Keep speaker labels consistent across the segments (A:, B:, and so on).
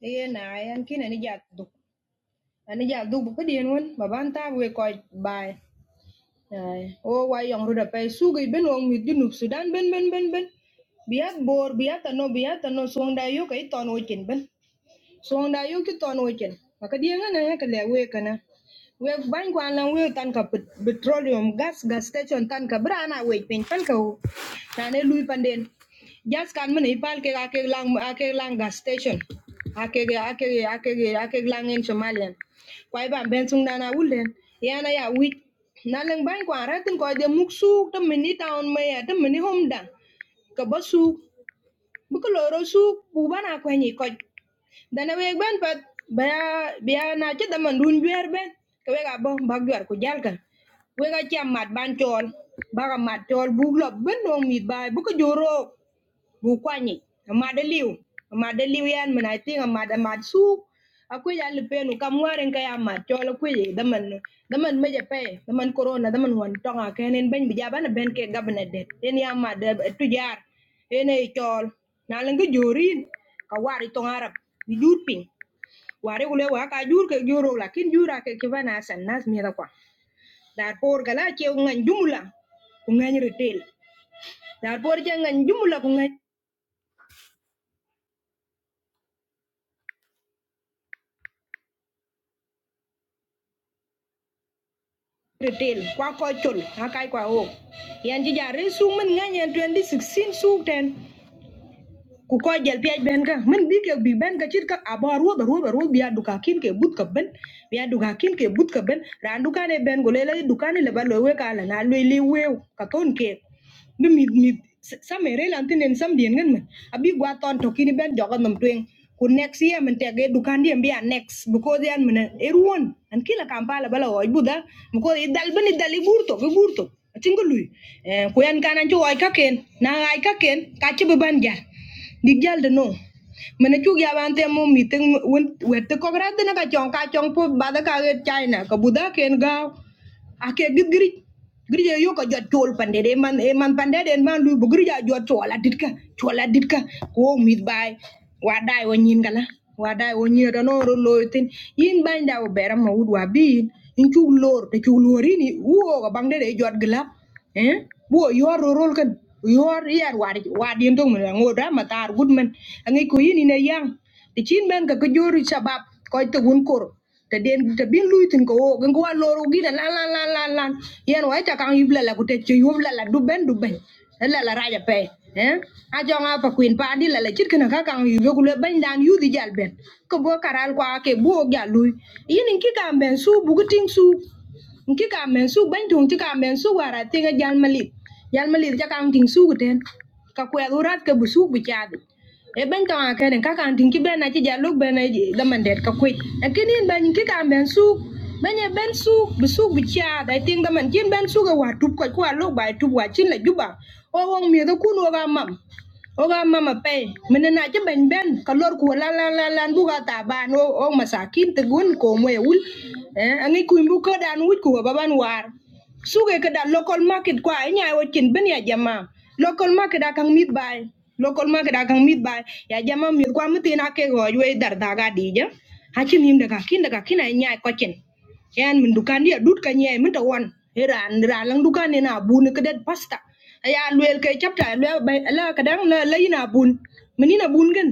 A: Ê này anh kia này nó giật đục anh nó giật đục một cái điện luôn bà ban ta về coi bài này ô quay dòng rồi đập bay su cái bên ông mịt junub Sudan bên bên bên bên biat bor biat ano biat ano suang dayo kay ton wo chin bên so da yo ki ton wechen maka dia ngana ya kale we kana we ban we tan ka petroleum gas gas station tan ka brana we pen tan ka wo. na ne lui panden gas kan mene ipal ke ake lang ake lang gas station ake ake ake ake lang in somalian kwai ban ben sung dana ulden yana ya wit na lang ban kwa ratin ko de muksu to mini town me ya to mini home dan ka basu buko loro su bu bana ko ni ko dana weg ben pat baya baya na ci dama ndun juer ben ke wega bo bak juer ku jal kan wega ci amat ban chol baka mat chol bu ben no mi bay bu ko joro bukwanyi amadaliw amadaliw yan min i think amad amad suk akuj a lupenu kam warin ka ya mad col akuj daman daman meje pe daman corona daman wan tonga kenen ben bijabana ben ke gabna det en ya mad tujar en e col na lengi jorin ka wari tong arab bi wari kule wa ka jur ke juro lakin jura ke kibana san nas mi da kwa dar por gala ke ngan jumla ku ngan retail dar por ke ngan jumla ku ngan retail kwa kochol ha kai kwa o yan ji jare su mun ngan yan 2016 su ten ku ko jel piaj ben ka min bi ke bi ben ka chit ka aba ruoba ruoba ruoba biya duka kin ke but ka ben biya duka kin ke but ka ben ran duka ne ben go lele duka ne le ba lo we ka la na le le we ka ton ke bi mi mi sa me re lan tinen sam dien ngen men abi gwa ton to kin ben joga nam twen ku next year men te ge duka ndiem biya next because yan men eruon an kila kampala bala o buda ko dal ben e dal i burto bi burto atingulu eh ku yan kanan ju oi ka ken na ai ka ken ka chi bi ban ja Di jalde no. Mene chugi abante mo meeting wette kograte na ka chong ka chong po bada ka ge China ka buda ken ga ake git giri giri ye yo ka jot chol pande de man e man pande de man lu bu giri ja jot chol adit ka chol adit ka ko mit bay wa dai wo nyin gala wa dai wo nyi do no ro lo tin yin ban da wo beram ma wud wa bi in chu lor te chu lori ni wo ga bang de de jot gila eh wo yor ro rol kan yor yar war war din tong na ngoda matar gudman angi ko yini na yang ti chin men ka ko jori sabab ko te won kor te den te bin lui ko wo gan ko wa loro gi da lan lan lan lan lan yen wa ta kan yubla la ku te che yubla la du ben du ben Eh, la la raja pe eh a jo nga pa queen pa di la la chit kana ka kan yu ku le ban dan yu di jal ben ko bo karal kwa ke bo ga lui yin ki kan ben su bu ting su nki ka men su ban tong ti ka men su wara ti ga jal malit jal malit ja kan ting su ten ka kwe urat ka bu su bu chadi e ban ka ka den ka kan ting ki ben na ti jal ben da man det ka kwe e kin in ban ki ka men su ban ye ben su bu su bu chadi i da man kin ben su ga wa tup ka kwa lu ba e tup wa chin la juba o wong mi da kun wa ga mam oga mama pay menena ci ben ben kalor ku la la la la bu ga o o masakin te gun ko moy eh angi ku bu ko dan wuj ku ba ban war suge ke dan local market kwa e nya o kin ben ya jama local market akang mit bay local market akang mit bay ya jama mit kwa mtina ke go ywe dar daga dija hachin him daga kin daga kin nya ko chen yan min dukan dia dut ka nyai min ta wan iran iran dukan ni na bun ka pasta Ayah luel ka chapta la la kadang la la ina bun min bun gan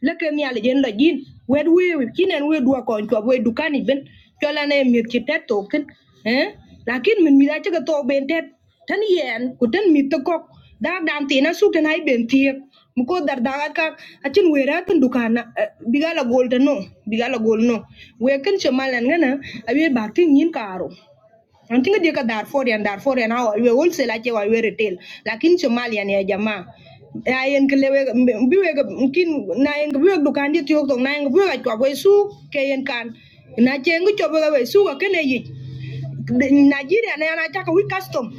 A: la ka ni ala jen la jin wed we kinen we dua kon to we dukan ni ben chola ne mi ki tet eh lakin men mi da cha ka to ben tet tan yen ku tan mi ta kok da dan ti na su tan ai ben tiek because dar dagat ka achin wera kan dukana bigala gold no bigala gold no we kan chamal an gana abi bakti nyin karo an tinga dia ka dar for yan dar for yan aw we wol se wa we retail lakin chamal yan ya jama ayen kle we bi we kin na yen bi we dukan dit yok to na yen bi we ka we su ke yen kan na che ngi we su ka ne yi nigeria na yana chaka we custom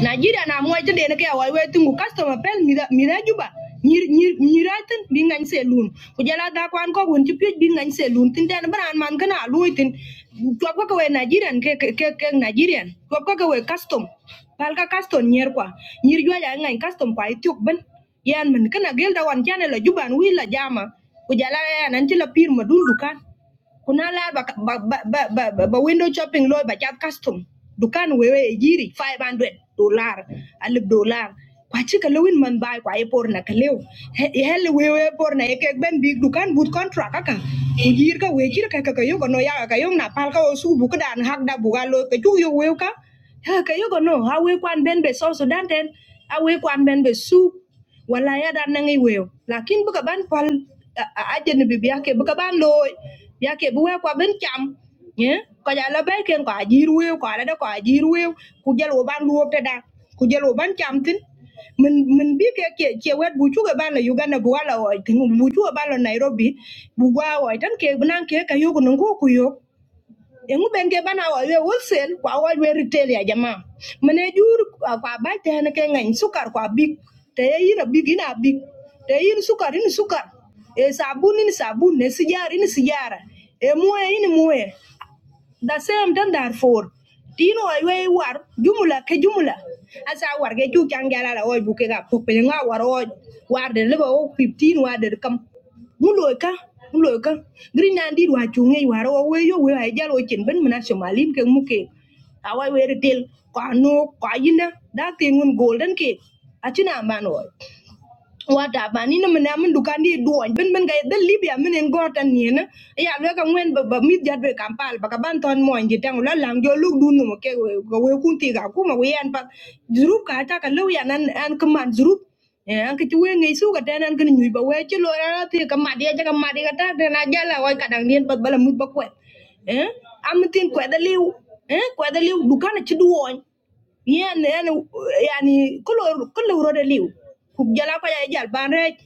A: nigeria na moy tin den ke wai wai tungu customer pel mira mira juba nyir nyir nyira tin bi ngany selun ku jala da kwan ko gun ti pye selun tin den bran man kana lui tin twab ko we nigerian ke ke ke ke nigerian twab ko we custom pal ka custom nyer kwa nyir jwa ya custom kwa ityok ben yan man kana gelda wan chane la juban wi la jama ku nan ti la pir madundu kan kunala ba ba ba ba, ba, ba window shopping loy ba chat custom dukan wewe e jiri 500 dollar alib dollar kwa chika lewin man bai kwa epor na kaleo he hele wewe epor na eke ben big dukan but contract kaka kujir ka wejir ka ka yo kono ya ka yo na pal ka osu bu kudan hak da buga lo ka chu yo weu ka he ka yo no ha we kwan ben be so so danten ha we kwan ben be su wala ya dan nangi wew lakin bu ban pal ajen bi biya ke ban loy biya bu we ko ben cham ye ko ja la bay ken ko ajir wew ko ala ko ajir wew ku jël wo ban luop te da ku jël wo ban cham tin min min bi ke ke ke wet bu chu ga ban la uganda bu wala o tin bu chu ga ban la nairobi bu wa o tan ke nan ke ka yugo nan ko ku yo Engu benge bana wa we wholesale kwa wa we retail ya jamaa. Mene jur kwa bai te hene ke ngany sukar kwa big. Te ye yin big ina big. Te yin sukar yin sukar. E sabun yin sabun, e sijara yin sijara. E muwe yin muwe the same then therefore tino aywe war jumla ke jumla asa war ke chu changala la oy buke ga pok nga war oy war de lebo o fifteen war de kam muloika, ka muloy ka green nandi wa chu war o we yo we ay jalo ben mena somalin ke muke awai we retel ko anu ko yinda da ke golden ke achina man wata ba ni na mana mun dukan di duwan bin bin ga dan libya mun en gortan ni na ya lo ka ngwen ba ba mit jat be kampal ba ka ban ton mo ngi tang la lang jo lu du no ke we ga we kun ti ga ku ma we an pa zrup ka ta ka lo ya nan an kman zrup eh an ki we ngi su ga tan an kan nyu ba we ti lo ra ti ka ma dia ja ka ma dia ta ta na ja la wa ka dang dien pa ba la mut ba kwet eh am tin kwet da liu eh kwet da liu dukan ci duwan yeah, yeah. I mean, if if you're really you, you're not going to do it. Banred,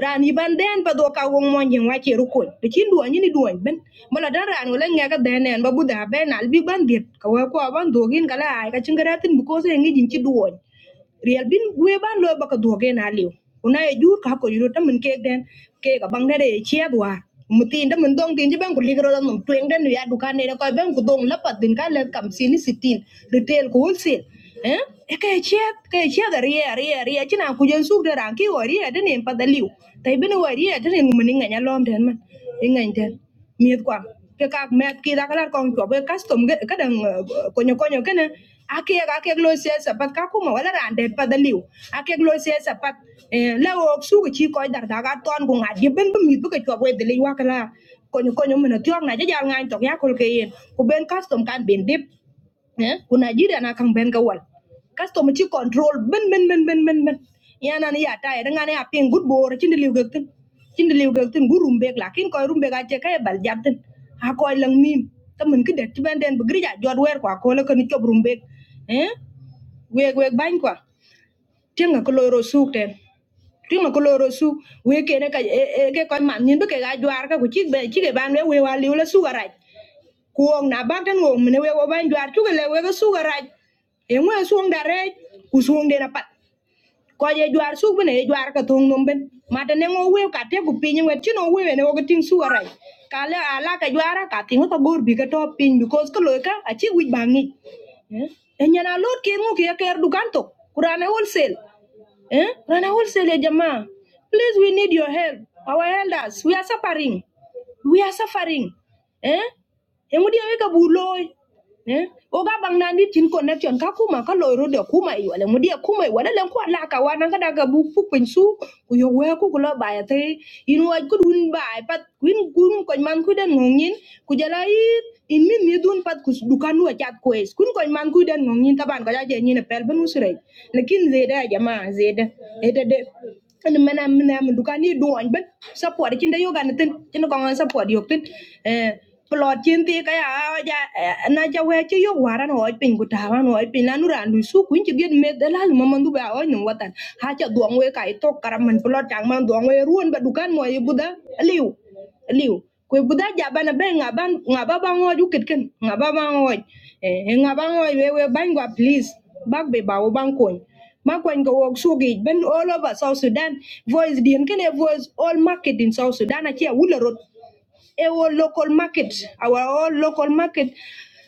A: running bandyan, but do a wrong money, what you're looking? The chin doan, you need doan. Ben, but other ran only ngay ka doan, then babu dah ben albi bandit. Kau aku abang doan, kala ay ka cingkaran tin bukoso ngi jinchi doan. Real bin gwe ban lo baka duoge na liu. Una e jur ka ko yuro tamen kek den ke ga bang dere e chia dwa. Mutin da mun dong tin je bang ko ligro da num tweng den ya duka ne da ko ban ko dong la pat bin ka le kam sini sitin retail ko wholesale. Eh e ke chia ke chia da ria ria ria china ku jen suk da ran ki wo ria den en pa da liu. Tai bin wo ria den mun ngi nya lom den man. Ngi den miệt quá cái các mẹ kia đã cái là con chó custom cái cái đằng có nhiều có nhiều cái này à kia à kia lôi xe sập bắt các cô mà su cái chi coi đặt đặt toàn cùng bên bên miệt cái chó với để liu cái là có nhiều có nhiều mình tiêu ngay cho giao ngay cho giá cô bên custom can bên đẹp eh ku nigeria na kan ben gawal custom ci control ben ben ben ben ben ben yana ni ya tay da ngane ya good bor ci liw gak tin ci liw tin gurum bek la kin koy rumbe ga ce kay bal jab tin ha koy lang nim. ta mun ki det ben den bu grija jot wer kwa ko la kan ci rum bek eh weg weg bañ kwa tinga ko loro suuk ten tinga ko loro suuk we kene ka e e- ke koy man nyin be ke ga jwar ka ku ci be ci ke ban we we wa liw la suga raj kuwong na bak tan ngong mene wek oban jwar cuk le wek su ga raj e ngwe suong da rej ku suong de na pat ko ye jwar su bene ye jwar ka thong nom ben ma de ne ngo we ka te ku pin wet chino we ne ko ting su ga raj ka le ala ka jwara ka ting bi ka because ko lo ka bangi eh en lot ke ngo ker dukan to kurana wholesale eh rana wholesale ya please we need your help our elders we are suffering we are suffering eh Engu dia weka buloi. Eh? Oga bang nandi tin connection ka kuma ka loiro de kuma i wala mudia kuma i wala len ko la ka wana ka daga bu pu pensu ku yo we ku kula ba te in wa ku dun ba pat kuin kun ko man ku den ngongin ku jala i in min mi dun pat ku dukan wa chat ku es kun ko man ku den ngongin taban ka ja je ni ne pel benu sire lekin zeda jama zeda ede de ana mana mana dukan ni do an ben support kin da yoga ne tin kin ko support yok tin eh ku lo chin ti ka ya ya eh, na ja we chi yo waran ho pin ku ta wan ho pin la nu ran lu su kun chi get me de la ma man du ba o nu watan ha cha duong we kai to karam man plot chang man duong we ruon ba dukan mo ye buda liu liu ku buda ja bana be nga ban nga ba ba ngo ju ket ken nga ba ba ngo eh nga ba ngo we we ban gwa please bak be ba o ban kon ma kwen ko wok sugi ben all over south sudan voice dien kene voice all market in south sudan achia wulo our local market, our all local market,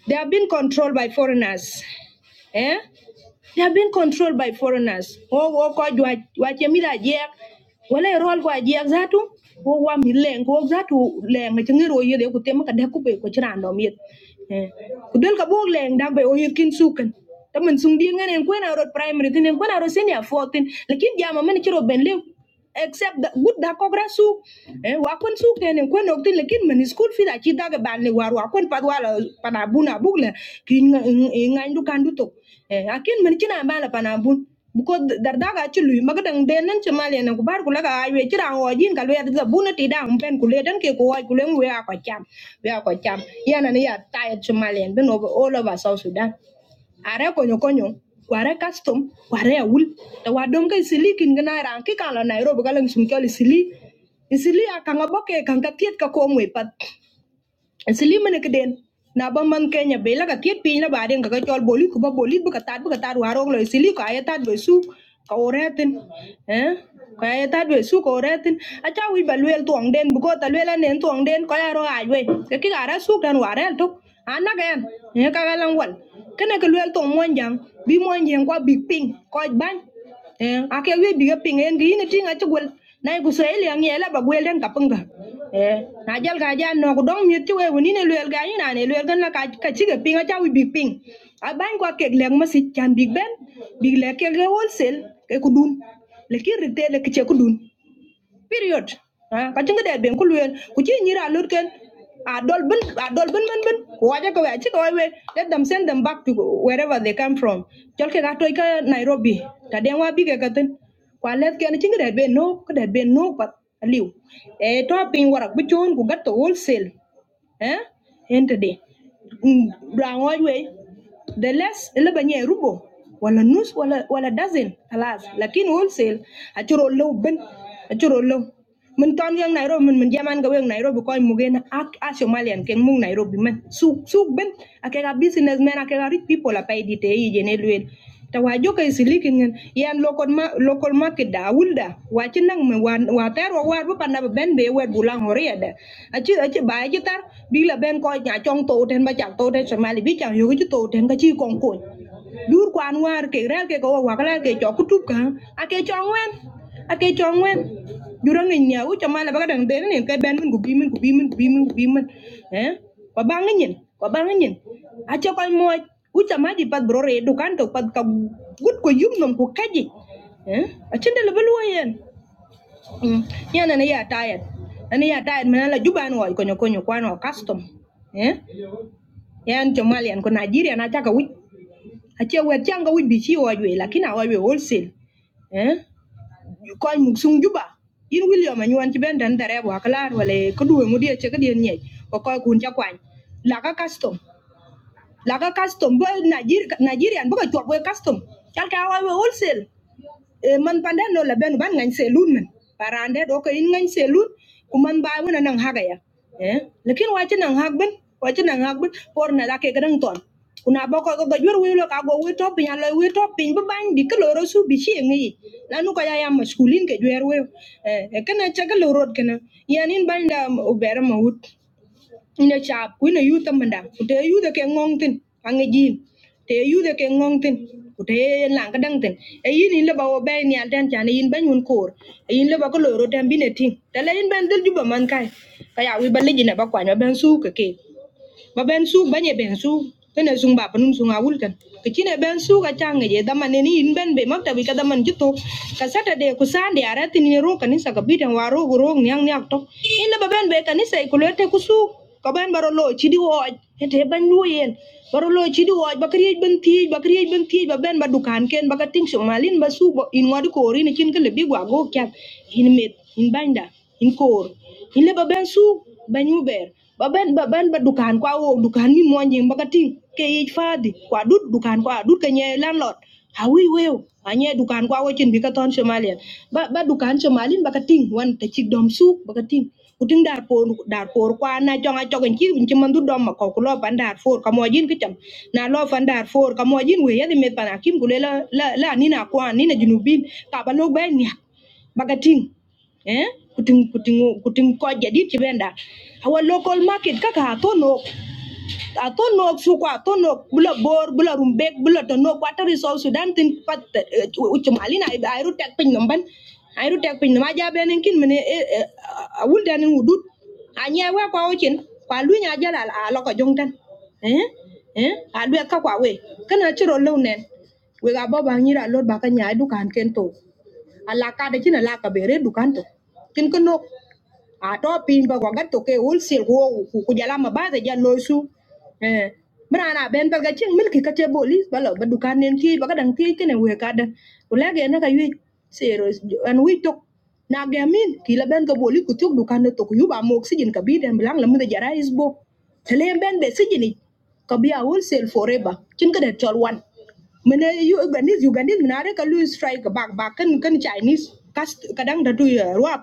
A: they have been controlled by foreigners. Eh? They are being controlled by foreigners. Oh, oh, God, what, what you mean that, yeah? Well, I roll what, yeah, that too? Oh, what me lang, oh, that too, lang, it's a little, yeah, they could take a decobe, which are no meat. Kudel ka bog lang, dag bay, oh, you can sukan. Taman sung di ngan en kwena road primary, tin en kwena road senior 14. Lakin jama man chiro ben lew. Except that good da kogra su. Eh, wakon su ten en kwena oktin lakin man school fee da chi daga a le war wakon padwala panabuna bugle. Kin ngan ngan eh akin min cina bala pana bun buko darda ga ci luy maga dang den nan ci male na ku bar ku laga aywe ci ran wajin ka lwe da buna ti da umpen ku le dan ke ku waj ku le we ko cham we ko cham yana ni ya ta ci male ben over all over south sudan are konyo konyo ware custom ware awul da wadom kai sili kin gana ran ki kan la nairobi ka lang sum kyali sili isili a kanga boke kanga tiet ka komwe pat Slim ne kden na ba man kenya be la ka tiet piny la baden ka ka chol boli ku ba boli bu ka tat bu ka tat warok lo sili ka ya tat be su ka oretin eh ka ya tat be su ka oretin a cha wi ba lwel tuong den bu ko ta lwel anen tuong den ka ya ro ai we ke ki ara su dan warel tok ana ga en eh ka ga wal kene ke lwel tuong mon bi mon kwa big ping ko ban eh ake we bi ping en gi ni tinga ci gol na ku soy le ngi la ba gol den ka punga eh na jal ga ja no ku dong mi ci we woni ne lel ga ni na ne lel gan la ka ka ci ga pinga cha wi bi ping a ban ko ke le ma si chan big ben big le ke le wholesale ke ku dun le ki rite le ki ce ku dun period Ah, ka chinga det ben ku luen ku chi nyira lut ken a dol ben a dol ben ben ben ku waje ko waje ko we let them send them back to wherever they come from chol ke ga toy nairobi ta den wa bi ke ka tin kwa let ken chinga ben no ka det ben no pat liu e to pin warak bu chon ku wholesale eh ente de rangoj we the less اللي بنيه ربع ولا نص ولا ولا دازن خلاص لكن wholesale أشرو لو بن أشرو لو من تون yang Nairobi من من zaman gawe yang Nairobi koi mugen ak a Somalian keng mung Nairobi man suk suk ben akega businessmen akega rich people apa edite i jene luel Tawajo wa jo kay silikin yan local ma local market da wulda wa ci nang ma wa wa ter wa war bu panda ben be wer bulang hore da a ci a ci ba ci tar bi la ben ko nya chong to ten ba chak to ten somali bi chak yo ci to ten ka ci kon ko dur kwan war ke rel ke ko wa kala ke cho kutup ka a ke cho ngwen a ke cho jurang nya u chamala ba ka dang den ne ke ben min gubi min gubi min gubi min gubi min eh kwa banga nyin kwa banga nyin acho koy mo ucha maji brore bro pad du kan to ka gut ko yum nom ko kaji eh achinde le belu yen Mm. yana na ya tired ana ya tired manala la juban wo konyo konyo kwano custom eh yan jomalian ko nigeria na taka wi ache we changa wi bichi chi wo we lakini awe wholesale eh koy mug juba in william anyuan ci ben dan dare wa wale wala ko duwe mudie che kadien nye ko koy kun cha kwany la custom là cái custom bo Nigeria Nigerian bo ka chwal bo custom chal ka wa wholesale e man pande no la ben ban ngany selun men parande do ko in ngany selun ku man ba wona nang haga ya eh lekin wa chi nang hag ben wa chi nang hag ben por na la ke gran ton kuna bo ko ga jwer wi lo ka go wi top nya lo wi top pin ban bi ko ro su bi chi ngi Lanu nu ko ya ya maskulin ke jwer wi eh e kana cha ga lo rod kana yanin banda ubera mahut ina chap ku ina yuta manda ku te yuta ke ngong tin pange jin te yuta ke ngong tin ku te yen lang ka dang tin e yin in leba wo bay ni al den chan e yin ban yun kor e yin leba ko loro den bine ting te le yin ban dil juba man kai ka ya wi balijina ba kwanya ben su ke ke ba ben su ba nye ben su kene panun sung kan ke chine kacang su ka chang ye daman ni in ben be makta bi ka daman jito ka sata de ku sande ara tin ni ro kanisa ka bidan waro go ro nyang nyak to in ba ben be kanisa ikulete ku su ka lo chidi wo ete ban lu yen baro lo chidi wo ba benti. ben ti ba kriye ben ti ken ba ka ting sung malin ba su bo in ngod ko ri ni chin ke lebi gwa go kya in met in banda in kor hile ba ben su ben baben ba ben dukan kwa wo dukan min mo nyi ke yi fadi kwa dut dukan kwa dut ka landlord hawi weo anye dukan kwa wo chin bi ton somalia ba ba dukan somalin baga ting wan ta chik dom su baga ting kuting dar por dar por kwa na jonga jogen chi win chi man dom ma ko kulo pan dar for ka mo jin kicham na lo fan dar for ka we yadi met pan kulela la la la ni na kwa ni na junubin ka ba lo ben nya baga eh kuting kuting kuting ko jadi chibenda our local market kaka atono atono suko atono bula bor bula rumbek bula tono water resource sudan tin pat uchumali na airu tek pin namban airu tek pin ma ja benen kin mene awul dan wudut anya we kwa ochin kwa lu nya jala a loko jongtan eh eh a lu ka kwa we kana chiro lawnen we ga boba nyira lord baka nya du kan kento Alaka, la ka da kina la ka bere dukanto kin kino ato piny ba gwa to ke ul sil go ku ku jala loisu eh mra na ben ba ga ching mil bolis balo lo ba du kan nen ki ba ga dang ti ke we ka da na kayu yu sero an wi tok na ge ki la ben ga bolis ku dukan du kan to ku ba mo oxygen kabi bi den blang la mu da jara is bo tele ben be si jini a ul sil forever chin kada da chol wan mene yu ugandis ugandis mena re strike back back kan kan chinese kas kadang dadu ya ruwa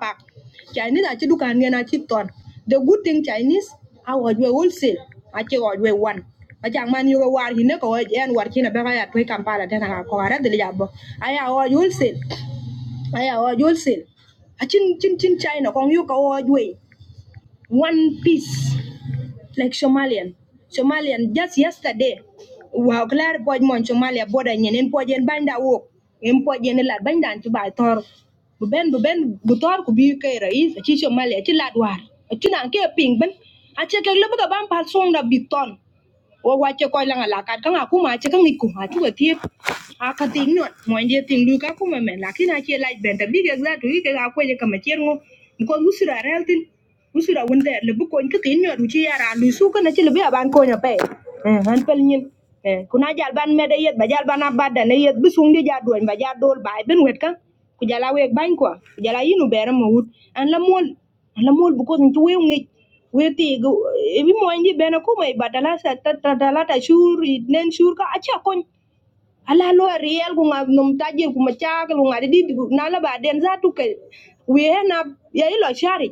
A: Chinese achi dukan ngen achi ton. The good thing Chinese our we wholesale achi our we one. Achang man yuga war hine ko waj en war china beka ya tuwe kampala tena ka ko ara dili jabo. Aya our wholesale. Aya our wholesale. Achin chin chin China kong yuka our we one piece like Somalian. Somalian just yesterday wow, klar poj mon Somalia boda nyen en poj en banda wo en poj en lad banda an tuba tor bu ben bu ben bu tor ku bi kay rais ci Somalia ci lad war ci nan ke ping ben a che ke lobo ga ban pa song da biton wo wa che ko langa la ngala kat ka ngaku ma che ka ngiku ha tu ti a ka ting no mo nje ting lu ka ku me me lakini a che lad ben ta big exact wi ke ga ko je ka ma cherno ko lusira reltin usura wunde le buko nki kin nyor uchi yara lu su kana chi le ba ban ko nya pe eh han pel nyin eh kuna jal ban mede yet ba jal ban abada ne yet busung di ja duan ba ja dol ba ben wet ka ku jala wek ban ko ku jala yinu bere mo wut an la mol an la mol buko nki we ngi we ti go e bi mo ndi bena ko mai badala sa ta ta ta la ta shur i nen shur ka acha kon ala lo real ku ngab nom taje ku ma cha ku ngadi di di- na la ba den za tu ke we na ya ilo shari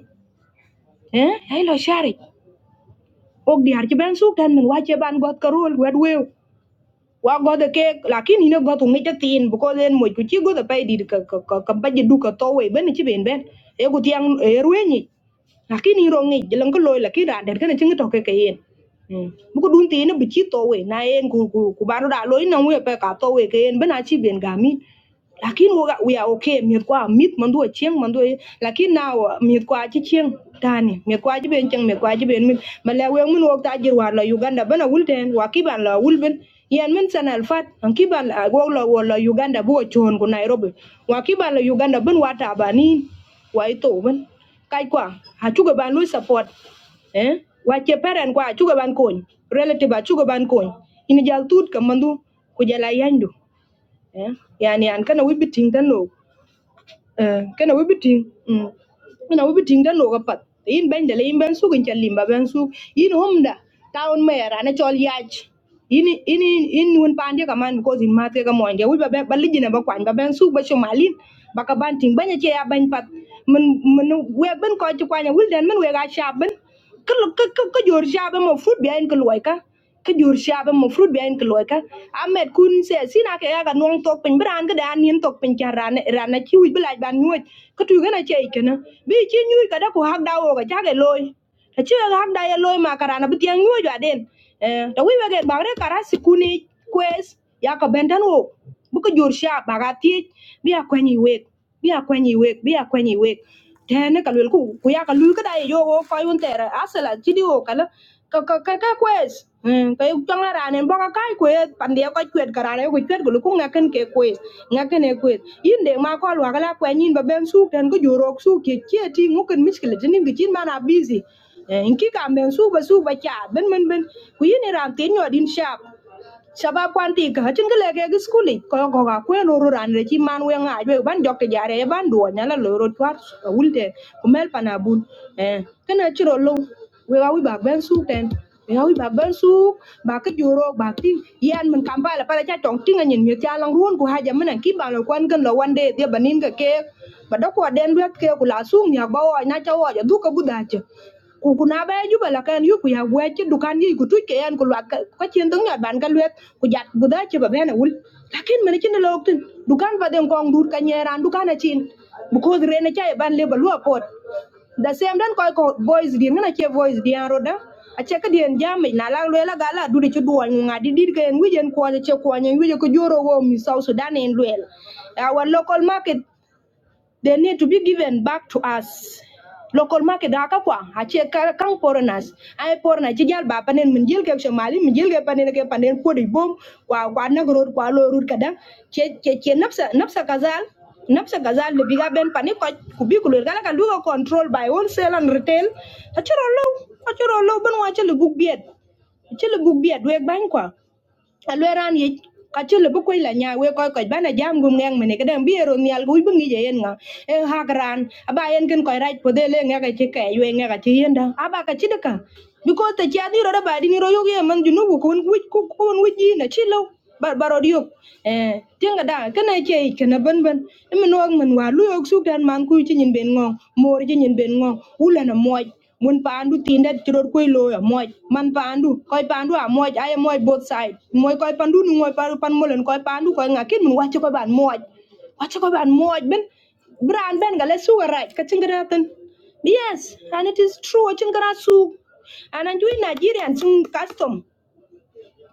A: eh ai lo shari ok diar ci ben suk tan min wache ban got karol wet wew wa got the cake lakini ne got ngi tin bu ko den mo ku ci got pay di ka ka ka ka baje du ka to we ben ci ben ben e gu tiang e ruenyi lakini ro ngi jelang ko loy lakini da der kan ci ngi to ke ke yen Mm. bu ko dun tin bu ci na yen ku ku ku baru da loy na we pe ka to we ke yen ben a ben gami lakini muga we are okay miệt quá mít mình đuổi chiang mình đuổi lakini now miệt quá chỉ chiang tani miệt quá chỉ bên chiang miệt quá chỉ bên mình mà là we mình walk ta chỉ war là Uganda bana wulten wa kiban la wulben yan min san alfat an kiban la go la Uganda bu chon ku Nairobi wa kiban la Uganda ben wa ta bani wa ito ben kai kwa ha chuga ban lui support eh wa che peren kwa chuga ban kony relative a chuga ban kony ini jal tut kamandu ku jala yandu eh yani an kana wibi ting tan no eh kana wibi ting mm kana wibi ting tan no Kapat. In yin ben da yin ben su kin chalim ba ben su yin homda town mayor ana chol yaj ini ini in won pande ka man because in mate ka moinde wi ba ben baliji na ba ba ben su ba shomalin ba ka ban banya che ya ban pat men men we ben ko ti kwanya wul den men we ga sha ben ka lo- ka ka jor sha ben mo fruit bien ka loy ka jor sha ben mo fruit bien ka loy amet kun se sina ke ya ga nong tok pin bran ga dan nin tok pin cha ran ran wi bla ban nyuot ka tu ga che ikena bi chi nyu ka da ko hak dawo ga cha loy aci kak dai loi ma karana bi tiang nyuo jwa den eh to wi wege bagre kara sikuni kwes ya ka benden wo bu ko jor sha baga ti bi akwenyi wek bi akwenyi wek bi akwenyi wek tene ka lwel ku ku ya ka lu ka dai yo wo ko yun tere asela ti di wo kala ka ka ka ka kwes Mm, ka yu tong ara ne boka kai kwet pandie ko kwet karare ko kwet gulu ku ngaken ke kwes ngaken e kwet yin de ma ko lwa kala kwen yin ba ben suk ten ko jorok suk ke chieti nguken miskele tenim ke chin mana busy inki kamben suba suba cha ben ben ben ku yini ran tin yo din sharp shabab kwan ti ka hacin gele ke gi skuli ko ko ka kwen ru ran re chi man we nga be ban jok te jare e ban do nyala lo ro twar wulte ku mel pana bun eh kana chiro lo we ga wi ba ben su ten we ga wi ba ben su ba ka juro ba ti yan men kam la pala cha tong tinga nyin mi cha lang ruon ku haja men ki ba lo kwan gan lo wande dia banin ka ke ba do ko den wet ke ku la sum ya ba o na cha o ya du ka buda ku be ju la kan yu ku ya dukan yi ku ke yan ku ka- ka cin dung ban ka luet ku jat bu da lakin mene ci na lok dukan ba den kong dur ka dukan a cin bu ko re ban le ba pot da sem dan koy ko boys di ngana che boys di an roda a che ka dien jam na la le la gala du de ci duwan nga dir ke en wijen ko che ko nyen wije ko joro wo mi sau sudan en luel our local market they need to be given back to us. Local market haka kwa ache kar- kang foreigners ai foreigner ci jal ba panen min jil ke mali min jil ke panen ke panen podi bom wa wa nag road kwa lo road kada che che che napsa napsa kazal napsa kazal le biga ben panen ko kubi kulur kala kan duga control by wholesale and retail achiro low achiro low ben wa che le bug biet ci le bug biet weg bañ kwa alweran ye ka cï lobo nya we köc köc ba jam gum ngëŋ mëne këdëŋ bi ero nial ku wic bï ŋic eyen ŋa e hak raan aba yen kën köc rac podhe le ŋëkë cï këc we ŋëkë cï yenda aba ka cï dëka bikos tecë adhi ro daba dïn ro yök ye mën junubu kun wic kun wic yin acï but barod eh tinga da can I kana ban ban min wong min wa lu yok man ku chi nyin ben ngong mor chi nyin ben ngong ula na moj mun pandu tinda chiror ku lo ya moj man pandu koi pandu a moj ay moj both side Moi koi pandu nu moy paru pan molen koy pandu koi ngakin min wacho koy ban moj wacho koy ban moj ben bran ben gale suwa right ka yes and it is true chingara su and enjoy nigerian sung custom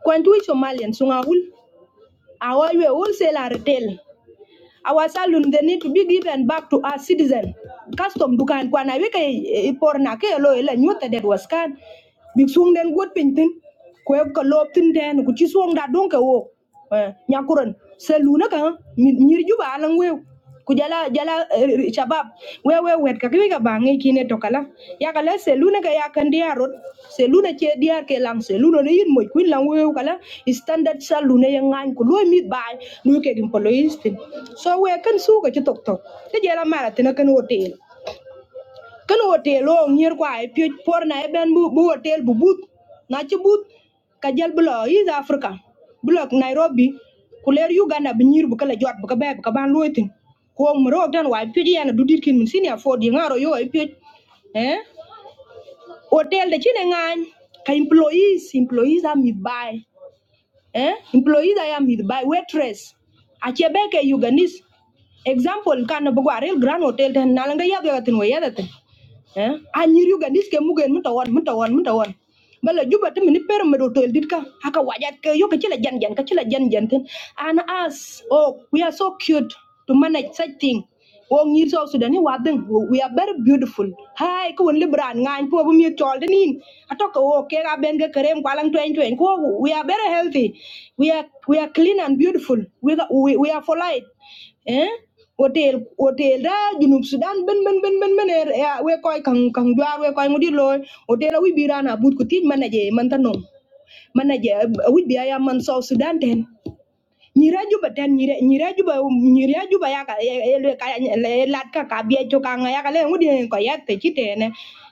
A: kwantu somalian sung awul our way, wholesale or retail. Our saloon, they need to be given back to our citizen. Custom dukan kwana wike ipor na weke iporna ke lo ila nyuta dead was kan. Big xuống đến quất bình tin quê cả lộp tin đen cũng chỉ xuống đã đúng cái ô nhà cuốn xe lú nó jala jala eh, shabab we we wet ka kiwi ka bange kine to kala ya kala seluna ka ya kan dia che dia ke lang seluna ne yin moy kala standard saluna ya ngan ku loy mit bay nu ke gim poloistin so we kan su ka chi tok tok te jela mara tina hotel ken hotel Long nyer kwa e pyo por na e ben bu bu hotel bu but na chi but ka bulo is africa bulo nairobi kuler uganda bi nyir bu kala jot bu ka be bu ka ban loitin ko mro dan wa pyo di yana dudir kin mun senior for di ngaro yo e eh hotel de chine ngany ka employees employees are mid buy eh employees are mid buy waitress achebe ke uganis example kan bu gwa real grand hotel den nalanga yadu yatin wa yadatin eh anyir ugandis ke mugen mun tawon mun tawon mun tawon bala juba te mini per medo tol dit ka haka wajat ke yo kachila jan jan kachila jan jan ten and us oh we are so cute to manage such thing oh ngir so sudani wadeng we are very beautiful hai ko won libran ngan po bu mi tol den in atoko oh ke ga ben ga kerem kwalang twen twen ko we are very healthy we are we are clean and beautiful we are, we, we are for light eh hotel hotel da junub sudan ben ben ben ben ben er ya we koy kang kang jwar we koy ngudi loy hotel wi birana but ko tin manaje man tanom manaje wi biya ya man so sudan ten nyira juba ten nyira nyira juba nyira juba ya ka le ka le lat ka ka biya cho ka nga ya ka le ngudi ko ya te chitene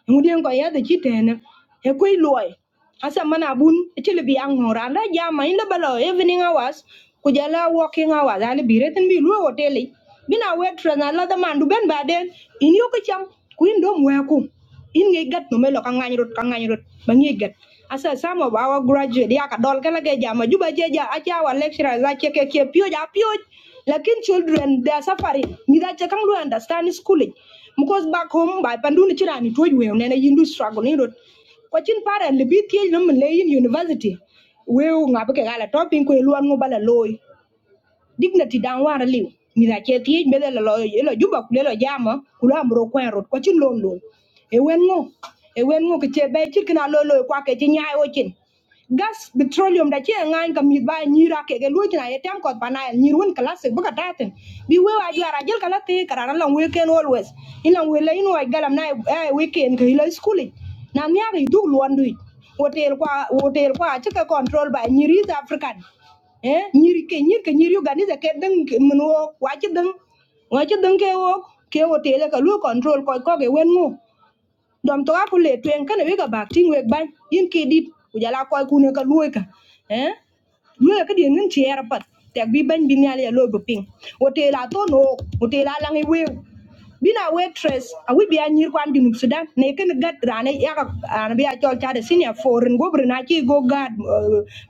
A: ngudi ko ya te chitene e koy loy asa mana bun e chile bi ang moran ra jama in balo evening hours ku jala working hours ani bi retin bi lu hotel bina waitress na la man du ben baden in yo ka cham ku in dom we ku in ngi gat no melo ka ngany rut ka ngany rut ba ngi gat asa some of our graduate ya ka dol kala ge jama juba je ja acha wa lecturer za che ke ke pio ja pio lakin children they are suffering ni da che lu understand schooling because back home by panduni chira ni toy we ne na yindu struggle ni rut ko para le bi tie no university we nga gala topping pin ko e luan ngo loy dignity dan war liw mitha che thiec mede lo lo juba kule lo jama kula amro kwen rot kwa chin lon lon e wen ngo e wen ngo ke che be chir kina lo lo kwa ke chi nyai o chin gas petroleum da che ngan ka mit ba nyira ke ge luo china ye tem kot pana nyir won classic buka taten bi we wa jara jel kala te karana long weekend always in long we le in wa galam na e weekend ke lo school e. na nya ge du luon du hotel kwa hotel kwa che control by nyir is african eh nyiri ke nyir ke nyiri organize ke deng ke mun wo wa chi deng wa chi deng ke wo ke wo tele ka lu control ko ko ke wen ngu dom to ka ku le twen ka ne we ka bak ting we ban yin ke dit ku jala ko ku ne ka lu ka eh lu ka di ngin chi er pat tek bi ban bi nyal ya lo bu ping wo tela to no wo tela lang i we bina waitress awi biya nyir kwan junub sudan ne ken gat rane yaka an biya a chade senior foreign gobri na chi go gad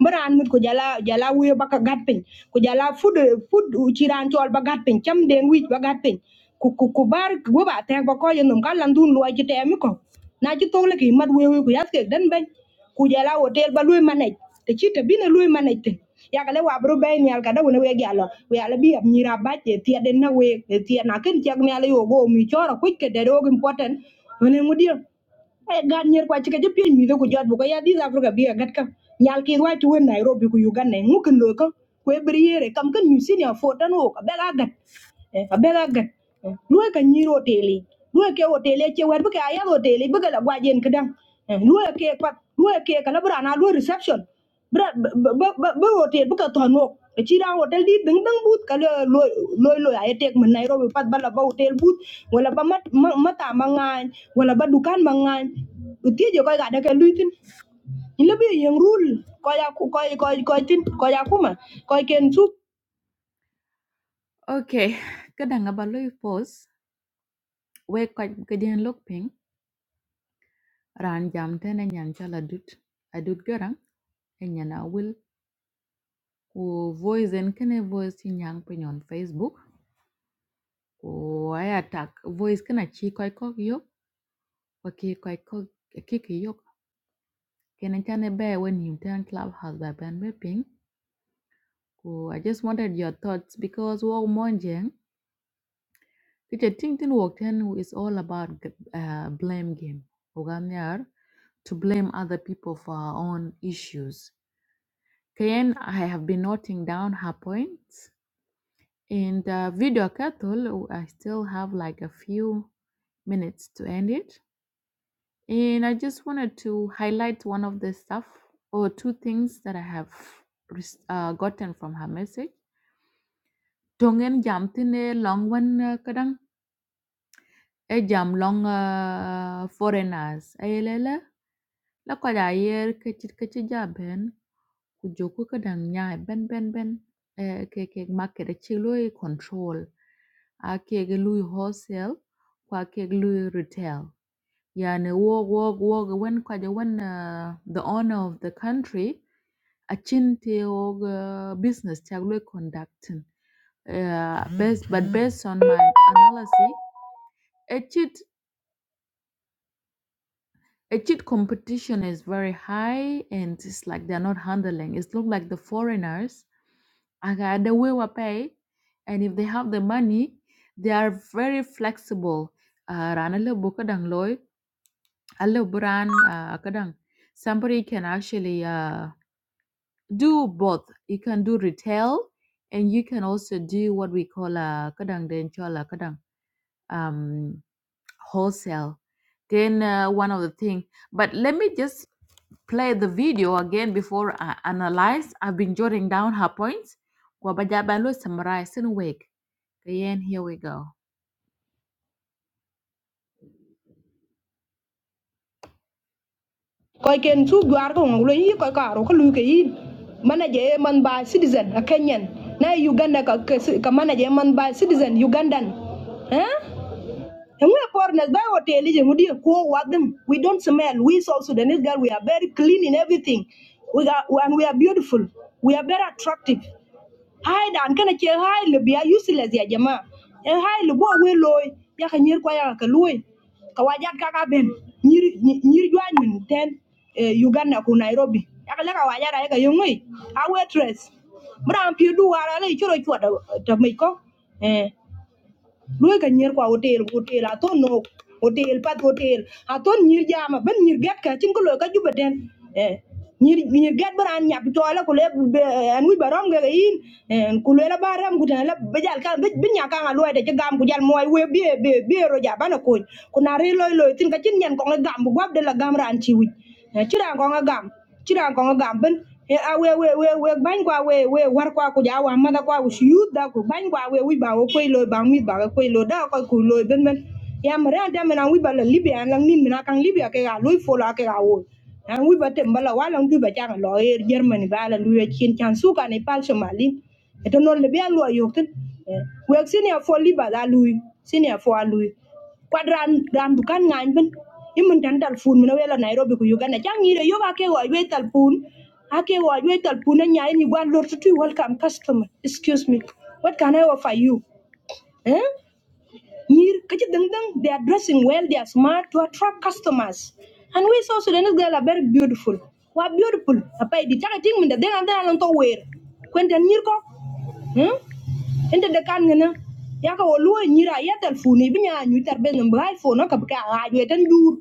A: maran mut ko jala jala wiyo baka gat pin ko jala food food chi ran chol ba gat pin cham den wich ba gat pin ku ku ku bar go ba te ko ko yendum kan lan ko na chi tole ki mat wewe ku yas ke ben Kujala hotel ba lui manage te chi te bine lui manage ten ya ka le wa bru be ni al wona we ya lo we ala bi ab ni ra ba che ti den na we ti na ken ti ni ala yo go mi chora ku ke de rog important wona mu dia e gan nyer kwa chike je pien mitho ku jot bu ko ya dis africa bi gat kam nyal ki wa chu nairobi ku uganda e ngu lo ko ku e kam ken mi senior fo wo ka be ga gat abela gat luwe ka nyiro teli luwe ke otele che wer buke aya otele buke la gwajen kedang luwe ke pat luwe ke kala brana luwe reception bra ba hotel buke tonok chira hotel di deng deng but kala loy loy loy ay tek man nairobi pat bala ba hotel but wala ba mat mata mangan wala ba dukan mangan utieje koy ga deke luitin in labi yang rule koy koy koy koy tin ko ya akuma koy ken su Okay, kadang abaloy pause. we kɔc ke dien lok piŋ raan jam tɛn enyan cal adut adut göraŋ enyan awil ku voice en kene voice ci nyaŋ piny on facebook ku ai atak voice kena ci kɔc kɔk yok wa ki kɔc kɔk kiki yok kene can e bɛɛ wen yim tɛn club house ba bɛn be piŋ ku i just wanted your thoughts because wɔk mɔn jeŋ ti te ting tin wɔk tɛn is all about g- uh, blame game ogam yar to blame other people for our own issues Ken, I have been noting down her points. In the video cattle, I still have like a few minutes to end it. And I just wanted to highlight one of the stuff or two things that I have uh, gotten from her message. Tongen jam tine long one kadang. E jam long uh, foreigners. Ayelele. La kwa da yer kachit kachi jaben. Kujoku kadang nyai 그쪽 끝가닥 냐 벤벤벤 에 케케 마켓 칠로이 컨트롤 아 케게 루이 호셀 과 케게 루이 리테일 yani wog wog wog wen kwaje wen uh, the owner of the country achin te wog uh, business tag lo conducting uh, based but based on my analysis a cheat a cheat competition is very high and it's like they're not handling it's look like the foreigners uh, the way we pay and if they have the money they are very flexible uh, ran a little book dang loy a little brand uh, kadang. somebody can actually uh, do both you can do retail and you can also do what we call a kadang den chola kadang um, wholesale. Then uh, one of the thing, but let me just play the video again before I analyze. I've been jotting down her points. Kwa ba ja ba lo summarize in wake. Again, here we go. Koi ken su juar ko ngolo yi koi karo ko lu ke yi. Mana je man by citizen a Kenyan. Na Uganda ka ka ka mana je man by citizen Ugandan. eh And we are foreigners, by what intelligence, we did go with them. We don't smell. We South Sudanese girl, we are very clean in everything. We are and we are beautiful. We are very attractive. Hi dan kana ke hi le biya useless ya jama. And hi le bo we loy ya ka nyir kwa ya ka loy. Ka wajat ka ka ben nyir nyi- nyir jwan min ten eh, Uganda ku Nairobi. Ya ka le ka wajat ya ka yongoi. A waitress. Bram pi du wara le chiro chwa da Lui ka nyer kwa hotel, hotel aton no. Hotel pat hotel. Aton nyir jama ben nyir get ka chin ko lo ka juba den. Eh. Nyir nyir get baran nyap to la ko le an wi baram ga yin. En ku le la baram ku la bejal kan be nya kan lo de gam ku jal moy we be be be ro ja bana ko. Ku na re loy loy tin ka chin nyen ko ngam bu gwab de la gam ran chi wi. Eh, Chi ran ko ngam chira gonga gamben e a we we we we bang kwa we we war kwa ku ja wa mada kwa ku shiu da ku bang kwa we wi ba wo koi lo bang mi ba koi lo da ko ku lo ben ben ya mara da mena wi ba la libya lang nin mena kang libya ke ga lo fo la ke ga wo an wi ba tem bala wa lang du ba jang lo e germany ba la lu ye chin chan su ka ne pal somali e to non le bia lo yo tin we senior for liba da lui senior for lui kwadran ran bukan ngany bin imun tan talfun mun wela nairobi ku uganda jang yire yo ba ke wa we talfun ake wa we talfun na nyaay ni gwan lor tutu welcome customer excuse me what can i offer you eh nyir kaji dang dang they are dressing well they are smart to attract customers and we so sudanese girls are very beautiful wa beautiful apa di taka ting mun da den an dan to wear kwenda nyir ko Hmm? inte de kan ya ka wo luo nyira ya telefoni bi nyu tar be no iphone ka bi ka nyu tan dur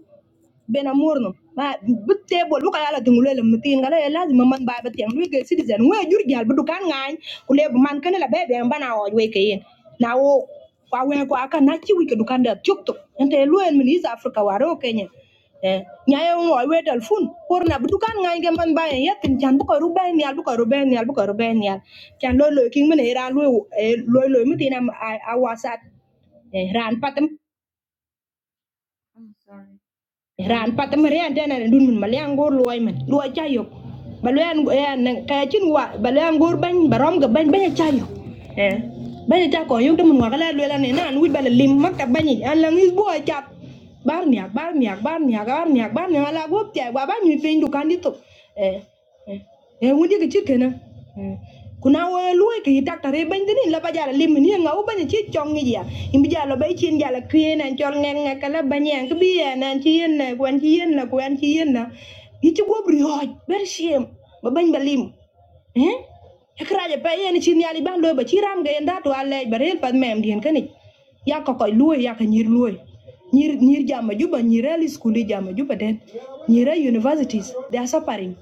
A: bena morno ma butte bol buka yala tungule le mutin ngala ya lazim man ba bat yang luige citizen we jur gal bu dukan ngai kule bu man kana la bebe en bana o we kayen na wo kwa we ko aka na chi wi ke dukan da tuk tuk ente luen min is africa waro kenya eh nyaye wo we telefon por na bu dukan ngai ge man ba ya tin chan bu ko ruben yal bu ko ruben yal bu ko ruben yal chan lo lo king min era lo lo lo mutin am awasat eh ran patam ran pata mare an tana dun mun mal yan gor luwai man luwai chayo balu yan yan kaya chin wa balu yan gor ban barom ga ban ban chayo eh ban ta ko yung dum mun wala luwai ne nan wit bala lim makta bani an lang is boy chap bar miak bar miak bar miak bar miak bar miak ala gop tiya wa ban mi pein du kan eh e ngudi ke chit kana kuna wa luai ke tak tare ban dini la ba jala lim ni ngau ban chi chong ni ya im bi jala bai chin jala kwe nan chol ngang nga kala ban yang ke bi ya nan chi yen na kwan chi yen na kwan chi yen na yi chi go bri hoj ber shame ba ban ba lim eh kraja pe yen chin yali ban loy ba chiram ga enda to ale barel pad mem dien kani ya ko koy luoy ya ka nyir luoy nyir nyir jama juba nyir ali skuli jama juba den nyir a universities they are suffering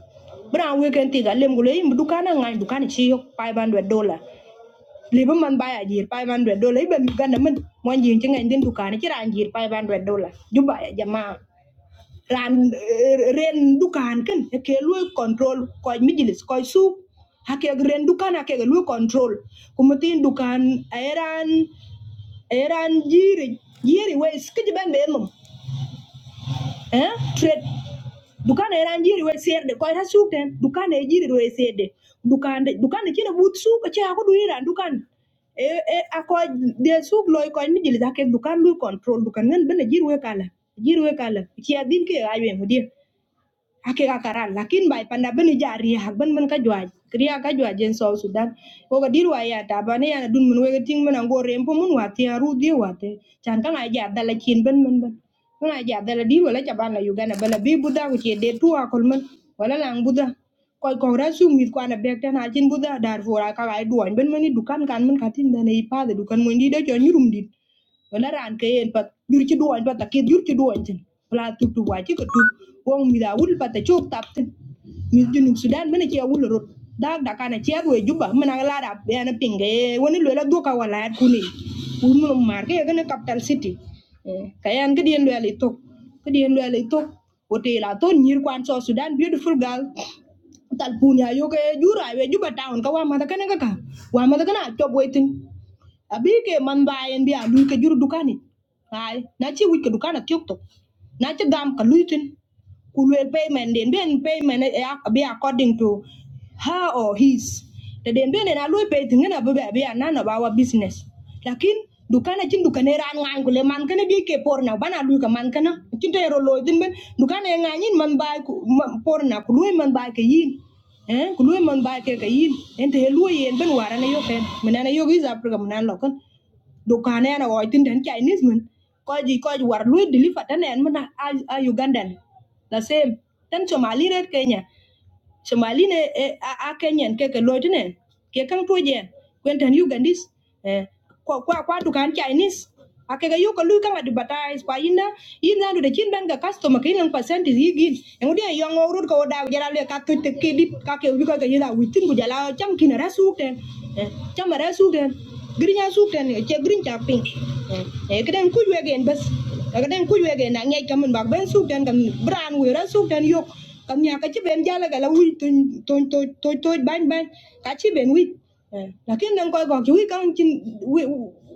A: bra we ken tiga lem gule im dukana ngai dukani chi yok 500 dollar liba man baya jir 500 dollar ibe mi ganda man mon jin chenga ndin dukani chira jir 500 dollar juba ya jamaa ran eh, ren dukan ken ke lu control ko mijilis ko su hake ren dukan hake lu control kumutin dukan eran eran jiri jiri we skiji ben be mum eh trade dukan eran jiri we serde ko ra su ten dukan e jiri we serde dukan Dukan. dukan kina but su ko cha ko du iran dukan e e ako de su loy ko mijilis hake dukan lu control dukan ngan ben e jiri we kala jiri we kala ki adin ke ayen mudia ake ka karan lakin bai panda beni ja hak ben ben ka jwa kriya ka jwa jen so sudan ko ga dirwa ya ta ba ya dun mun wega ting mun ango rem po mun wa aru di wa chan ka ngai ja dala kin ben ben ben mun a ja dala di wala ja bana ugana bala bi buda ku che de tu akol mun wala lang buda koy ko ra mit kwa na bek na chin buda dar fo ka ga duan ben mani dukan kan mun katin da ne pa de dukan mun di da jo nyurum dit wala ran ke en pat jur ci duwañ pat ke jur ci duwañ tin wala tu tu wa ci ko tu wong mi da wul pat ci tap tin mi junu sudan mena ci wul rot da da kana ci we juba mena la da be na pinge woni lo la doka wala at kuni wul mu mar ke gana capital city kayan ke dien lo ali tok ke dien lo ali tok wote la ton nyir kwan so sudan beautiful girl tal punya yo ke jura we juba town ka wa ma da kana ka wa ma da kana top waiting abi ke man bayen bi a lui ke juru dukani ai na chi wi ke dukana tiok to na chi gam ka lui tin kulwel payment den ben payment e ak- be according to her or his the den ben na lu pay tingena be be be none of our business lakin dukana chin dukane ran ngan kule man kana bi ke porna bana lu ka man kana chin to ero loy din ben dukana nganin man ba ku- man- porna kulwe man ba ke yin eh kulwe man ba ke ke yin ente he lu yen ben warana yo ken menana yo giza program nan lokon dukaan na ago tin den chinese men ko ji ko ji war lui deliver tan en men a, a ugandan the same tan somali red kenya somali ne eh, a, a kenyan ke ke loit ne ke kan to je kwen tan ugandis eh kwa kwa, kwa dukaan chinese akega yo ko lui kan advertise kwa inda inda do de chin ben ga customer ke nan percent is yigin engudi yo ngorut ko da jara le ka ke te ke dit ka ke wi ko ke yida witin ku jala cham kin rasu ten cham rasu ten green soup suk tan green cha ping e kadan ku we gen bas kadan ku we gen na ngai kamun bak ben suk tan kam bran we ra suk tan yok kam ya ka chi ben jala ga ban ban ka chi ben wi lakin nan ko ko chi wi kan chin wi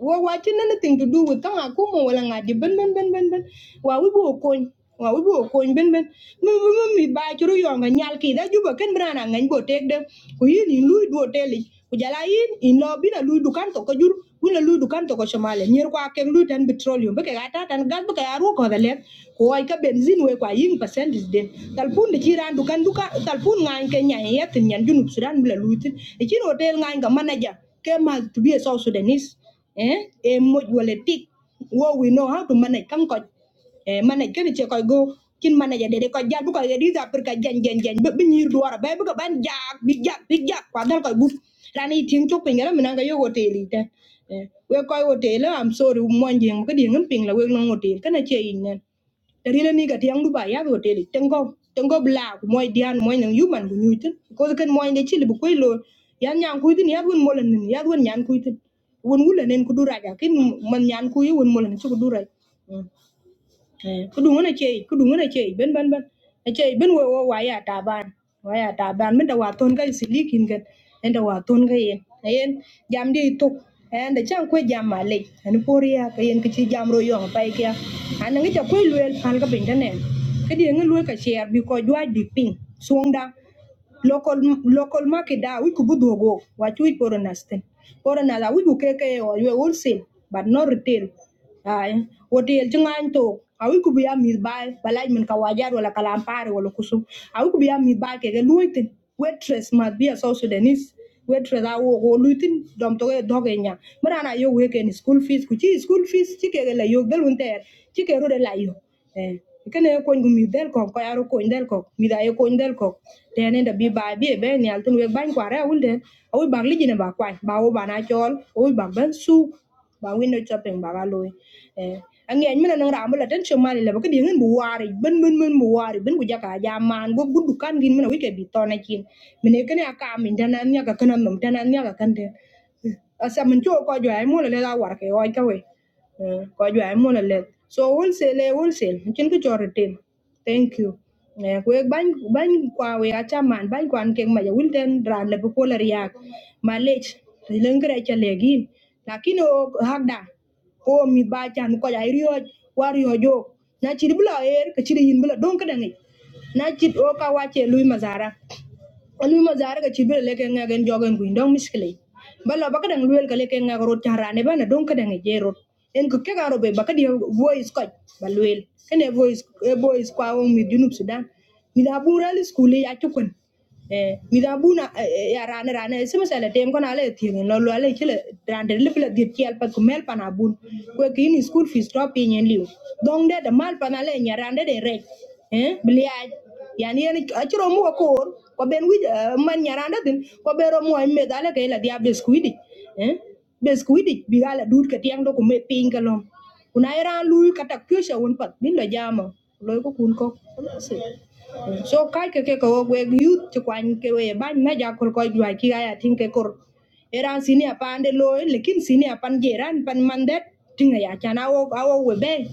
A: wa wa chin anything to do with kan aku mo wala ngadi ben ben ben ben ben wa wi bu ko wa wo ko ben ben mu mu mu mi ba churu yonga nyal ki da juba ken brana ngan bo tek de ku yin in lui do teli ku jala yin in lo bina lui dukan to ko jur bina lui dukan to ko shamale nyer kwa ken lui tan petroleum be ka ta tan gas be ka aru ko da le ko ai ka benzin we kwa yin percent is den talpun de chiran dukan duka talpun ngan ke nyan yet nyan junub sudan bla lui tin e chin hotel ngan ga manager ke ma to be a south sudanese eh e mo wala tik wo we know how to manage kam ko e mana kene che koy go kin mana ya dede koy jal bu koy ri za per ka jen jen jen be binir duara be bu ko ban jak bi jak bi jak kwa dal koy bu rani tin chok pingara mina ga yo hoteli ta we koy hotel am sorry mon jeng ko di ngam ping la we no hotel kana che yin nen dari la ni ga tiang duba ya hotel tengo tengo bla ko moy dian moy nang yuman bu nyutin ko ken moy ne chili bu koy lo yan nyang kuidin ya won molan nin ya won nyan kuidin won wula nen ku duraja kin man nyan kuyi won molan chu ku durai Hmm. Eh, na chei ku na chei ben ben ben na chei ben wo wo waya ta waya ta min da wa ton ga silikin ga en da wa ton ga yen Eh, yen jam di tuk en da chan ko jam ma en poria ka yen ki jam ro yong pai kya an ngi ta ko luel pal ga ben da nen ka di ngi luel ka share bi ko jwa bi ping suong da local local market da we could go what we for understand for another we could keke or we wholesale but not retail ay hotel jangan to awi ku biya mi bay balaj min kawajar wala kalampare wala kusum awi ku biya mi bay keke luitin waitress must be a South Sudanese waitress awo go luitin dom to doge nya mara na yo weken school fees ku school fees chi la yo del unter chi ke rode la yo eh kene ko ngum mi del ko ko yaro ko del ko mi da ko del ko tene da bi ba bi be ni altin we ban kwa ra ulde o ba li jine ba kwa ba o ba na chol o ba ban su ba window shopping ba ba loy eh angen mi na nang ra mala tan chomali le ba ke dingin bu wari ben ben ben bu wari ben ku jaka ja man go guddu kan gin mina wike bi tona kin mine kene aka min dana nya ka kana nom dana nya ka kande Asa min cho ko jwa mo le la war ke oi ka we. Eh, Ko jwa mo le. So wholesale eh, wholesale chin ko chor tem. Thank you. Eh, Kwe ban ban kwa we acha man ban kwan keng ma ya wilten dran le ko le riak. Ma lech lengre cha le gin. Lakini o hagda ko mi ba chan ko ya rio war yo jo. Na chiri bula er ke chiri yin bula don ka dangi. Na chit o ka wache lui mazara lui ma zaare ka chibele leke nga gen jogen kuin dong miskele bala baka dang luel ka leke nga ro charane bana dong ka dang je en kuke ke garo be baka dia voice ko ba luel kene voice e voice kwa on mi junub sudan mi da bural ya chukun. eh mi da ya rane rane se masala tem ko na le tiene no lo le kele rande le pele di tiel pa ko mel pana bun school fees dropping en liu dong de da mal pana nya rande de rek eh bliaj yani en achiro mu ko ko ben wi man nyaranda din ko bero mo me dale ke la dia beskuidi eh beskuidi bi gala dud ke tiang do ko me ping ka lom kuna era lu kata kyosha won pat bin la jama loy ko kun ko Kalas eh. so kai ke ke ko we youth to kwan ke we ban na ja kol ko jwa ki ga ya tin ke kor eran sini apa de loy lekin sini apan jeran pan mandet tinga ya chan awo awo webe, be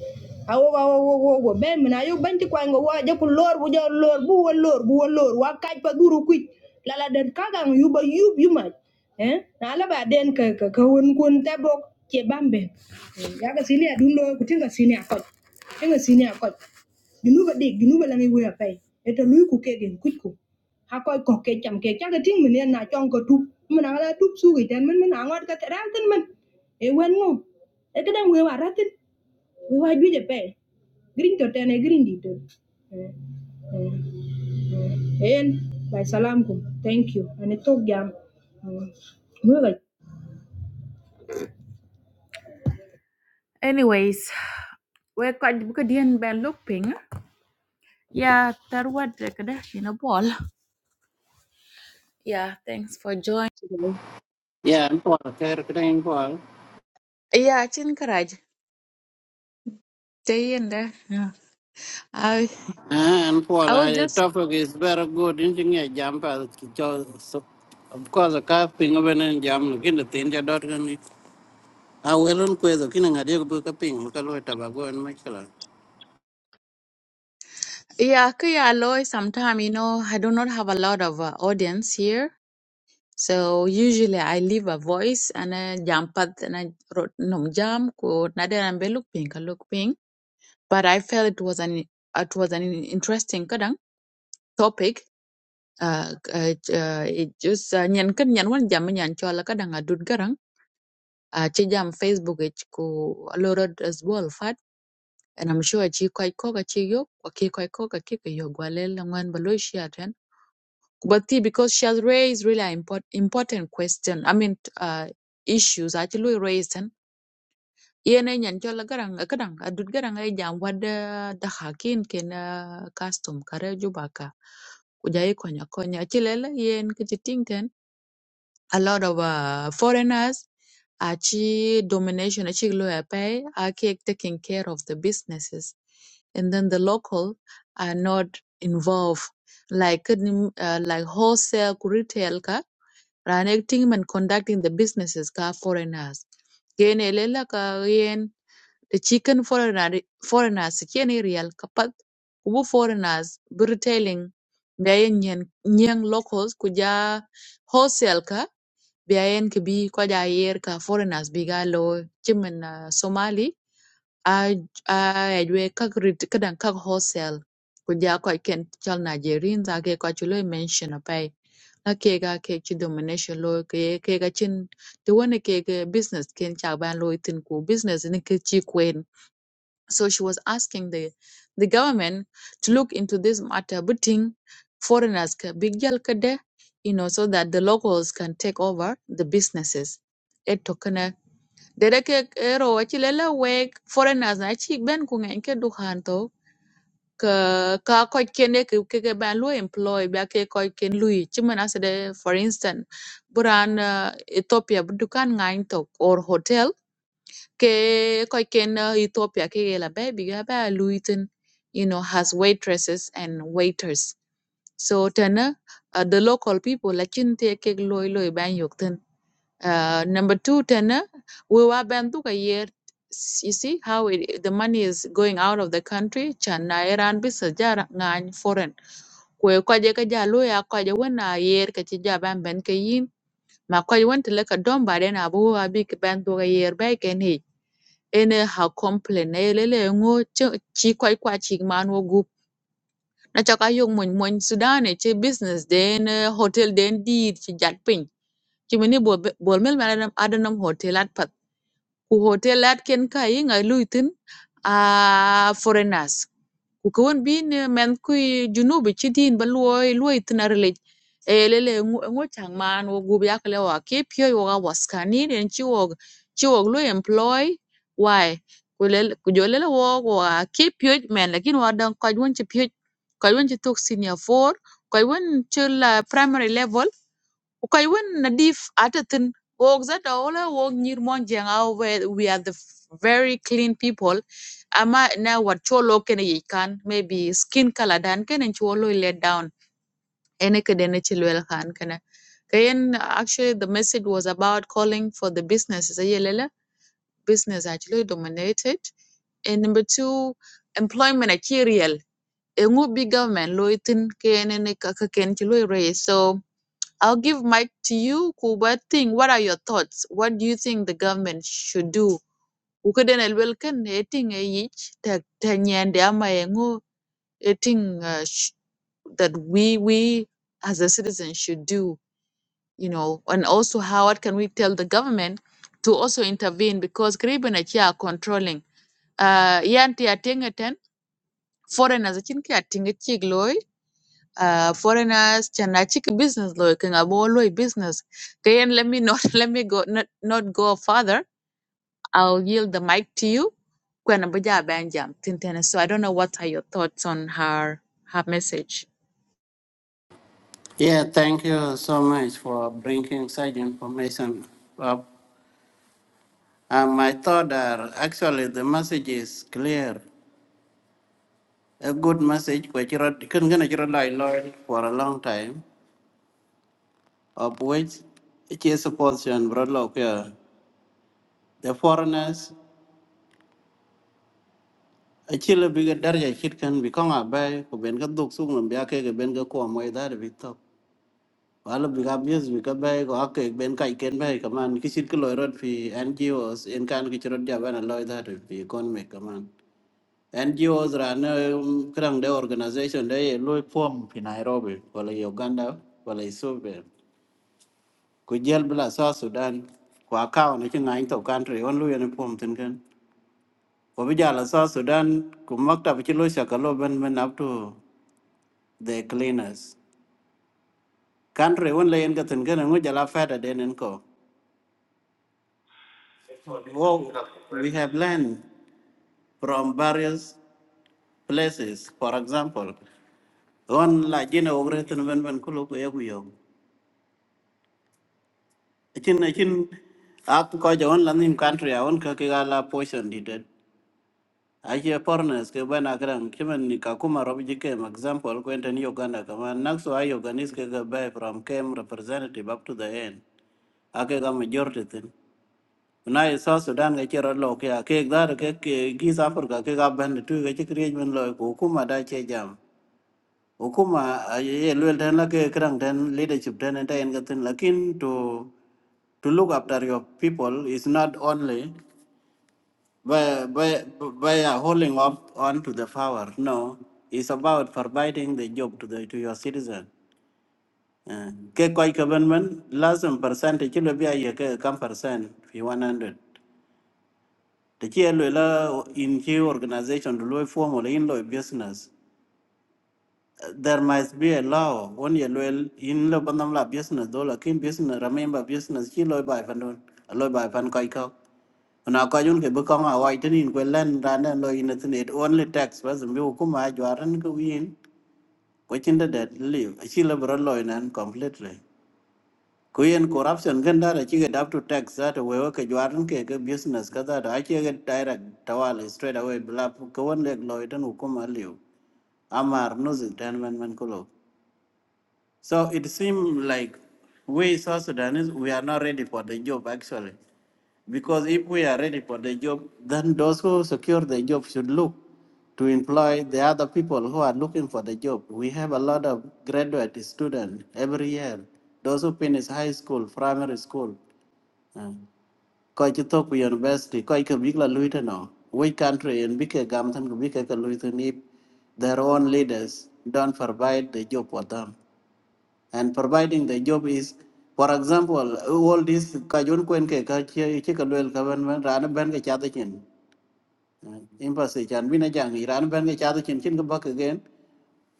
A: awo awo wo wo wo be mina yo banti kwa wa je lor bu je lor bu lor bu lor wa kaj pa duru kuit lala den kagang yu yub yu eh na ba den ka ka ka kun tabok bok che bambe ya ga sini adun loy ku tinga sini akoj tinga sini akoj ginuba dik ginuba langi we apai eta lui ku kegen kuitku ha koy ko ke cham ke cha ke ting men na chong ko tup men na la tup su ke ten men men angot ka ran ten men e wen ngo e ke dang we wa ratin we wa ju je pe green to ten e green di to Eh, eh, eh. en by salam kum thank you and it talk jam Mm. we ga Anyways, we got buka dien ben look ping. Yeah, that what the kada in a ball. Yeah, thanks for joining. today.
B: Yeah, and Paul, Kerkring Paul.
A: Yeah, chin karaj. Stay in there. Yeah. I
B: And
A: I
B: Paul,
A: was
B: I
A: just
B: topic is very good. Inching a jump as of course, a car ping of an jam, looking at the India dot. can I will on quiz, looking I a book of ping, look at tobacco and Michael.
A: yeah, okay, alloy sometime, you know, I do not have a lot of uh, audience here. So usually I leave a voice and I jump at and I wrote no jam ko nade ambe look pink, look pink. But I felt it was an it was an interesting kadang topic. Uh, uh, uh, it just uh, nyan kan nyan wan jam nyan chola kadang adud garang. Uh, ci jam Facebook it ko lorod as well and I'm sure chi kwai ko ga chi yo kwa ki kwai ko ga ki ke yo gwalel la ngwan ba lo shi aten but ti because she has raised really important important question I mean uh, issues actually raised and yene nyan chola garang kadang adut garang ai jam wada da hakin ken ah, custom kare jubaka kuja ikonya konya achilele yen kiti a lot of uh, foreigners achi domination achi lawyer pay are taking care of the businesses and then the local are not involved like uh, like wholesale retail ka running team and conducting the businesses ka foreigners yen elela ka yen the chicken foreigner foreigners yen real kapat ubu foreigners be retailing the yen yen locals kuja wholesale ka biayen ki bi ko ja yer ka foreigners bi ga lo chimen uh, somali a a we ka grit kadan ka hostel ku ja ko ken chal nigerian za ke ko chulo mention apai na ke ga ke chi domination lo ke ke ga chin to wona ke ga business ken cha ban lo itin ku business ni ke chi kwen so she was asking the, the government to look into this matter, putting foreigners, ka- big ka de, you know, so that the locals can take over the businesses. It took an a- dere ke ero wachi wek foreigners na e chi ben ku ng'eny ke dukan to ka ka koch kene ke ke ke ban lu employ ba ke koch ken lui chimen asede for instance buran uh, Ethiopia bu dukan to or hotel ke koc uh, Ethiopia ke la be biga ba Luitin you know has waitresses and waiters so tana uh, the local people la chin te ke loy loy ban yok uh, number 2 tana we wa ban tu ka yer s- you see how it, the money is going out of the country chan iran bi sa jar ngany foreign kwe kwaje ka ja lo ya kwaje wen a yer ka ci ja ban ben ka yin ma kwaje wen tele don ba den abu a ka ban to ka yer bai ene ha complain na yelele ngo chi kwai kwa chi man wo gup na chaka yo mon mon sudan e che business den eh, hotel den di chi jat pin chi mini bol bol mel ma adam adam hotel at ku hotel at ken ka yinga luitin a foreigners ku kawon bin men ku junubi chidin ba luoi luoi tina relej e lele ngo chang man wo gubi akle wa ke pyo yo ga waskani ren chi wo lu employ why ku lele ku jo lele wo wa ke pyo men lakin wa dan ko won chi pyo ko chi tok senior four ko won chi la primary level koy wen Nadif dif atatin wok zata wala wok nyir mon au we we are the f- very clean people ama na wat cholo kene yi kan maybe skin color dan kene cholo let down ene kede ne chilwel kan kene kayen actually the message was about calling for the businesses ayelele business actually dominated and number two employment actually real engu big government loitin kene ne kaka ken chilo raise so I'll give mic to you, Kuba. Think, what are your thoughts? What do you think the government should do? Ukuden elwelken eting e yich tak tanyande ama engo eting uh, sh- that we we as a citizen should do, you know, and also how what can we tell the government to also intervene because Caribbean are controlling. Uh, yanti atingeten foreigners achinki uh, foreigners and I business like in a ball business. Then let me not let me go not, not go further. I'll yield the mic to you. Kwen Abuja Abanjam, Tintene. So I don't know what are your thoughts on her her message.
B: Yeah, thank you so much for bringing such information up. Uh, my thought are actually the message is clear. A good message which you can get a lawyer for a long time, of which it is a portion brought up here. the foreigners achilo biga darja chit kan bi konga bay ko ben ga duk sung lam biake ga ben ga ko moy da bi to wala biga bius biga bay ko akke ben kai ken bay kaman kisit ko loirot fi ngos en kan ki chirot ja bana loy da fi kon me kaman ngos rana krang de organization de loy form fi nairobi wala uganda wala ethiopia ko jel bla sa sudan ko akaw ne chi ngany to country on lu yen form tin kan Ko bi jala South Sudan ku maktab ci lo shakalo ben ben up to the cleaners. Country won la yen gatin gana ngu jala fada den en ko. Wo- We have learned from various places. For example, on la jina ogretin ben ben kulo ko yagu yo. Chin chin ak ko ja on la nim country a on ka ki gala portion đi đấy. Ache foreigners ke bana kran kimen ni kakuma rob jike ma example ko enten Uganda kama nakso ay Ugandese ke ga buy from came representative up to the end. Ake ga majority tin. Na iso Sudan ga chero lo ke ake dar ke ke gis Africa ke ga band tu ga chikri men lo ko kuma da che jam. Hukuma ay- ye lwel den la ke kran den leadership den enten ga tin lakin to to look after your people is not only by, by, by uh, holding up on to the power. No, it's about providing the job to the to your citizen. Uh, Ke koi government lazim percent chilo bia ye ke kam percent fi 100. The chilo la in chi organization lo form or in lo business. there must be a law on your well in lo banam la business do la kin business remember business chi loy bai pan don loy bai pan kai ko na ko yun ke bu kong a wai tin ko len ran na loy in tin it only tax was mi ku ma jwaran ko yin ko chin da det li chi lo bro loy nan completely ku yin corruption gan da chi ga dap to tax that we wa ke jwaran ke ke business ka da da chi ga direct tawal straight away bla ko won le loy tan ku ma liu amar no zin tan man man ko lo So it seems like we South Sudanese, we are not ready for the job actually. Because if we are ready for the job, then those who secure the job should look to employ the other people who are looking for the job. We have a lot of graduate students every year, those who finish high school, primary school. Uh, Koi Chitokwi University, Koi Kabigla Luitano, we country and Bika Gamtan Bika Luitan if their own leaders don't provide the job for them and providing the job is for example all this ka jun kwen ke ka che che ka lel ka ben ben ran ben ke cha de chen embassy chan bina jang iran ben ke cha de chen chen ka bak again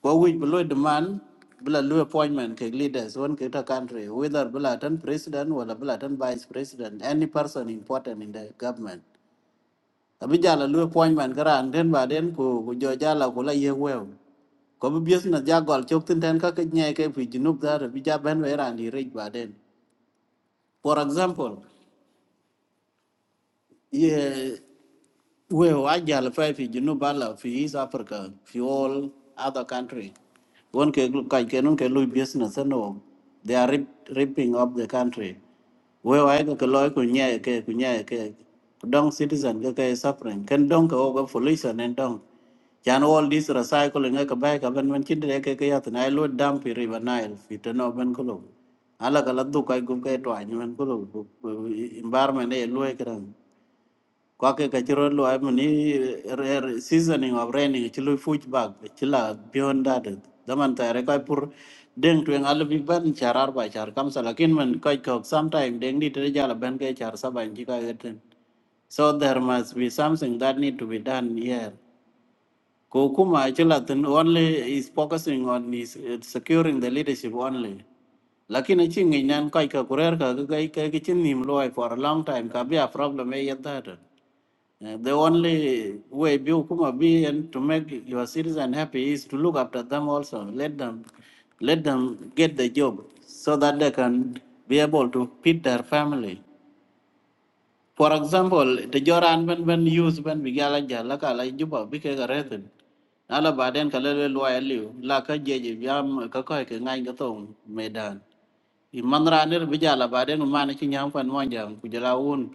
B: ko wi blo demand bla lu appointment ke leaders one ke ta country whether bla tan president wala bla tan vice president any person important in the government abi jala lu point man karan ten ba den ko ko jo jala ko la ye wew ko bi business ja gol chok tin ten ka ke nye ke fi junub da bi ja ben we ran di rej ba den for example ye we wajal fa fi jinu bala fi East Africa fi all other country won ke kai ke nun ke lu business no they are rip, ripping up the country we wa ke ke loy ku nye ke ku nye ke ku dong citizen ke ke suffering ken dong ke ogo pollution and dong chan all this recycling ke ba ka ben men chin de ke ke yat na lu dam fi river nile fi to no ben kulo ala ka la du kai gum ke to anyun kulo environment e lu ke dang kwake ka chiro lwa mani rare seasoning of raining chilu fuch bag chila beyond that daman tare kai pur deng tu ngal big ban charar ba char kam sa lakin man kai kok sometime deng di tere jala ban kai char sa ban chi kai gaten so there must be something that need to be done here kokuma chila tin only is focusing on is uh, securing the leadership only lakini chi ngi nan kai ka kurer ka ga kai ka ki chin nim loy for a long time ka be a problem e yata Uh, the only way Biokuma be and to make your citizen happy is to look after them also. Let them let them get the job so that they can be able to feed their family. For example, the Joran when when use when we gala jala kala juba bike garethin. Nala baden kalele loya liu la ka jeje yam ka koi ke ngai ka medan. Imanra ner bijala baden umane chinyam fan monjam kujala un.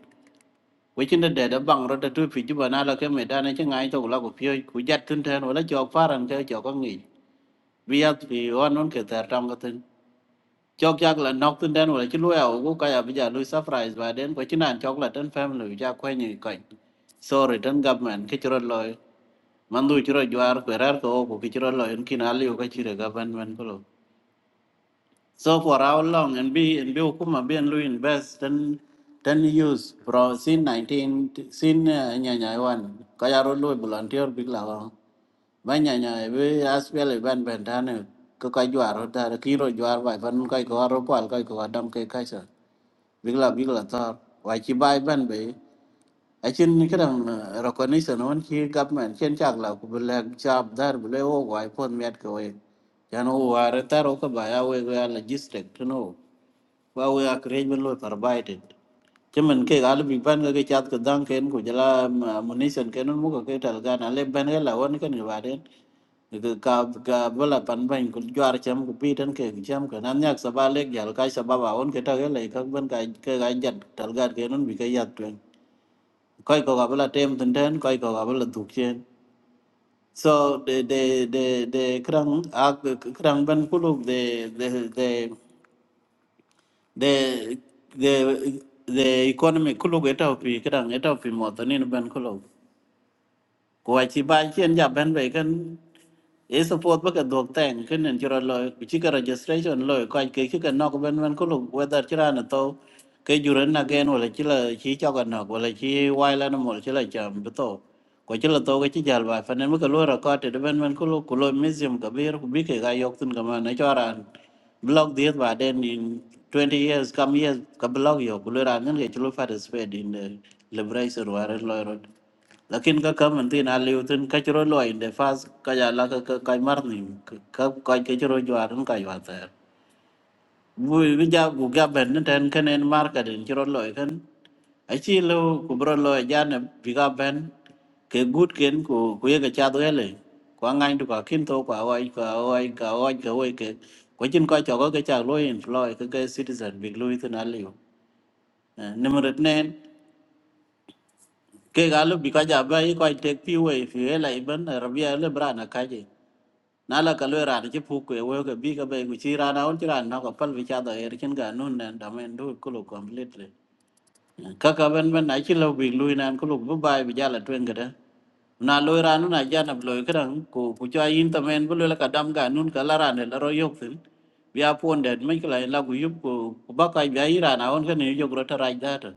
B: với wechinde dede bang rode tu piji ba nalo ke medane của ngai to la ko pio ku jat tin ten wala jok paran ke jok ko ngi biat pi wan nun ke tar tam ko tin jok jak la nok tin den wala chi lu ya ko ka ya bija lu surprise và đến với ko chinan cho la ten family ja quay như ko sorry ten government ke chro loy rồi du chro jwar ko rar ko ko ke chro loy kin ali ko chire government ko So for how long and be and be ukuma be and lui invest and then use pro sin nineteen sin nyanya one kaya ro lui volunteer big la wa. ba nyanya be aspel ban ban tane ko ka juaro ta kiro juar bai ban kai ko ro kwal kai ko adam kai kai sa big la big la ta wa chi bai ban be a chin kram uh, recognition on chi government chen chak la ku le chap dar bu le o wai pon met ko e yan o wa re ta ro ka ba ya we ga logistic to know wa we a create bên lôi carbohydrate chứ mình cái gà lúc bị bán cái cái chát cái dang cái của jala munition cái nó mua cái cái tal gan ale bên cái là on cái người vào đến cái cà cà bơ là pan bánh của juar chém của pi trên cái chém cái nam nhạc saba lek jal cái saba vào on cái tal cái này các bên cái cái gà chặt tal gan cái nó bị cái giặt tuyên coi có gà bơ là tem tinh thần coi có gà bơ là thuộc trên so de de de de krang ak krang ben kuluk de de de the the the economy kulo eta pi kadang eta pi mo to nin ben kulo ko chi ba chen ja ben be kan e support ba ka dog ten ken nen chura loy ku chi ka registration loy ko ke chi ka nok ben ben ko lu whether chira na to ke juren na gen wala chi la chi cho ka nok wala chi wai la na mol chi la cham bu to ko chi la to ke chi jal ba fa nen ba ka lo ra ka te ben ben ko lu ku lo museum ka bir ku bi ke ga yok tun ka ma na cho ran blog diet ba den in 20 years come years ka blog yo ku lo ra ngen ke chi lo participate in the liberation war loy rot lakin ka ka man tin aliu tin ka chro loy de fas ka ya la ka ka ka mar ni ka ka ka chro jwar n ka jwa ta bu bi ja gu ga ben ni ten ken en mar ka den chro loy ken a chi lo ku bro loy ja ne bi ga ben ke gut ken ku ku ye ga cha do ele kwa ngai du ka kin to kwa wai ka wai ka wai ka wai ke ko chin ka cho ka cha loy en loy ka ka citizen bi loy tin aliu nimrut nen ke galu bi ka ja ba i ko tek pi we fi e la iben rabia le brana ka je na la ka le ran ji pu ku we ka bi ka be ku chi rana on chi ran na ko pal vi cha da er chen ga nun na da men du ku lo completely kaka ben ben na ci law bi luy nan ko lu bu bay bi jala twen ga da na loy ranu na jana loy kan ko ku ca yin ta men bu la ka dam ga nun ka la ran la ro yok tin biya ponde men ko la gu yup ko ku ba ka biya ira na on ka ne jog ro ta ra da ta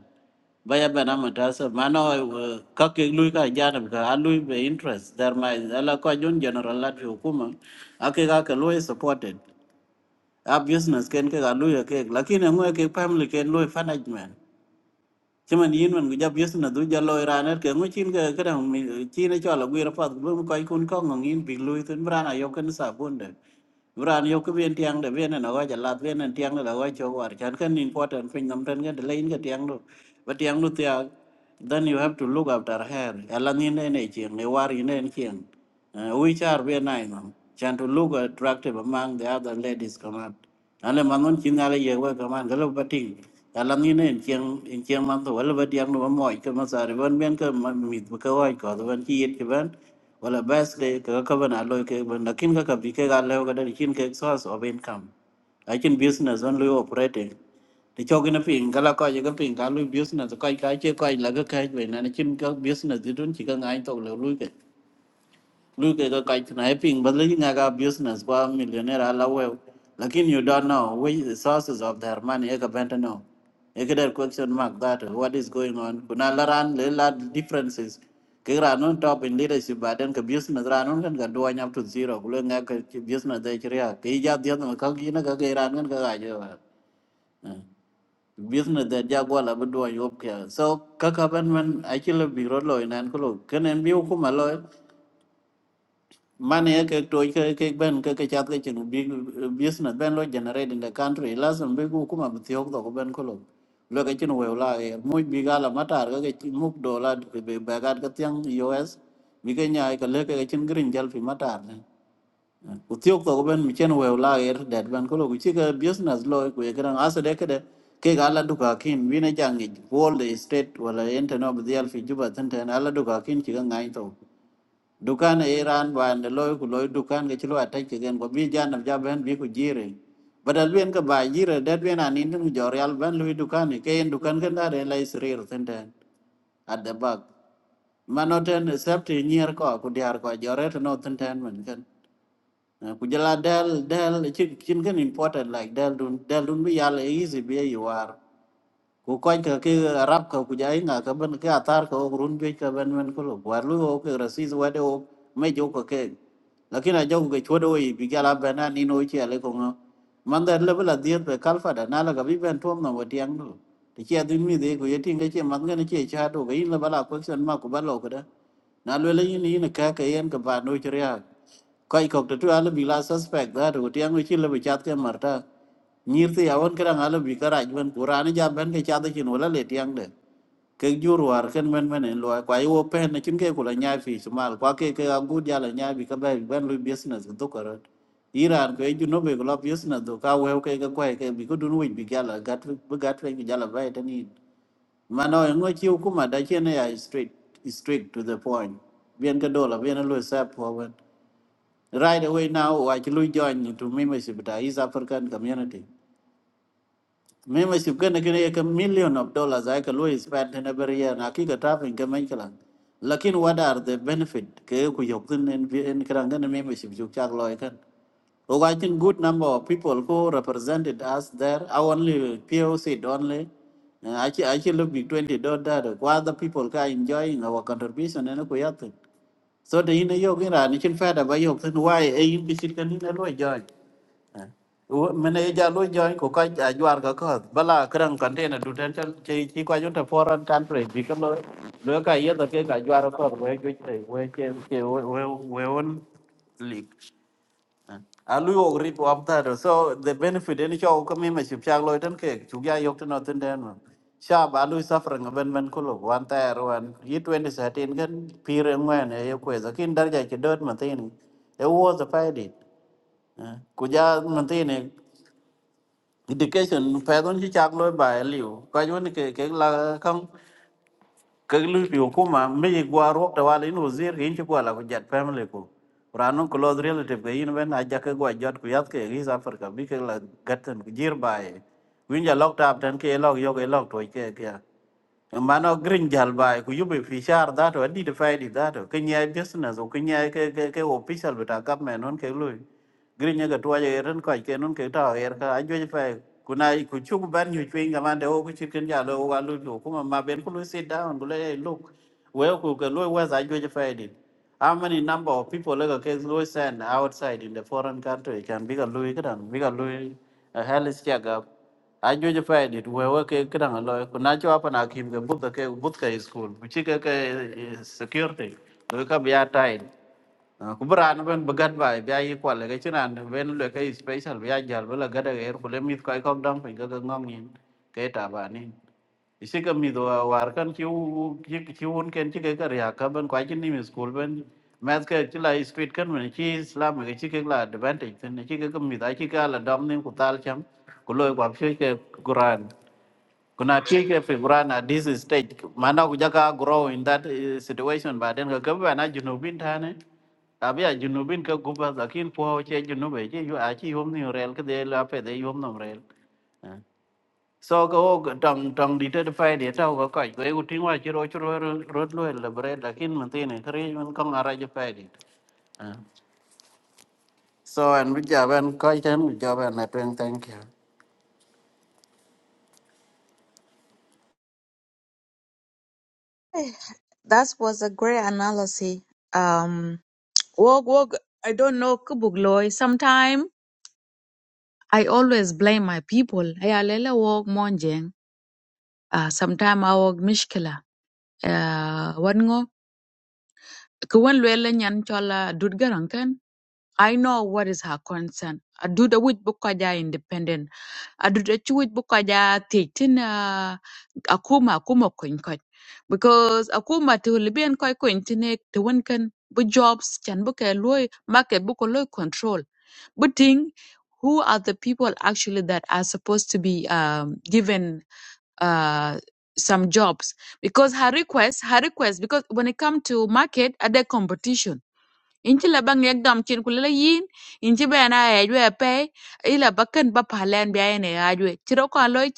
B: ba ya ben am ta sa ma no eh, ka ke lui ka jana ka a lui be interest there my ala ko jun general la fi hukuma ake ka ka loy supported a business ken ke ga luy ke lakini ngwe ke family ken lui management Chaman yin man ga jab yus na du jalo iraner ke ngu chin ga kadang mi- chin e chola gwira pat bu mu koi kun kong ngong yin pik lui tun brana yok kan sa bun de. Bran yok bien tiang de bien na wa jalat bien na tiang la wa cho war chan kan important pin nam tan ga de lain ga tiang lu. Ba tiang lu tia then you have to look after her. Ela ni ne ne chieng ne war yin ne chieng. Uh, we char bien nai no. Chan to look attractive among the other ladies come out ale manon chin ale ye we ka man galo bating ala ni ne chiang in chiang man to wala ba diang no mo ke ma sa re ban ben ke ma mi bu ka wai ko to ban chi yet ke ban wala bas le ka ka ban alo ke ban lakin ka ka bi ke ga le ga da chin ke source of income a chin business on lo operating thì cho cái nó phiền cái là coi như cái phiền cái lui business coi cái chứ coi là cái cái về này nó chim cái business thì đúng chỉ cần ai tội là lui Look at the sniping, but looking at a business, one millionaire, all away. Lakini you don't know which the sources of their money, you can't know. You get a question mark that what is going on. Kuna laran lela differences. Kira non top in leadership, but then the business ran on can go up to zero. Kulu ngak business de chiria. Kija the other kaki na kaki ran kan kaga Business de jagwa la bedua yop kia. So kaka ben ben actually biro loy nan kulo. Kenen biu kumaloy money ke to ke ke ben ke ke chat ke chen big business ben lo generate in the country lazim be ku kuma bthiok to ben ko lo lo ke chen we la e mu bi gala matar ke ke muk dollar be be gat ke tyang us bi ke nya ke le ke chen green jal fi matar ne ku thiok to ben mi chen we la e dat ben ko lo ku chi ke business lo ku e gran as de ke de ke gala duka kin wi ne jangi all the state wala enten of the alfi juba tenten ala duka kin chi ga ngai to dukan e iran wan de loy ku loy dukan ke chilo attack again ko bi janam jaben bi ku jire badal ben ka ba jire dat ben anin dun jorial ben loy dukan e ken dukan kan dare la isrir tenten at the back manoten safety near ko ku diar ko joret no tenten men kan Eh, ku jala del del chin chin kan important like del dun del dun bi yal easy bi you are ku koy ka ki rap ka ku jai nga ka ben ka atar ka ok run jui ka ben men ko lo war lu ok rasis wade ok me jo ka ke lakin a jo ke chodo yi bi gala bena ni no chi ale ko nga man da le bla dir be kalfa da na la ga bi ben tom no wati ang lo ti chi adun mi de ku yeti nga chi man nga chi cha do ga in la bala ko sen ma ku ba lo ka da na le le yin yin ka ka yen ka ba no chi ya kai kok to ala bila suspect da ro tiang wi chile bichat ke marta nyir ti awon kra ala bi kara jwan kurani ja ben ke chada chin wala le tiang de ke jur war ken men men en lo kwa yo pen na chin ke kula nya fi sumal kwa ke ke agud ya la nya bi ka ba ben lu business do kara iran ke ju no be lo business do ka we ke ke kwa ke bi ko dun wi bi gala gat bi gat wi bi gala ba tani mano en ngo chi kuma da chen ya straight straight to the point bien ka dola bien lo sap for Right away now, I can join to membership with the East African community. Membership can get a million of dollars I can always spend in every year and I kick a trap in Kamenkalan. Lakin what are the benefit? Ke ku yoktin in Karangan membership you chak loykan. Oh, I think good number of people who represented us there. I only POC only. Uh, I actually look be twenty dollar. What other people are enjoying our contribution and kuyatin. so te yin yo gira ni chin fada ba yo tin wai e yin bisit kan ni lo join mene ja lo join ko ka ja jwar ka ko bala kran container du ten chal chi chi kwa junta foreign country bi kan lo lo ka ye da ke ka jwar ko we ju te we che che we we we on alu og rit wap thado so the benefit en cho ko mi me chip chak loy tan ke chu ya yok tan tan den no shab alu safra ng ben ben ko lo wan ta ro an yi 2013 gan pire ngwen e yo kweza kin dar ja che dot man tin e wo the faidi ku ja man tin education pa don chi chak loy ba liu ka yon ke ke la kang kagli hukuma miji gwa rok tawala in wazir in chi kwala ku jet family ku ranon ku lod relative ga in ben aja ka gwa jot ku yat ke ris africa bi ke la gatan ku jir bae winja lok tap tan ke lok yo ke lok toy ke ke mano green jal bae ku yube fi shar da to di de fai di da to ke nya business ku nya ke ke ke official beta government non ke lui gri nya ga tuaje ren ko ke nun ke ta er ka ajo fa kuna ku chu ku ban nyu chwe nga man de o ku chit ken ja lo wa lu lu kuma ma ben ku lu sit down ku le look we ku ke lu wa za ajo fa di how many number of people like ke lu send outside in the foreign country can be ga lu ga dan bi ga lu hell is ja ga ajo fa di we we ke ga dan lo ku na cho pa na kim ga but ke but ke butka school ku chi ke ke eh, security lu ka bi ya kubran ben bagat bai bia yi kwal ga chiran ben le ka special bia jal bela gada er kule mit kai kok dam pe ga ngong yin ke ta ba ni isi ka mi do war kan ki u ki ki un ken chi ke ka ria ka ben kwa chi ni mi school ben math ka chi la street kan men chi islam ga chi ke la advantage ten chi ke ka mi da chi ka la dam ni ku tal cham ku lo kwa phi ke kuran kuna kike figuran at this is stage maana kujaka grow in that eh, situation baden ka kabe na junubin tane abia junubin ka guba lakin po che junube che yu achi yom ni rel ke de la pe de yom no rel Eh. so ko wo tong tong di te fai de ta ko ko ko u tin wa chi ro chi ro ro lo le bre lakin man tine kri man kong ara je fai de Eh. so and we jaban ko chen we jaban na thank you
A: Eh, That was a great analysis. Um wog wog I don't know kubugloy. Sometime I always blame my people. Hey, alele wog monjeng. Uh, sometime I wog mishkila. Kwen Luella Nyan Chola Dudgarankan, I know what is her concern. A duda which Bukaja independent. A duda chuit, Bukaja titin uh, Akuma Akuma Koinkoch. Because Akuma to Libyan Koi Kointine to Winkan, bu jobs chan book loy market book loy control. But thing, who are the people actually that are supposed to be um, given uh, some jobs? Because her request, her request, because when it comes to market, are there competition? in ci la ba ngek dam cin ku yin in be ben a yej we pe i la ba pahlan ba palen bi ayene yajwe ci ro ko loy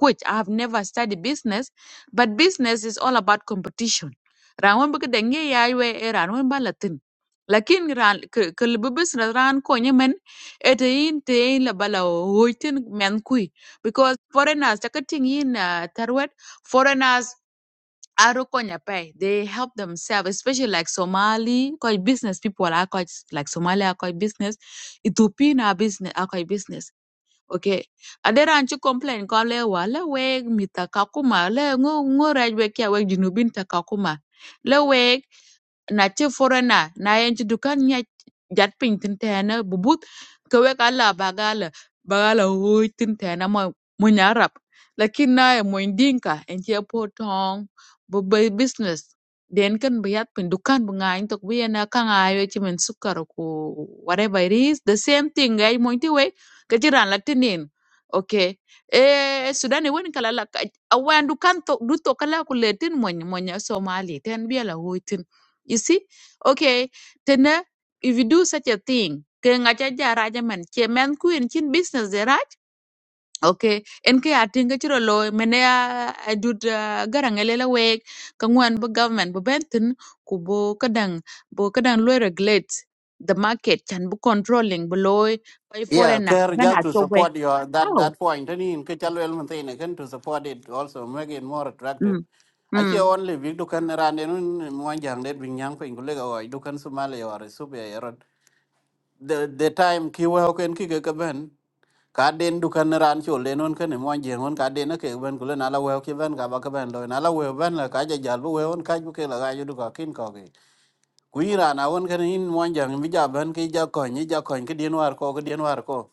A: kuch i have never studied business but business is all about competition ran won bu de nge yajwe e ran ba latin lakin ran ke bu business ran ko nyemen e yin te yin la bala hoitin men kui because foreigners takatin yin uh, tarwet foreigners Aro Konya pay. They help themselves, especially like Somali, quite business people are quite like Somali are quite business, Ethiopian are business are quite business. Okay. Adera anchu complain kwa le wa le mita kakuma le ngo ngo rajwe kia we junubin takakuma kakuma na ci forena na yen ci dukan nya jat pin tin tena bubut ke we kala bagala bagala hoy tin tena mo mo nyarap lakin na e mo dinka en ci po bu bay business den kan bi yat pin dukan bu ngañ tok bi yana kan ayo ci men sukar ko whatever it is the same thing ay mo ti we ke ci ran latinin okay e sudani woni kala la awan dukan to du to kala ko letin mo mo somali ten bi la hoy you see? Okay, tena if you do such a thing, ke ngacha jara jaman che men ku en chin business de Raj, Okay, en ke ating ke chiro lo mene a adut garang elela wek kangwan bu government bu benten ku bo kadang bo kadang lo regulate the market can be controlling below by
B: Yeah,
A: foreigner
B: care
A: bana
B: just to
A: chobe.
B: support your that
A: How?
B: that point. Any in Kachalwell Mountain again to support it also make it more attractive.
A: Mm. mm.
B: Actually, only we do can run in one young lady being young for Ingulega or you can Somali or a super The the time Kiwa can kick a cabin. Kaden du kan ran chul den on kan mo jeng on kaden ke ben kulen ala we ke ben ga ba ka ben lo ala we ben la ka ja jal bu we on ka ju ke la ga ju du ka kin ku ira na won kan in mo jang mi ja ban ki ja ko ni ja ko ki din war ko ki din war ko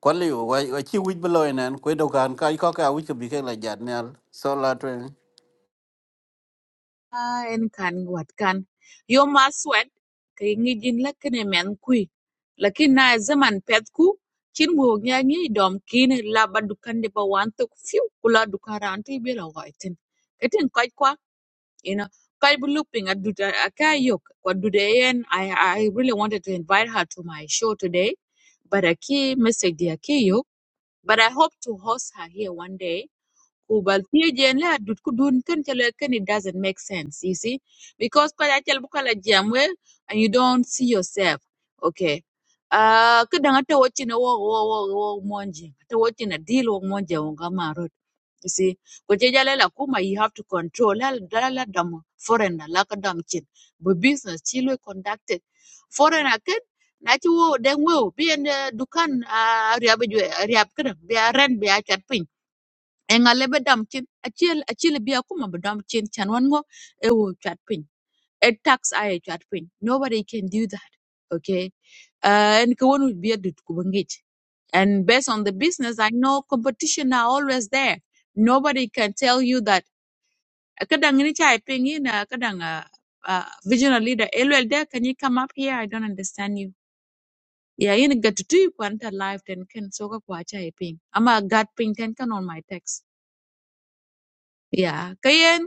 B: ko li wa wa chi wi blo nen ku do kan ka ko ka wi bi ke la jat nel so la twen
A: Ah, en kan wat kan yo ma swet ke ngijin la kene men kui lakin na zaman pet ku chin bu nya ngi dom kin la ba dukan de ba wan to fiu kula dukara anti be la waitin etin kai kwa ina kai bu looking at duda aka yok kwa duda yen i i really wanted to invite her to my show today but aki message dia ki yok but i hope to host her here one day Kubaltijian la dut ku dun ken cheleken it doesn't make sense, you see? Because kaya chel bukala jam well, and you don't see yourself. Okay. Uh kadang ata watching a walk walk walk walk monji. Ata watching a deal walk monji marot. You see? Kwacheja lela kuma you have to control lala lala dam foreigner laka dam chin. But business chilo conducted. Foreigner ken na chi wo deng wo bi en eh, dukan a riab jwe riab kadang bi a ren bi a chat piny e nga lebe dam cin acel acel bi a bi dam cin chan wan ngo e wo chat pin A tax ai chat pin nobody can do that okay uh, and ka wonu bi adut ku bangit and based on the business i know competition are always there nobody can tell you that kadang ni chai pin in kadang uh, uh, visionary leader elwel there can you come up here i don't understand you yeah you get yin gatutu kwanta live ten ken soka kwa chai Am ama gat ping ten can on my text yeah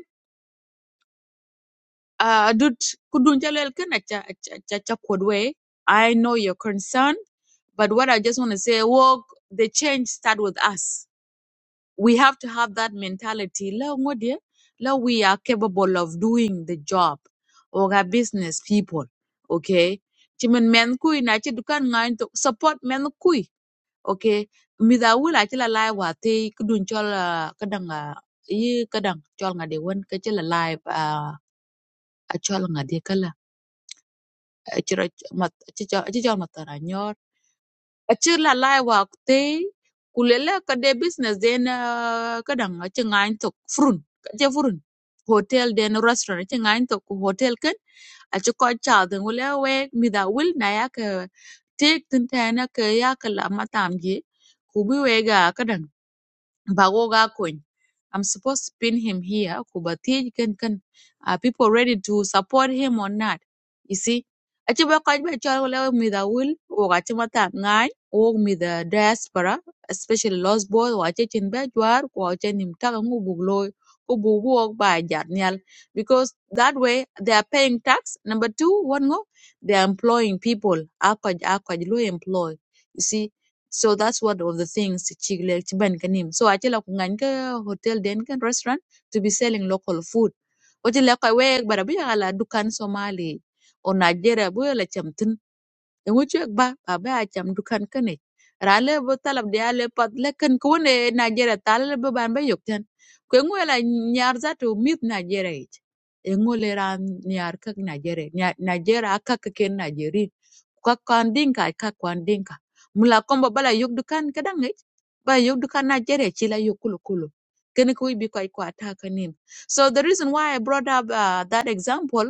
A: uh, dut kudun jalel ken acha acha acha acha kodwe. I know your concern, but what I just want to say, walk the change start with us. We have to have that mentality. La ngodi, la we are capable of doing the job or our business people. Okay. Chimen men kui na chi dukan ngayon to support men kui. Okay. Mida wula chi la lai wa te kudun chol ah, kadang ah, yi kadang chol ngade wen ke chila lai ah, a chol ngade kala Achira mat achicha achicha mataranyor achir la lai wak te kulele ka business den uh, kadang achi ngain tok furun kaje furun hotel den restaurant achi ngain tok hotel ken achi ko cha den wala we mi da wil na ya ka tek tin ta na ka ya la matam je ku bi Bagoga coin. I'm supposed to pin him here. Kubatij can can are people ready to support him or not? You see? Achi ba kaj ba chal wala mi will o gachi mata ngai o mi da diaspora especially lost boy o achi chin ba jwar ko achi nim ta ngu jarnial. because that way they are paying tax number 2 one go they are employing people akoj akoj lo employ you see so that's one of the things Chiglek Chiban Kanim. So I tell a Kunganka hotel then can restaurant to be selling local food. What you like away, but a bit ala Dukan Somali or Nigeria, we la chamtin, and which you ba, a ba cham Dukan Kane. Rale botalab de ale pat lekan kune Nigeria talab ban by yokten. Kwenguela nyarza to meet Nigeria. Engolera nyar kak Nigeria, Nigeria kak ken Nigeria ko kon dinka ka kon dinka mula kombo bala yug dukan ba yug dukan na jere ci la yug kulu kulu ko bi koy ko ataka nin so the reason why i brought up uh, that example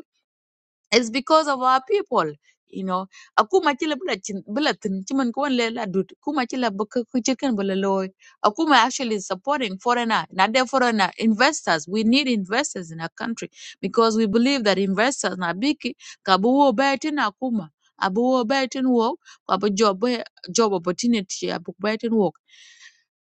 A: it's because of our people, you know. Akuma chila bila chin bila tin chiman kuan le la dud. Kuma chila buka kuchikan bila loy. Akuma actually is supporting foreigner, not the foreigner investors. We need investors in our country because we believe that investors na biki kabuo betin akuma. Abuo betin work, kabu job job opportunity abu betin work.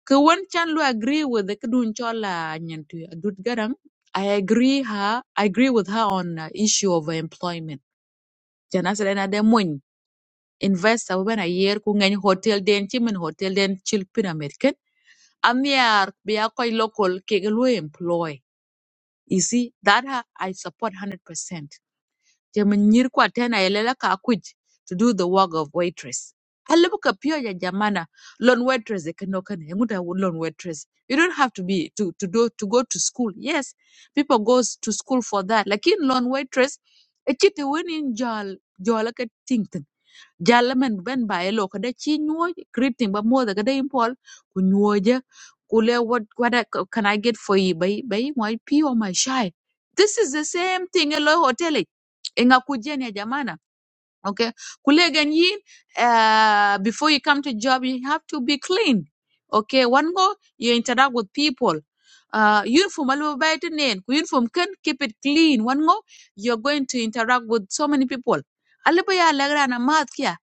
A: Kawan chan lu agree with the kudun chola nyantu. Dud garang I agree her. I agree with her on uh, issue of employment. Jana sere na de mun invest abu bena year ku ngany hotel den chimen hotel den chilpin American. Amiar be a local ke employ. You see that her, I support 100% te min kwa tena yelela ka kuj to do the work of waitress alibu ka pio ya jamana lon waitress e kano kana Emuta lon waitress you don't have to be to to do to go to school yes people goes to school for that lakin lon waitress e chiti woni jol jol tingten jalla men ben ba elo kada chi nyuoj greeting ba mo kada impol ku nyuoje ku le what what I- can i get for you bay bay my pee or my shy this is the same thing elo hotel e nga kujeni ya jamana okay kule ganyin uh, before you come to job you have to be clean okay one go you interact with people uh, uniform alu bayt nen ku uniform can keep it clean one go you're going to interact with so many people alu ba ya lagra na mat kya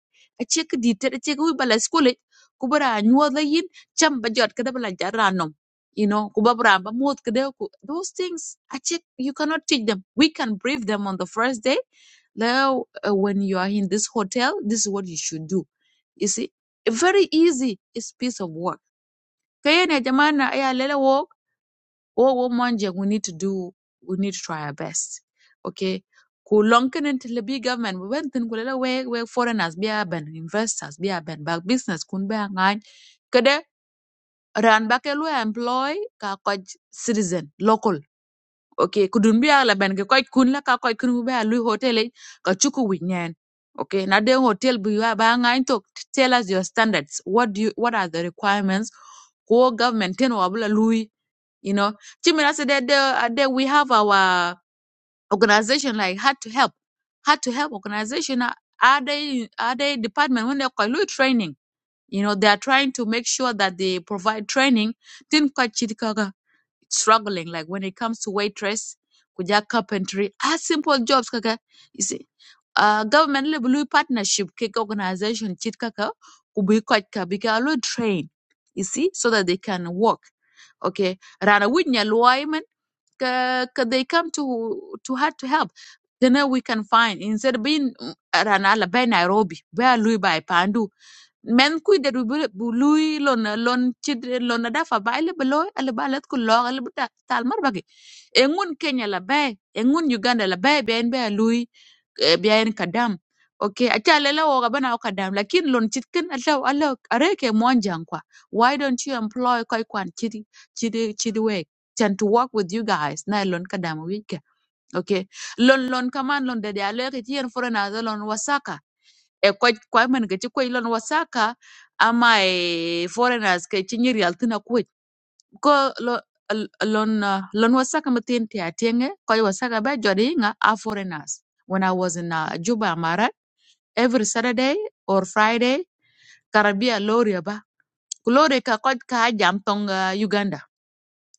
A: a check di te check wi bala school eh, ku nyuwa yin cham ba kada bala jaranom you know ku ba mot kada ku those things a check you cannot teach them we can brief them on the first day now, uh, when you are in this hotel, this is what you should do. You see, very easy. It's piece of work. Kayene jamana ya lele wo wo wo manje. We need to do. We need to try our best. Okay. Kulonken and the big government. We went in kulele we we foreigners be aben investors be aben back business kun be angan. Kade ran back employ ka kwaj citizen local okay kudun biya la ben ke koy kun la ka koy kun bu ba lu hotel eh, ka chuku wi nyen okay na den hotel bu ya ba ngain to tell us your standards what do you, what are the requirements ko government ten wa bula lui you know chimira said that uh, that we have our organization like hard to help hard to help organization uh, are they are they department when they call training you know they are trying to make sure that they provide training tin ka struggling like when it comes to waitress kuja carpentry ah simple jobs kaka you see uh, government le blue partnership kick organization chit kaka kubi kochka bikalu train you see so that they can work okay rana winya loyman ka ka they come to to hard to help then uh, we can find instead of being mm, rana la by nairobi where lui by pandu men ku det bu lui lon lon chid lon da fa ba ile beloy ale ba let ku lo ale buta tal mar bagi engun kenya la bay engun uganda la bay ben be lui e bien kadam okay acha le la o bana o kadam lakin lon chit ken ala Allah areke ke kwa why don't you employ koi kwan chid chid chid we tend to work with you guys na lon kadam week okay lon lon kaman lon de ale ke tien for na lon wasaka e ko ko men ke ci ko lon wasaka ama e foreigners ke ci nyir yal tuna ko ko lo l- lon uh, lon wasaka matin ti atenge ko wasaka ba jodi nga a foreigners when i was in uh, juba amara every saturday or friday karabia lorya ba lorry ka ko ka jam tong uh, uganda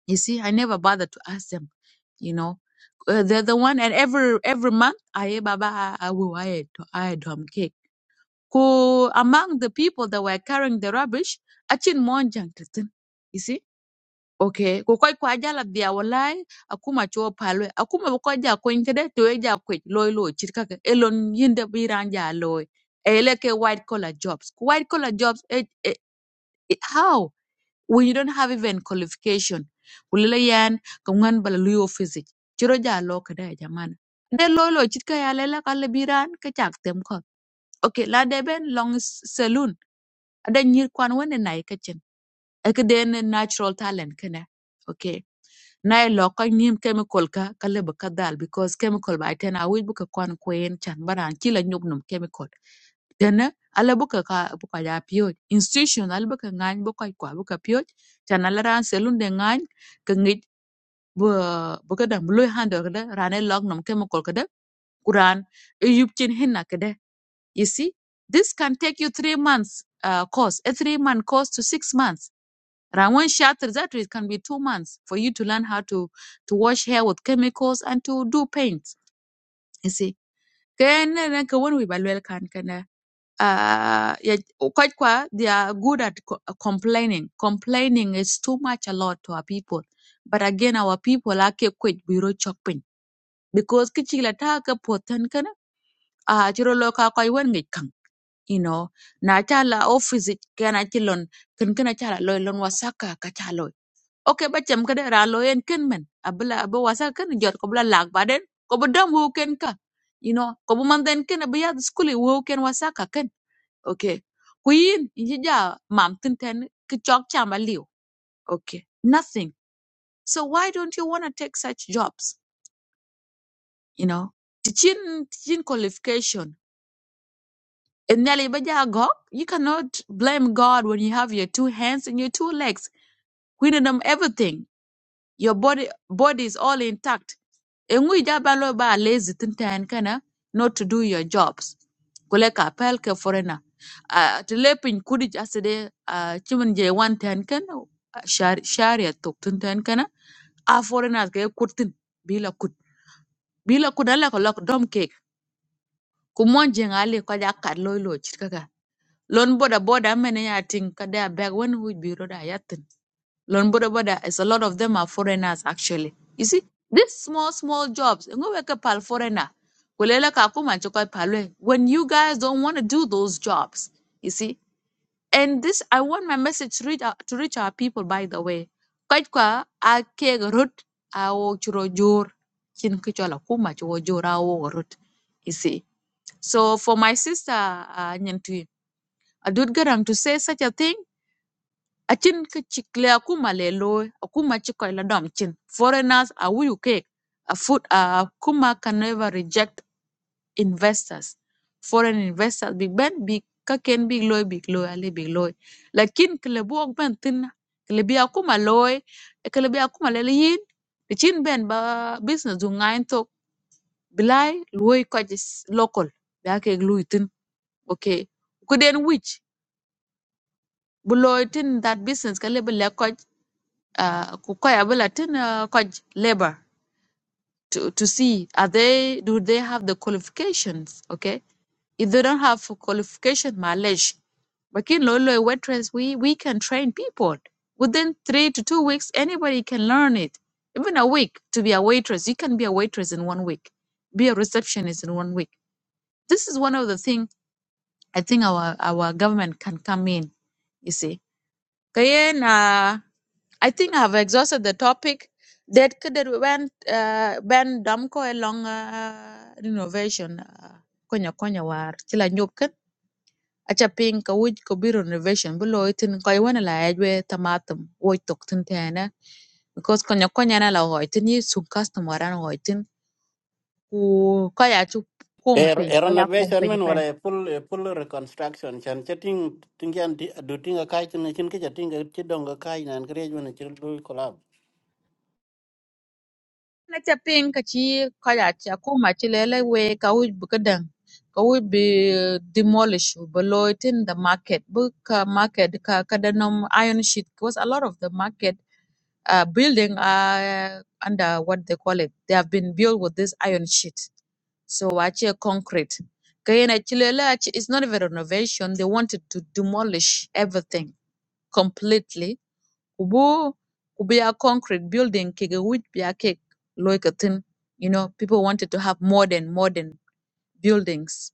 A: you see i never bothered to ask them you know uh, they're the one and every every month i baba i will i I drum cake who among the people that were carrying the rubbish achin monjang tin you see okay ko koy ko ajala dia wallahi akuma cho palwe akuma ko ja ko inkede to e ja ko loy loy chirka ke elon yinde biran ja loy ele ke white collar jobs Ku white collar jobs eh, eh, eh, how when you don't have even qualification kulile yan ko ngan bala luyo physic chiro ja lo kada jamana de loy loy chirka lela kale biran ke tem ko okay la deben long saloon ada nyir kwan wani na ika chin aka natural talent kana okay na i lo ko nim chemical ka kale ba dal because chemical ba ten awi bu kwan kwen chan baran kila nyuk chemical Dena ala buka ka ka ya pio institution ala bu ka ngany buka ka kwa bu pio chan ala ran selun de ngany ka ngit bu buka ka dam lu handle ka da ran e num chemical ka kuran e yup chin hinna ka you see, this can take you three months uh, course, a three month course to six months. Rawan Shatter, that it can be two months for you to learn how to, to wash hair with chemicals and to do paint. You see, then then ka when we balwel can can. uh yeah, quite qua they are good at co- uh, complaining. Complaining is too much a lot to our people. But again, our people are kept quite bureau chopping because kichila taka potan kana ah chiro loka koi wen ngit you know na chala office it kana chilon kin kana chala loy lon wasaka ka chaloy okay bachem kada ra loyen kin men abla abu wasaka kin jot ko bla lag baden ko bu dam wu ken ka you know ko bu man den kin abu skuli wu ken wasaka kin okay queen ja mam tin ten ki chok chama liu okay nothing so why don't you want to take such jobs you know teaching teaching qualification And Nelly Bajagok, you cannot blame God when you have your two hands and your two legs. Queenendom everything. Your body body is all intact. Engui jabalo ba lazy tintan kana not to do your jobs. Kule pelke foreigner. ke forena. Uh, tilepin kudi jasede uh, chimin je one ten kana shari shari tok tintan kana a forena ke kutin bila kut bila kut ala ko lok dom ke kumon jengale ko jakkat loy loy lon boda boda many I think they are back when we be roda yatin. Lon boda boda is a lot of them are foreigners actually. You see, these small small jobs, ngo weke pal foreigner. Kulele ka kuma chokoi palwe. When you guys don't want to do those jobs, you see. And this, I want my message to reach out, to reach our people. By the way, Kwaj kwa a keg rut churo jor chin kichwala kuma churo jor a wo You see. So for my sister, uh, Nyantu, adut garam to say such a thing achin ka chikle akuma le loy akuma chikoy la dom chin foreigners are we okay a food uh, akuma can never reject investors foreign investors big ben big ka ken big loy big loy ale big loy lakin klebu ok ben tin klebi akuma loy klebi akuma le yin the chin ben ba business du ngain to bilai loy ko local ba ke gluitin okay kuden which Below, looy tin that business ka lebi le uh, ku koy abula uh, labor to, to see are they do they have the qualifications okay if they don't have qualification mileage but in Lolo a waitress, we, we can train people. Within three to two weeks, anybody can learn it. Even a week to be a waitress. You can be a waitress in one week, be a receptionist in one week. This is one of the things I think our, our government can come in, you see. Kayen, uh, I think I've exhausted the topic. That could that went uh, Ben Damko along uh, renovation. uh, Konya konya war chila nyop kan acha ping ka wuj ko biro renovation below it in koi wana la ajwe tamatum woi tok tin tena because konya konya na la hoi tin yi sub customer an hoi tin ku kaya chu
B: er
A: kumpin
B: er
A: kaya
B: renovation men
A: kumpin
B: wala e full e full reconstruction chan chating ting yan du ting ka chin chin ke chating ke chi dong ka nan kre ju ne chin du collab
A: na ca piŋ ka ci kɔjaa ci akuma ci lele wei ka wic bi kädɛŋ ka wic bi eh, demolish bi loi tin the market bi ka market ka kadanom iron sheet because a lot of the market uh, building are under what they call it they have been built with this iron sheet so aci concrete ka yen ci lele it's not even renovation they wanted to demolish everything completely kubu kubuya concrete building kige wit biya kek loy you know people wanted to have modern modern buildings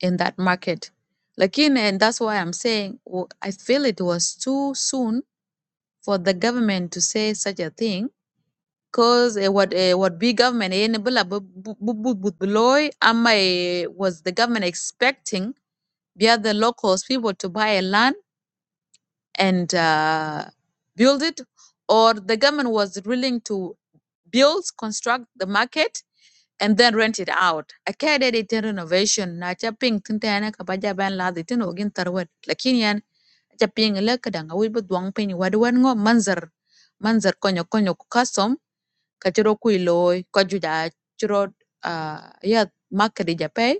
A: in that market lakin and that's why i'm saying w- i feel it was too soon for the government to say such a thing because what uh, what big government eh, nibula bu- bu- bu- bu- bu- beloy ama eh, was the government expecting via the other locals people to buy a land and uh, build it, or the government was willing to build, construct the market, and then rent it out. A kede de ten renovation na cha ping tin ta na ka baja ban la de tin ogin tarwat. Lakin yan cha ping la ka danga wi bu duang pin wa de wan ngo manzar manzar konyo konyo ku custom ka chiro ku loy ko juda chiro uh, ya market ja pay.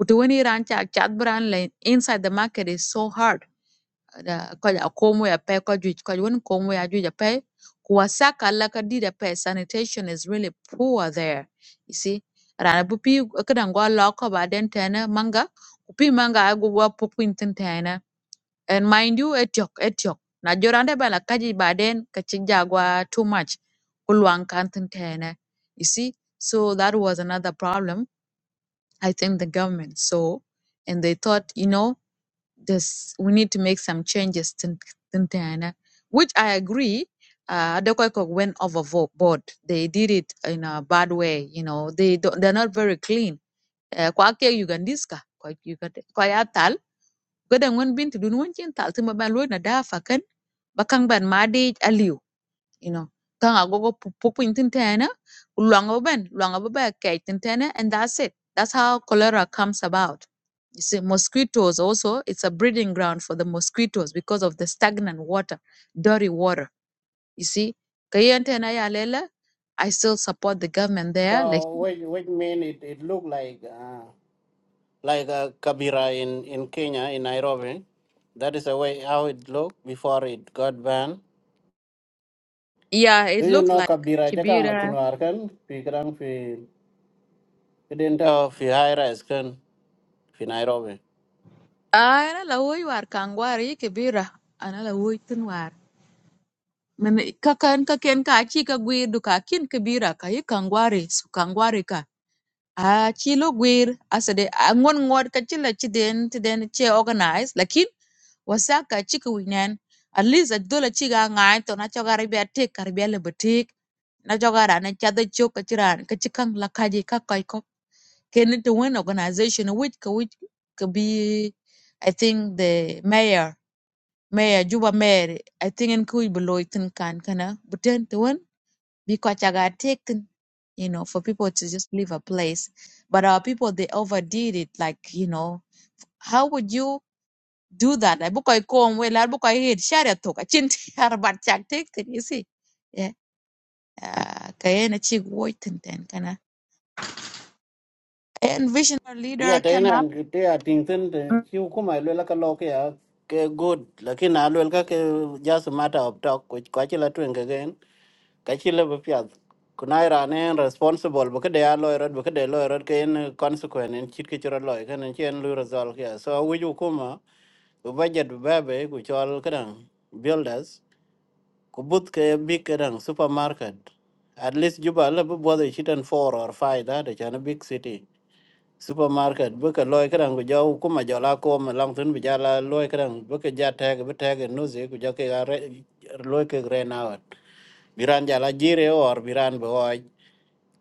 A: Kutu wani ran cha chat brand line inside the market is so hard da ko ja komo ya pe ko juic ko won komo ya juic ya pe kuwasaka la ka did ya sanitation is really poor there you see rana bu pi kadan go lo ko ba den tena manga ku pi manga ai go wa pu pin tin tena and mind you etiok etiok na jorande bala kaji ba den ka ci jagwa too much ku luang kan tin tena you see so that was another problem i think the government saw and they thought you know this we need to make some changes to Tintana, which I agree. Uh, Adekoyko went overboard. They did it in a bad way. You know, they don't, they're not very clean. Uh, kwa ke Ugandiska, kwa Uganda, kwa ya tal, kada ngwan binti dun wan chin tal tima ban lo na dafa fakan bakang ban madi aliu you know kan agogo pupin tin tena ulwanga ben luanga ba kai tin tena and that's it that's how cholera comes about you see mosquitoes also it's a breeding ground for the mosquitoes because of the stagnant water dirty water you see kayen tena ya lela i still support the government there
B: so
A: like
B: which which mean it it look like uh, like a kabira in in Kenya in Nairobi that is the way how it looked before it got banned
A: yeah
B: Do
A: it
B: you
A: looked
B: know
A: like
B: Kabira Jakang
A: kibira
B: Tunuar kan? Pikrang fi Kidenta fi high rise kan fi Nairobi.
A: Ah, ana la hoy war kangwari kibira ana la hoy min kakan ka ken ka aci ka gwir du ka kin kibira ka yi kangwari su kangwari ka a ci lo gwir asade a ngon ngod ka ci la ci den ti den che organize lakin wasa ka ci ka winen at least a dola ci ga ngai to na choga ribe tek ka ribe le betik na choga ra na cha da chok ka ci ran ka ci kan la ka je ka kai ko ken to wen organization which ka which ka bi i think the mayor Mayor Juba Mayor, I think in Kui Beloitin can kana, but then the one because I got taken, you know, for people to just leave a place. But our people they overdid it, like, you know, how would you do that? I book I come well, I book I head share talk, I chin about chak taken, you see. Yeah. Uh kayena chig waiting then kana. And visionary
B: Iya
A: leader came
B: tena
A: up.
B: an kite a tingten te chiu kuma lwela ka loke ya ke good lakin a lwel ka ke just a matter of talk which kwa chila twen ke gen ka chila bu piat kunai rane responsible bu kede a loy rod bu kede loy rod ke en consequent en chit ke chira loy kan en chen lu result ya so wi ju kuma bu budget bu bebe ku chol kadang builders ku but ke big kadang supermarket at least juba la bu bodo chitan four or 5 da de chan big city supermarket baka loy kadang bi jaw kuma jola ko ma lang tun bi jala loy kadang baka ja tag bi tag no ze ku jake ga re loy ke re na biran jala jire or biran bo ay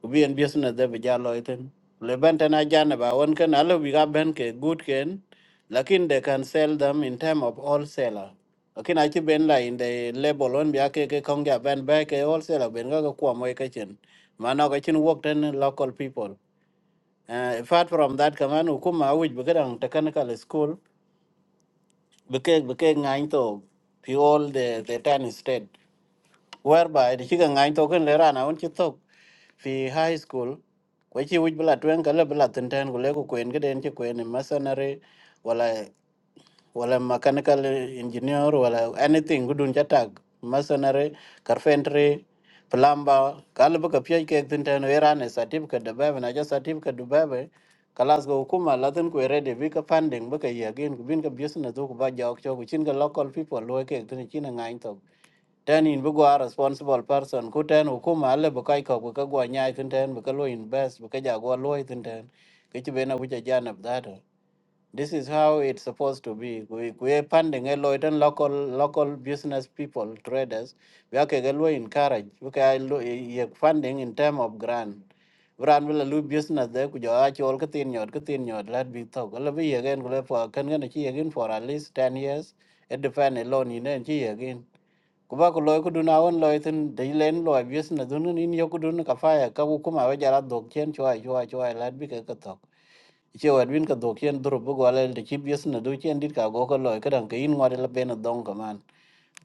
B: ku bien business de bi jala loy tun le benten a jana ba won kan alo bi ga ben ke good ken lakin they can sell them in time of wholesaler lakin a ci ben la in the label on bi ake ke kong ja ben ba ke wholesaler ben ga ko mo ke chen mana ga chen work ten local people Uh, apart from that, kaman ukuma awich bekedang technical school beke beke ngain to pi all the the ten state whereby the chicken ngain to ken lera na unchi to fi high school kwa chi wich bila tuen kala bila tenten kule ku kwen kiden chi kwen in masonry wala wala mechanical engineer wala anything gudun cha tag masonry carpentry plumber kala baka pye ke tinten werane certificate de bebe na ja certificate de bebe kalas go kuma latin ko ready bi ka funding baka ye again ku bin ka business do ku ba ja ok chogu chin ga local people lo ke tin chin nga into ten in bu gwa responsible person ku ten hukuma ale baka ko ku ka gwa nya tinten baka lo invest baka ja go lo tinten ke ti bena bu ja janab da This is how it's supposed to be. We we're funding a lot and local local business people, traders. We are going to encourage. We can funding in term of grant. Grant will lose business there. Could you actually all get in your get in your let be talk. Well, we again go for can going to again for at least ten years. It depend alone in and she again. Kuba kuloy kudu na on loy tin day len loy business dunun in yokudu na kafaya kabu kuma wajara dog chen chua chua chua let be katok che wad win ka dok chen dro bu gwalel de chi bies na do chen dit ka go ko loy ka dang ke in ngwade la ben dong ka man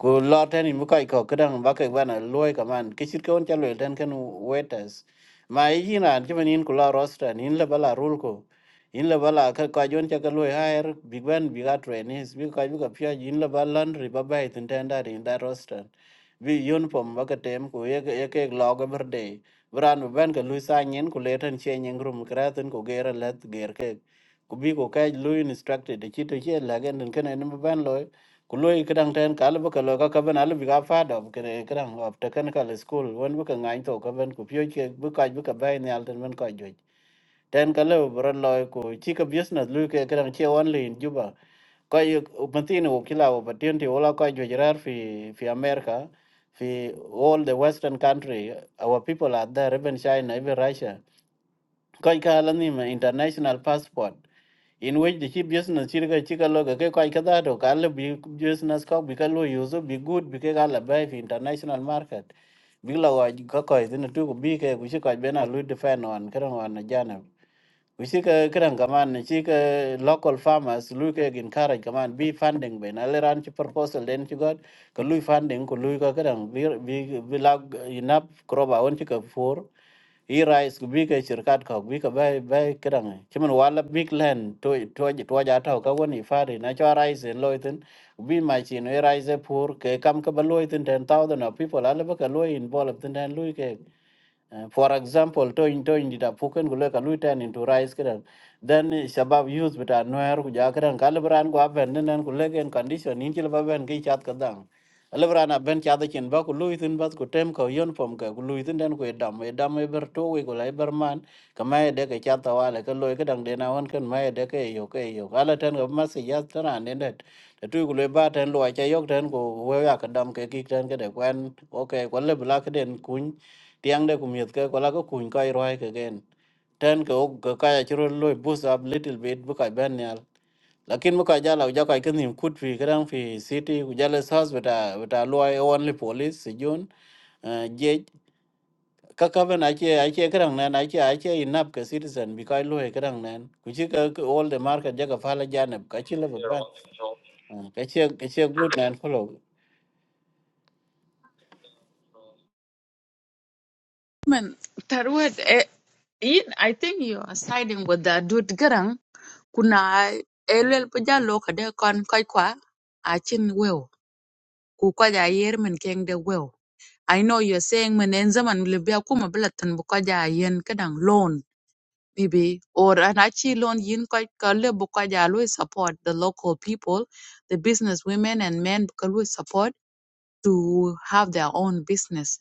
B: ku lo ten mi ko ko kedang ba ke bana loy ka man ke chit ko on chalo ten ken waiters ma yi na ti man in ku la roster in la bala rul ko in la bala ka ka jon cha ka loy hair big ben big at trainees bi ka bi ka pya in la bala laundry ba ba tin ten da in da roster bi yon pom ba ka tem ku ye ye ke lo ga berde bran ben ka lu sa nyen ku le ten che nyen rum kra ten ku gera let ger ke ku bi ku ka lu instructed ti to che la gen ken en ban loy kuloy kedang ten kal bu kalo ka kaben al biga ga fa do kre kedang of technical school won bu ka ngai to kaben ku pyo che bu ka bu ka bai ne al ten men ka jo ten kalo bro loy ku chi ka business lu ke kedang che only in juba ko yu matin u kila u patin ti ola ka jo rar fi fi america fi all the western country our people are there even china even russia ko ka la ni ma international passport in which the chi business chi ka chi ka lo ka ke kai ka da to ka le bi business ka bi ka lo use bi good bi ke ka la ba fi international market bi la wa ka ko din tu ko bi ke ku chi ka be na lu defend on ka ron on jana We see ka kiran kaman ni see ka local farmers lui ka gin karaj kaman bi funding be na leran chi proposal den chi god ka lui funding ko lui ka kiran bi bi bi lag inap kroba on chi ka for i rice ku bi ka shirkat ka bi ka bai bai kiran chi man wala big land to to to ja ta ka woni fari na cho rice en loitin bi ma chi no rice poor ke kam ka ba loitin 10000 of people ala ba ka loi involved ten lui ke Uh, for example, towing towing dita puken gulo ka lui turn into rice kran. Then eh, shabab youth bita noer ku ja kran kalbran ku aben nen ku legen condition in chil baben ki chat kadang. Alebran aben chat chen ba ku lui tin bas ku tem ka yon pom ka ku lui tin den ku edam edam e ber to we ku lai ber man ka mai de ka chat ta wale ka loy ka dang de na won kan mai de ka yo ka yo. Ala ten ga mas ya tana ne det. Ta tu ku le ba ten lo cha yok ten ku we ya ka dam ke ki ten ka de kwen okay ku le bla ka den kun tiang de kumiet ke kola ko kun kai roi ke gen ten ke ok ke kaya chiro loy boost up little bit bu kai ben yal lakin bu kai jala ja kai kenim kut fi kadang fi city ku jala sas beta beta loy only police si jun eh, je kaka ben ache ache kadang nan ache ache inap ke citizen bi kai loy kadang nan ku chi ke ke all the market jaga fala janab ka chi level ban ka chi ka chi good nan follow
A: Man, Tarwed, eh, in- I think you are siding with the dude Garang Kuna elwel pï jö alöö ködë ökön köc kwa acïdh weo ku ködë ayër mën keng de weo I know you're saying mën ën zaman lobi akuma bï thon bö ködë ayën ka dong loan mïbï or an acï loan in köc ka Lobo ködë alwö ï support the local people, the business women and men bu ka alwö support to have their own business.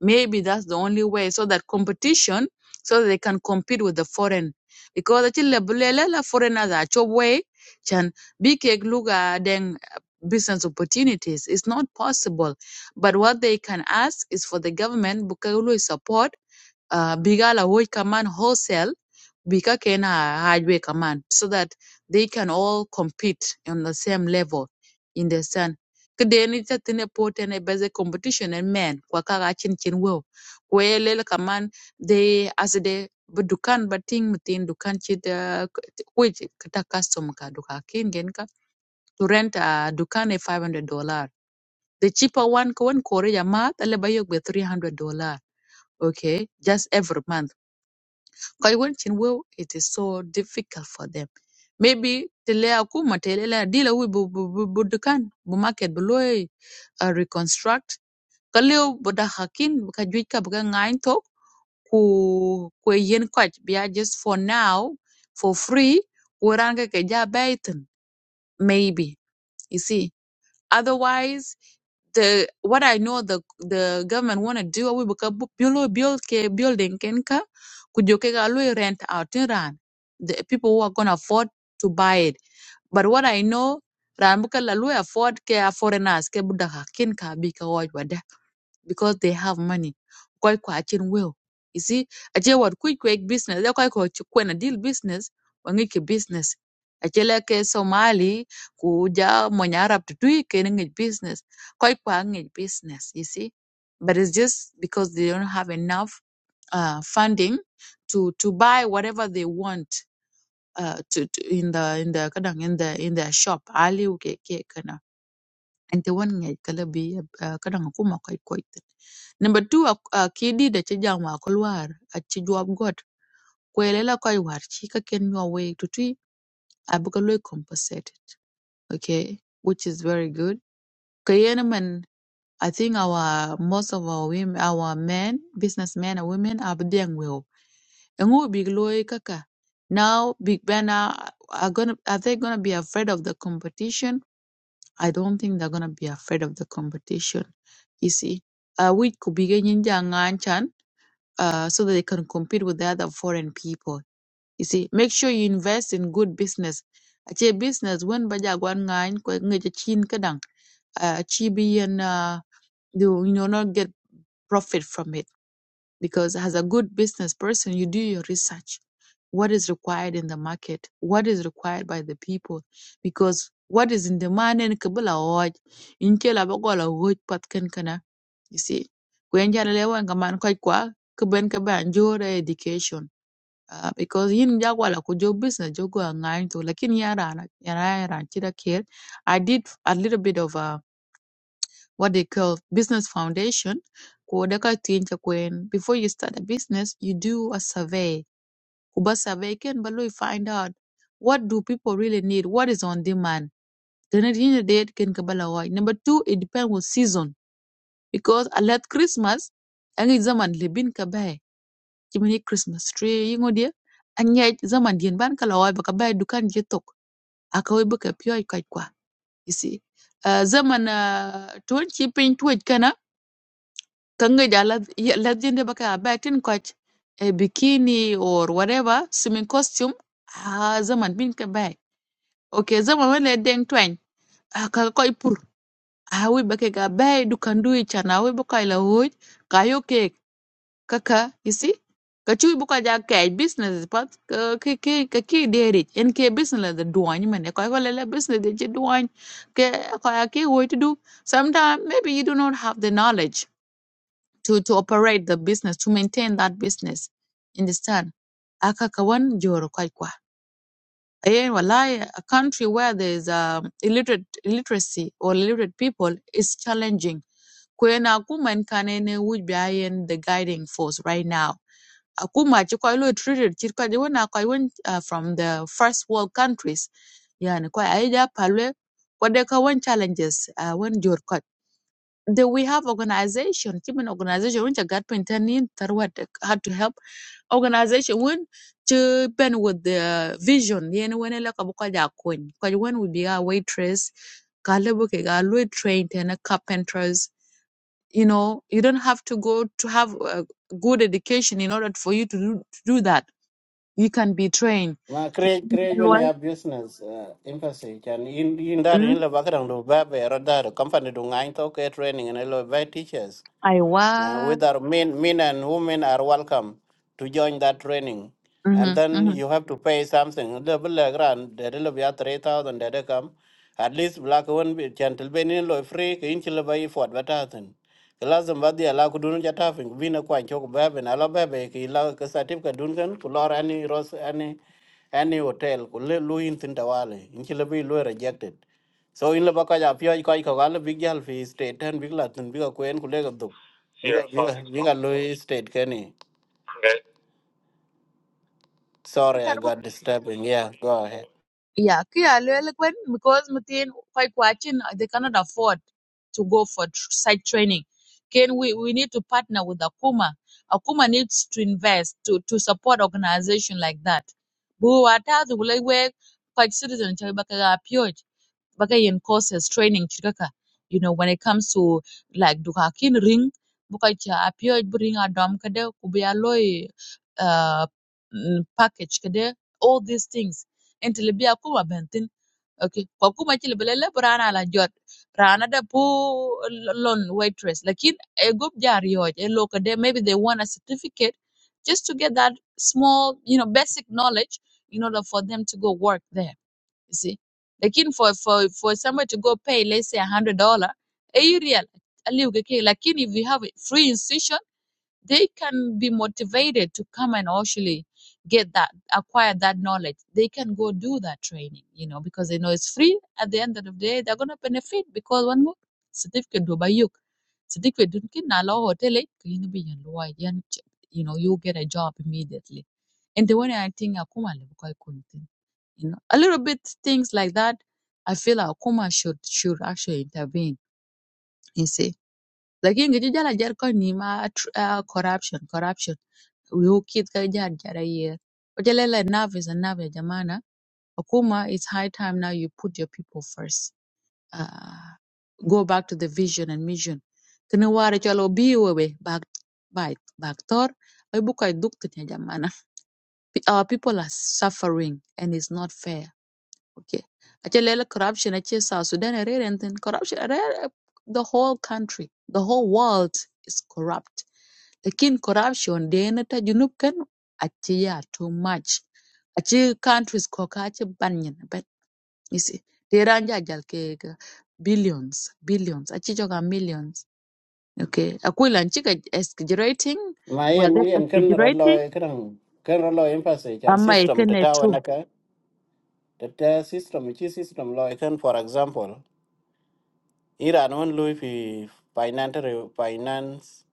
A: Maybe that's the only way so that competition, so that they can compete with the foreign. Because actually, the bulele la foreigners are chop way, chan big look at then uh, business opportunities. It's not possible. But what they can ask is for the government, Bukaulu support uh, bigala hoy kaman wholesale bika kena highway kaman so that they can all compete on the same level in the sun kedeni tatine potene base competition and men kwa kaka chin chin wo kwelele kaman they as they dukan bating mutin dukan chida which kata custom ka duka kin gen ka to rent a dukan e 500 dollar the cheaper one ko one kore ya mat ale bayok be 300 dollar okay just every month because when Chinwe, it is so difficult for them. Maybe tele akuma tele la dila wi bu bu bu bu dukan bu market bu loy uh, reconstruct kaleo bu da hakin bu ka juij ka bu ka ngain tok ku ku e yen kwaj biya just for now for free ku ran ka ke ja baitin maybe you see Otherwise, the what I know the the government want to do we buka build build ke building ken ka kujoke ga lui rent out in ran the people who are gonna afford to buy it but what i know ran buka la afford ke a foreigners ke buda ka kin ka bi ka waj wada because they have money koi kwa chin will you see a je what quick quick business ya koi ko kwena deal business wangi ke business a je la ke somali ku ja mo nyarab tu tui ke ngi business koi kwa ngi business you see but it's just because they don't have enough uh, funding to to buy whatever they want uh, to, to in the in the kadang in the in the shop aliu ke ke kana ente wan ngai kala bi uh, kadang aku mo kai koi number 2 a uh, kidi da ci jang wa kulwar a ci job god kwele la koi war ci ka ken yo we to tui abuka loy compensated okay which is very good kayena man I think our most of our women, our men, businessmen and women are there. And who big loy kaka. Now Big Ben are, are gonna are they gonna be afraid of the competition? I don't think they're gonna be afraid of the competition. You see, uh, we could be getting the and Chan, uh, so that they can compete with the other foreign people. You see, make sure you invest in good business. Ache business when baja gwan ngan ko ngeje chin kadang. Uh, chi be and uh, you you know not get profit from it because as a good business person you do your research what is required in the market what is required by the people because what is in demand in kabila hoj in kela bagola hoj pat ken kana you see kwen jana lewa wan kaman kwaj kwa kben ka ban education uh, because yin jagwala ku jo business jogo ngain to lakin yara na yara yara kida care i did a little bit of uh, what they call business foundation kuodeka tinja kwen before you start a business you do a survey kuba survey ken ba you find out what do people really need what is on demand then at the end of the day ken kabala wai number 2 it depends on season because a lot christmas angi zaman lebin kabai kimini christmas tree yingo dia and yet zaman dien ban kala wai baka bai dukan je tok akawai baka pyo kai kwa you see uh, zaman uh, tun Kanga ja lad- ye- lad baka batin coach a bikini or whatever swimming costume ah zaman bin ka bai. Okay, zaman wale deng twang. Ah, ka koi pur. Ah, we bake ga bai du can do chana we baka ila hoj. Ka yo cake kaka, you see? Ka chui buka ja kai business pat ka ki ki ka ki deri. En ke business the duany man. Ka ko lele business de je duany. Ke ka ki hoj to do. Sometimes maybe you do not have the knowledge to to operate the business to maintain that business understand aka kawan joro kwai kwa Eh, wallahi, a country where there's um, illiterate illiteracy or illiterate people is challenging kwena akuma nkanene would be ayen the guiding force right now akuma chikwa ilo treated chikwa jiwona kwa even uh, from the first world countries yani kwa aija palwe kwa deka one challenges uh, one jor do we have organization? even organization when you got intending what how to help organization when to pen with the vision. Yen when la kabuka ja kun. Because when we be a waitress, kalebuke galwe trained and a carpenters. You know, you don't have to go to have a good education in order for you to do, to do that. You can be trained.
B: ma create create when
A: Loy,
B: ya business uh, emphasis and in in dar
A: mm,
B: in la bakra do ba be ro company do ngai to ke training and lo ba teachers uh,
A: Aiwa.
B: whether men, men and women are welcome to join that training. And
A: Mm-hmm,
B: then you have to pay something. The bill grand, the bill be 3,000, the they come. At least black one be gentle benin lo free, ke inch lo bay for advertising. Kelazam badi ala kudun jatafing, vina kwa chok bebe, ala bebe, ki la kasatif ka dungan, kulor any ros, any, any hotel, kule luin tintawale, inch lo bay lo rejected. So in lo baka ja pia iko iko gala big jal fi state ten big latin big kwen kule you got, you you got Louis State, can you? Sorry, I
A: mm-hmm.
B: got disturbing. Yeah, go ahead.
A: Yeah, kaya lele kwen because mutin quite watching they cannot afford to go for tr- site training. Can we we need to partner with Akuma. Akuma needs to invest to to support organization like that. Buwatazi kulegwe kwa citizen cha bagayen courses training chikaka you know when it comes to like dukakin ring buka cha apio bring a dom kade kubya loy uh mm, package kade all these things entelebia kuma bentin okay kwa kuma chile belele brana la jot rana da pu lon waitress lakin a group jari hoj e loka de maybe they want a certificate just to get that small you know basic knowledge in order for them to go work there you see. Lakini for for for somebody to go pay let's say a hundred dollar, eh, you real aliu keke. Lakini if you have a free institution they can be motivated to come and actually get that acquire that knowledge they can go do that training you know because they know it's free at the end of the day they're going to benefit because one more certificate do by you certificate dun kin na law hotel eh, ka yini bi yan luwai, yan ch- you know you get a job immediately and the one i think akuma le bukai kuntin you know a little bit things like that i feel akuma should should actually intervene you see Lakin ngi ci jala jar ko ni ma tr- ah, corruption corruption we who kid ka jar jara year. But jala la nerve is a nerve ya jamana. Akuma, it's high time now you put your people first. Uh, go back to the vision and mission. Kini wara chalo bi wewe back back back tor. Ay buka dukta jamana. P- Our people are suffering and it's not fair okay ache corruption ache south sudan are and then corruption are the whole country the whole world is corrupt lakin corruption dena ta junub kan ache ya too much ache countries ko ka ache banyan but you see dera ja jal ke ga billions billions ache joga millions okay akwila nchika exaggerating
B: My yen
A: whether
B: yen can rodlo
A: exaggerating
B: can can rodlo emphasis and
A: ama
B: system to
A: ikene
B: tower
A: true
B: naka the ta- system which is system law can for example Iran won Louis fi financial finance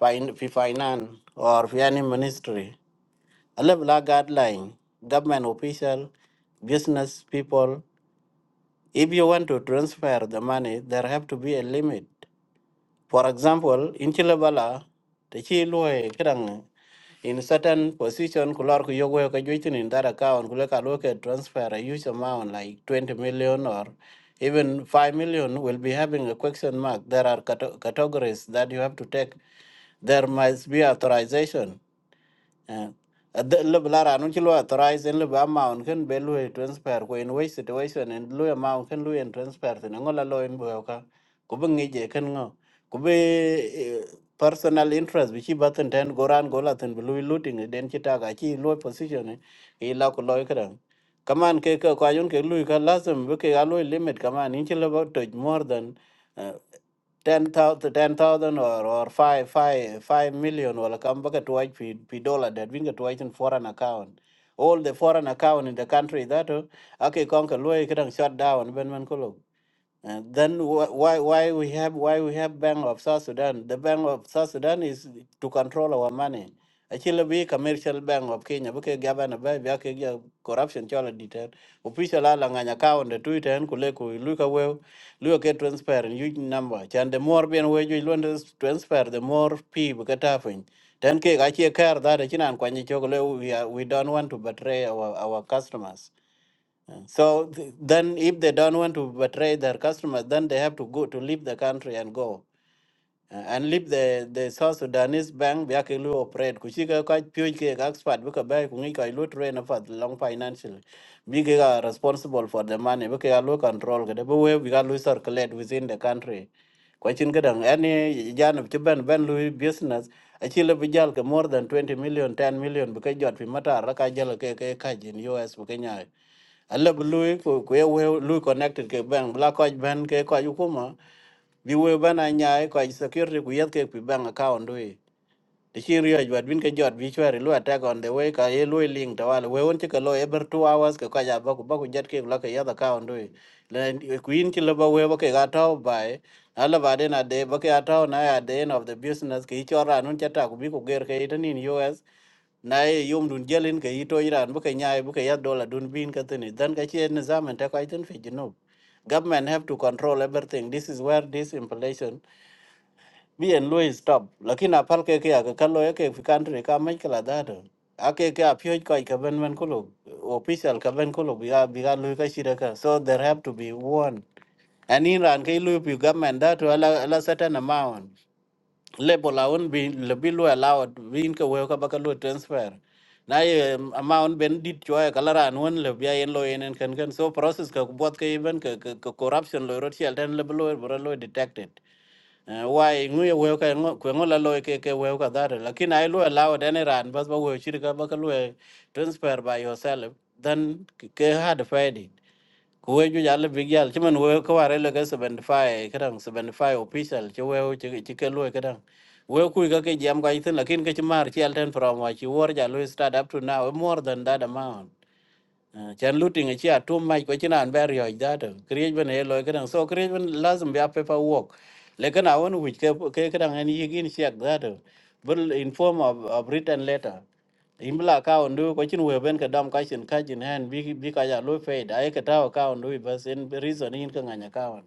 B: fin fi finance or fi any ministry a level of guideline government official business people if you want to transfer the money there have to be a limit For example, in Chilabala, the Chilwe Kerang in certain position kular ku yogo ka juitin in that account kule ka loke transfer a huge amount like 20 million or even 5 million will be having a question mark there are cate- categories that you have to take there must be authorization le lara nun ci lo authorize en le ba maun ken be lu transfer ko in way situation en lu maun ken lu en transfer ne ngola lo en bo ka ku be ngeje ken ngo ku be eh, personal interest bi ci batten ten goran gola ten bu lu looting eh, den ci taga ci lo position eh, i la ko lo kran kaman ke ka ko ayun ke lu ka lazim be ke alo limit kaman in ci le ba to more than eh, ten thousand ten thousand or or five five five million will come back to white p p dollar that we get to white in foreign account. All the foreign account in the country that uh, okay conquer loy can shut down when man kolo. Uh, then wh- why why we have why we have Bank of South Sudan? The Bank of South Sudan is to control our money. Actually, be commercial bank of Kenya. Because government by be ake corruption chola detail. Official ala nganya ka on the Twitter and kule ku luka well luka ke transparent huge number. Chan the more bien we you want to transfer the more people get happen. Then ke gachi care that chinan kwanye chokole we are, we don't want to betray our our customers. Uh, So th- then, if they don't want to betray their customers, then they have to go to leave the country and go. Uh, and leave the the South Sudanese bank biake lu operate kuchika kwa pure ke ka expert bika bai kungi kwa lu train for the long financial bike ka responsible for the money bike ka lu control ke de bi we bika lu circulate within the country kwa chin ke dang any jan of ben ben lu business achile bijal ke more than twenty million ten million bika jot fi mata raka jalo ke ke ka jin US bika nyai alle bu lu ku ku we lu connected ke bank black watch ben ke kwa yukuma bi we bana nyaa ko security ku yat ke ku bank account we The Chirio Advin can jot visual lu attack on the way ka ye lu link to wal we won chika lo every two hours ka kaja baku baku jet ke la ka yada ka on do le queen chila ba we ba ke ga to by ala ba de na de ba ke ato na ya de end of the business ke chora nun chata ku bi ku ger ke itan in US na ye yum dun jelin ke ito iran ba ke nyaay ba ke ya dollar dun bin ka tini dan ka chi ne zaman ta ka itan fi junub government have to control everything this is where this inflation bi en lo is top lakini apal ke ke ka kalo ke fi country ka mai kala da do ake ke apyo ko ka ben ben kulo official ka ben kulo bi ga bi ga lo ka shira ka so there have to be one and in ran ke lo pi government da to ala ala certain amount label aun bi le bi lo allowed win ka we ka ba ka lo transfer na ye um, amount ben dit cho ka la ran won le bi en lo en kan kan so process ka bot ke ben ka ka ka corruption lo ro chi al den le bi lo lo detected Eh, wai ngu ye weu ka ngu- kwe ngu la loy ke ke weu ka dhare lakini ai lu allow dani ran bas ba weu shirika ba ka lu transfer by yourself then k- ke hard fighting ku weu ju jale big yal chiman weu ka ware le ka 75 kadang 75 official che weu che che ke lu kadang weu ku ka ke jam ka itin lakini ke chimar chi alten from wa chi wor ja lu start up to now more than that amount Ah, chan looting achi a chia too much kwa china an bari hoj dato kriej ben e loy kadang so kriej ben lazim be a paper work lekin awan which ke ke kadang an yigin siak dato bul in form of, of written letter imbla ka ondu ko chin we ben ka dam ka chin ka chin hen bi bi ka ya lo fe da e ka taw ka ondu bas en reason in ka nganya ka on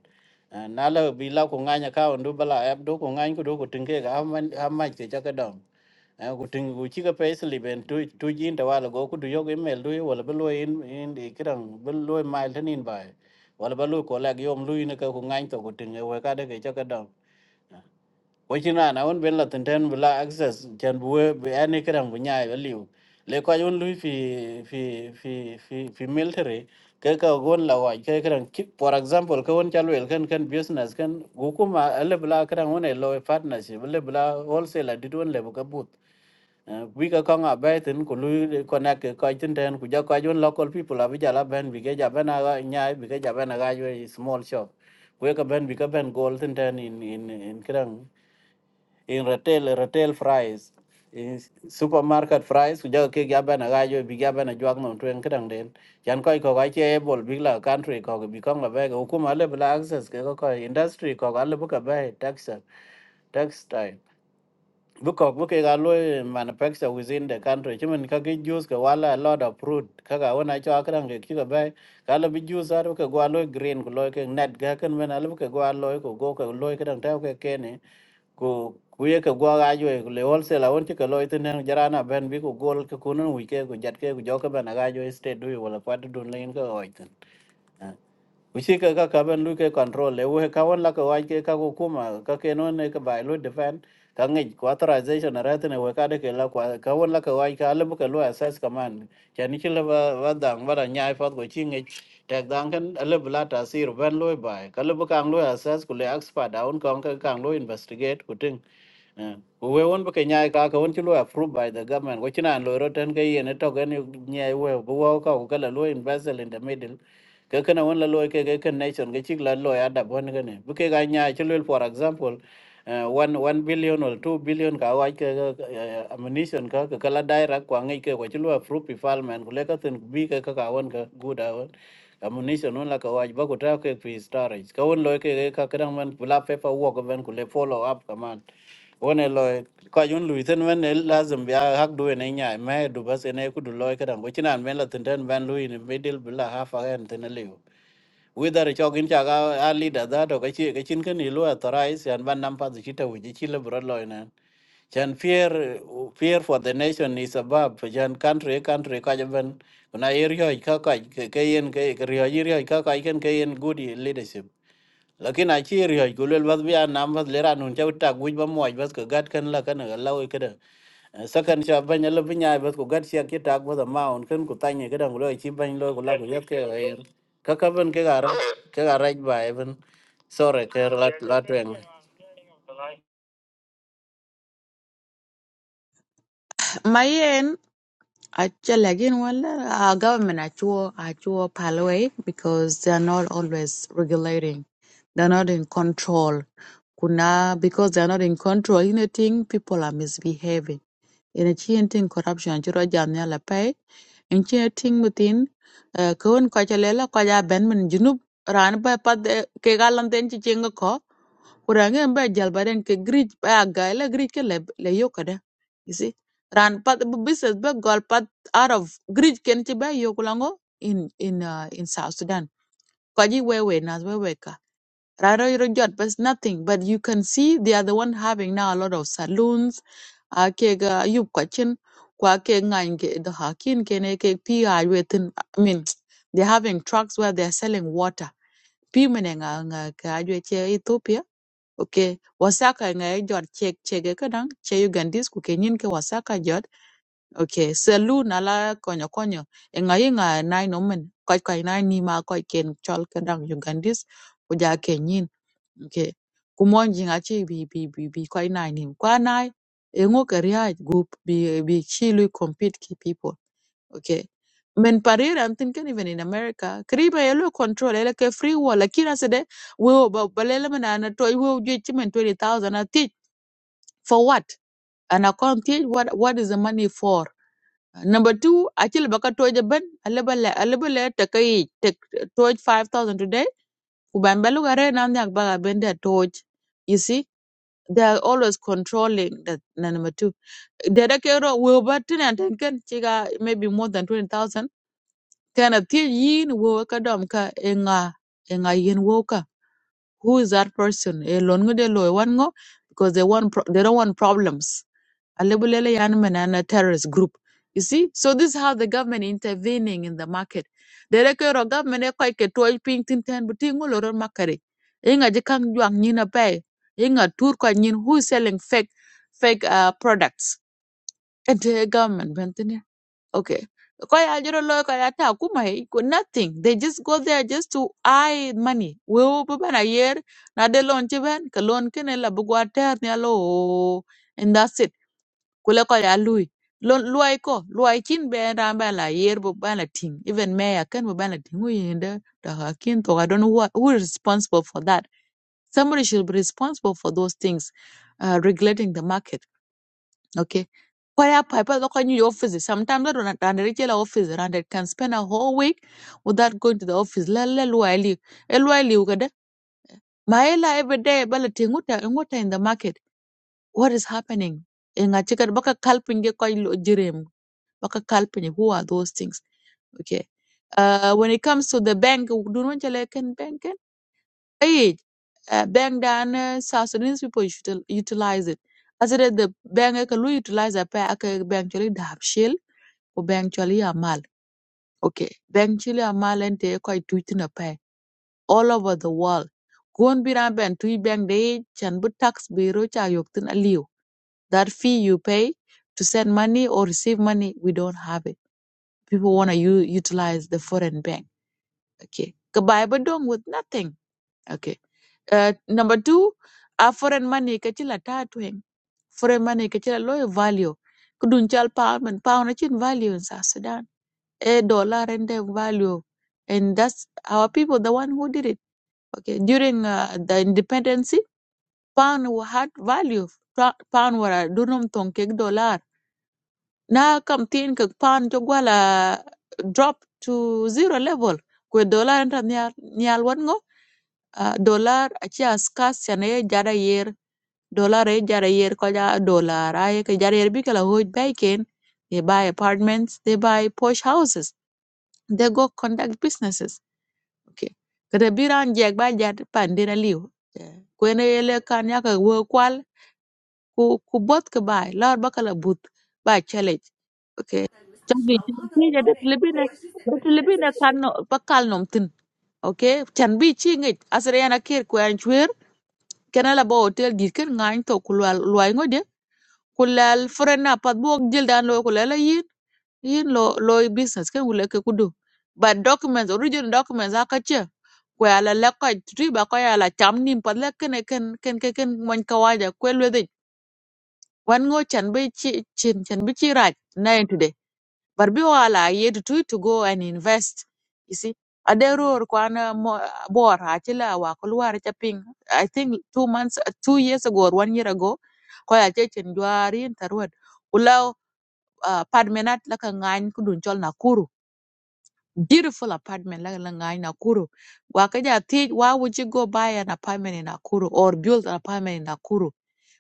B: Eh, na la bi la ko nganya ka ondu bala ab do ko ngany ko do ko tinge ga am am ma ke cha ka dam kuting kuchiga payslip en tu tu jin ta wala go kudu yoga email du wala belo in in de kirang belo mail tanin bai wala belo kolag yom lu ina ka ku ngain to kuting e we ka de ke chaka dam ko china na un ben la tenten bla access chen bu we be ani kirang bu nyai be liu le ko un lu fi fi fi fi fi military ke ka gon la wa ke kirang ki for example ka un chalwel kan kan business kan gukuma le bla kirang un e lo partnership le bla wholesale dit un le bu ka but wi ka ko nga be tin ku lu connect ko tin ten ku ja ko dân local people abi ja la ben bi ke ja bên aga nhà, bi ke ja ben aga jo small shop we ka ben bi ka ben gold tin ten in in in kran in retail retail price in supermarket price ku ja ke ja ben aga jo bi ja ben ajwa no cái kran den jan ko ko ga che bol bi la country ko bi ko nga be ku ma le bla access cái ko ko industry ko ga le bu ka be tax tax time because look at alloy manufacture within the country chimen ka ke juice ka wala a lot of fruit ka ga wona cho akran ke ki ga bai ka la bi juice ar ka go alloy green ko loy ke net ga kan men al ka go alloy ko go ka loy ka dang ta ke kene ko ku ye ka go ga jo ko le wol se la won ti ka loy tin ne jarana ben bi ko gol ka kunun wi ke ko jat ke ko jo ka ben ga jo state du wala pat dun len ka oitin uchi ka ka ka ben lu ke control le we ka won la ka wai ke ka ko kuma ka ke no ne ka bai lu defend ka ngi ko authorization ra te ne we ka de ke la kwa ka won la ka wai ka le bu ka lu assess command cha ni chi le ba ba dang ba da nyai fat ko chi ngi tek dang ken le bu la ta sir ben lu bai ka le bu ka lu assess ku le expert down ka ka ka lu investigate ku ting Eh, ku we won bu ke nyai ka ka won chi lu approved by the government ko chi nan lu ro ten ke ye ne to ke ni nyai we bu wa ka ku ka la lu invest in the middle ke kana won la loy ke ke ken nation ke chik la loy adab won ke ne bu ke ga nya che lel for example eh, one one billion or two billion ka wa ke ke, eh, ammunition ka ke kala daira kwa ngai ke ko che lo fruit development ku le ka ten bi ke ka ka won ka good won ammunition won la ka wa ba ko ta ke free storage ka won loy ke ke ka kan man bla paper work ben ku le follow up ka man wone loy ko jun lui ten wen el lazim biya hak du ne nya me du bas ne ku du loy kadan go chinan men la ten ten ban lui ne middle bila ha fa en ten le whether cho gin cha ga a leader da to ka chi ka chin kan ilu authorized yan ban nam pa chi ta wi chi le bro loy ne chan fear fear for the nation is above chan country country ka jaben na area ka ka ke yen ke area area ka ka ken ke yen good leadership lakin a chi ri ko lel bas biya nam bas lera nun chau ta guj ba moj bas ko gat kan la kan ga law ke da sakan cha ban la binya bas ko gat sia ki ta ko da ma on kan ku tanye ga dang lo chi ban lo ko la ko yat ke ga yer ka ka ban ke ga ra ke ga ra ba even sore ke la la twen
A: mayen Actually, again, well, our government actually actually palway because they are not always regulating. They are not in control. Kuna because they are not in control anything, people are misbehaving ina chi en tin corruption chi ro jam ne la pay en chi tin mutin ko on ko cha lela ko ja ben min junub ran ba pad ke galan den chi chenga ko kurange ba jal baren ke grij ba ga la grij ke le le yokada you see ran pat bu business ba gol pat out of grij ken ti ba yokulango in in uh, in south sudan ko ji we we nas we wewe Raro I know jot, but nothing. But you can see they are the one having now a lot of saloons. Uh, kega ga you kwa ke ngan ke the hakin kene ke pi a wetin. I mean, they're having trucks where they're selling water. Pi mene nga nga ka ajwe che Ethiopia. Okay, wasaka nga e jot che che kadang che Ugandese ku ke ke wasaka jot. Okay, saloon ala konyo konyo. E nga yi nga nai nomen. Kwa kwa nai nima kwa ken chol kadang Ugandese uja ja Okay. Kumonjing achi be be be be quite nine him. Kwa nai engo career group be be chilu compete ki people. Okay. Men parira I'm thinking even in America, Kariba yellow control, ele ke free war, like kira asede wewe ba balele mana anatoa wewe ujue chimen 20,000 I teach for what? And I can't teach what what is the money for? Number two, actually baka toy the ben, aleba le aleba le take toj 5,000 today. Kuban balugare namnyak baga bende torch. You see, they are always controlling that na number two. Dada kero we batin and tenken chiga maybe more than twenty thousand. Kana ti yin wo ka dom ka enga enga yin wo ka. Who is that person? E lon ngo de lo e wan ngo because they want pro- they don't want problems. Alebulele yan manana terrorist group. You see? So this is how the government intervening in the market. Derekero government e koi ke tuoi ping tin ten butingu loro makari. Inga jikang juang nyina pay. Inga tur kwa nyin who is selling fake fake uh, products. And the government bentine. Okay. Koi ajiro loy koi ata akuma he. ko Nothing. They just go there just to eye money. We bana year na de loan chiben. Ka loan kene la bugwa ter ni alo. oh, And that's it kule ko ya lui lon luai ko luai chin be ran ba la yer bu ba la ting even mayor can bu ba la ting uyende da hakin to i don't know what, who is responsible for that somebody should be responsible for those things uh, regulating the market okay Kwaya pipe look on your office. Sometimes I don't run the regular office and it can spend a whole week without going to the office. Lele luaili. Eluaili ugada. Maela every day balating uta in water in the market. What is happening? Inga chicken baka kalpinge koi Wakakalpanya, who are those things? Okay. Uh, when it comes to the bank, dunun chale ken bank ken? Hey, uh, bank dan uh, South Sudanese people you should utilize it. As it is the bank ekalu utilize a pa aka bank chale dab shell, or bank chale amal. Okay. Bank chale amal and te koi tuitin a pa all over the world. Gon biran ben tui bank de chan bu tax bureau cha yoktin aliu. That fee you pay to send money or receive money, we don't have it People want to u- utilize the foreign bank. Okay. Goodbye, but with nothing. Okay. Uh, number two, our foreign money kachila tatwing. Foreign money kachila low value. Kudun chal pound and pound achin value in South Sudan. A dollar and a value. And that's our people, the one who did it. Okay. During uh, the independency, pound wa- had value. Pa- Pound were a dunum tong kek dollar na kam tin ka pan cho gwala drop to zero level kwe dollar nta nyal nyal wan ngo ah, dollar achi askas chane jara yer dollar e jara yer ko ja dollar ay ke jara yer bi kala hoj bay ken they buy apartments they buy posh houses they go conduct businesses okay kada biran jeg ba jat pandina liu kwene ele kan yaka wo ku ku bot ke bai lor bakala but ba challenge okay chambi chambi ja det libine det libine kan no pa nom tin okay chan bi chi ngi asre yana kir ku an chwer kana la ba hotel dir ken ngain to ku lwal lwai ngode ku lal frena pat bok jil dan lo ku lala yin yin lo lo business ken wule ke kudu but documents original documents akache ku ala la ko tri ba ko ala cham nim pat la ken ken ken ken ken mon kawaja ku one go chan be chi chin chan be chi raj nine today. But be all I yet to to go and invest. You see, adero or kwana mo bor achila wa kulwar chaping. I think two months, two years ago or one year ago, ko ya che chin jwari tarwad. Ulaw uh, apartment la ka ngany kudun chol Nakuru. Beautiful apartment la la Nakuru. Wa ka ja thi- why would you go buy an apartment in Nakuru or build an apartment in Nakuru?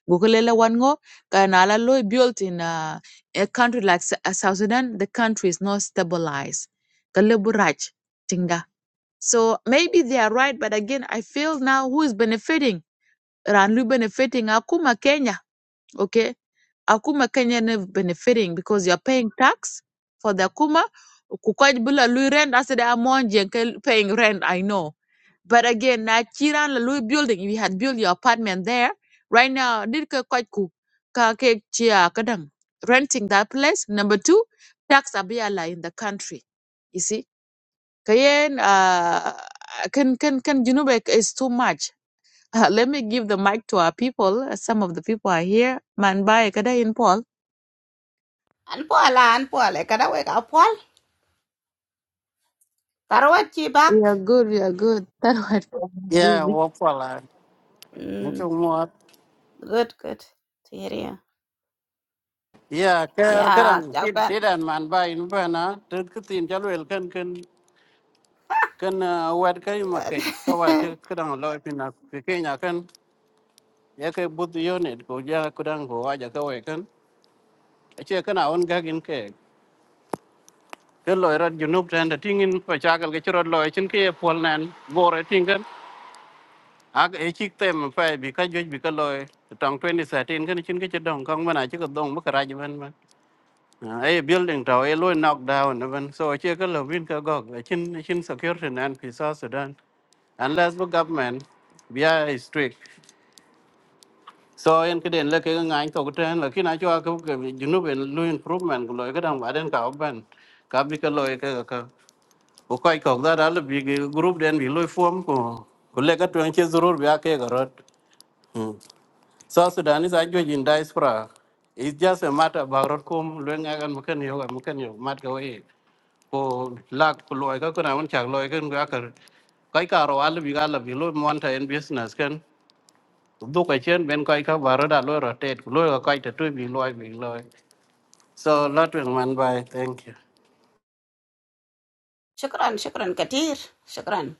A: Gukulele wango, go can alloy built in a, a country like S- uh, South Sudan, the country is not stabilized. Kalebu Raj Tinga. So maybe they are right, but again, I feel now who is benefiting? Ranlu benefiting Akuma Kenya, okay? Akuma Kenya never benefiting because you're paying tax for the Akuma. Kukwaj bila lui rent, I said I'm paying rent, I know. But again, na chiran la Louis building, if you had built your apartment there, right now, did ka quite ku ka ke chia kadang renting that place. Number two, tax abiala in the country. You see, kayen uh can can can you know like, it's too much. Uh, let me give the mic to our people. Some of the people are here. Man, bye. Kada in Paul.
C: An Paul, an Paul, kada wai ka Paul. Tarwat ci
A: We
C: back.
A: are good. We are good. That was
B: Yeah, walk for life.
C: Mm,
B: Into what?
C: good, good. To hear you.
B: Yeah, cái
C: Yeah,
B: kerang sit
C: Japan.
B: sit and man by in cái Then cái jalwel kan kan cái wet kayu makai kawa cái loy pina kekenya yake but unit ko ja kudan ko aja ka we kan ache kana on ga gin ke ke loy rat junub tan da tingin pa chakal ke chirot loy chin ke pol nan gore tingan ag e chik tem pa bi ka joj bi ka loy tong 2013 kan chin ke chedong kong mana chi ko dong ma kara ban ban ai building tàu ai loy knock down na ban so ache ka lo win ka gog chin chin security nan pi sa sudan unless the government bia is strict so en ke den le ke nga anh to ten la kina chwa ko ke junu ben lu improvement ko cái dang baden ka ban ka bi ka loy ke ka ko kai ko da dal bi ge group den bi loy form ko ko le ka twen che zurur bi ake ga rot Hmm. so sudan is a jo jin diaspora it's just a matter about rot kum lu nga gan mken yo ga mken yo mat ko e ko lak ko loy ka ko na won chak loy ken ga ka kai ka ro al bi ga la bi loy mon ta en business kan duk achien ben koc ka ba roda loi rotet ku loi ka koc te tui bi loi bi loi so lo tweng man bai thank you
C: shukran, shukran katir. Shukran.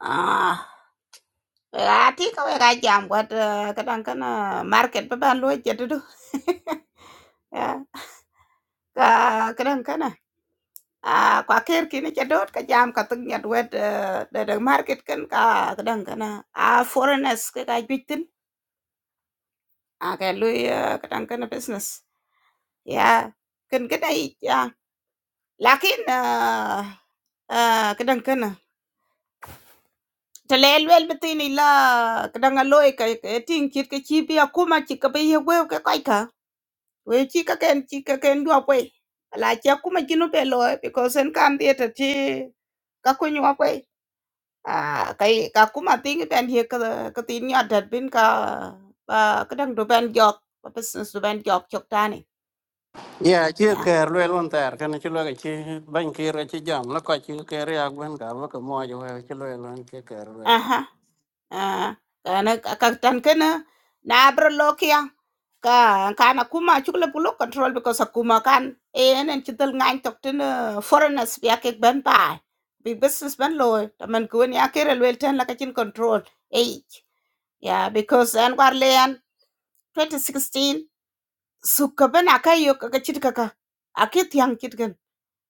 C: Ah, ati ka wai ka jam wat eh, kadan kana market ba ban lo jedu. Yeah. Ka kadan kana. Ah, kwa ker kini jadot ka jam ka tung nyat wet eh, da da market kan ka kadan kana. Ah, foreigners ka ka bitin. Ah, ka lu kadan kana business. ياه! كان كده ي- Yeah, لكن آآ kadang kana ta le luel bitini la kadang a loi ka ka ting chit ka chi bia kuma chi ka be ye weu ka kai ka we chi ka ken chi ka ken dua kwe la cha kuma chi no be loi because en kan dia ta chi Cái ku nyua kwe cái kai ka kuma ting ben ye cái ka tin nya dat bin ka ba kadang do ben jok ba business do ben jok chok tani
B: ya chi ker lue lon ter kana chi loi ka chi ban kir ka chi jam lo koc chi ker yak ben kar ba ka mo jo we chi
C: yeah Ah, kana kaktan kana na abro lokia ka kana kuma chukle pulo control because akuma kan en en chitel ngan tok tin eh, foreigners bi akek ben pa bi business ban lo tamen kuen ya kere lwel ten la kachin control ei yeah because en war le 2016 suka ben akayo kaka chit akit yang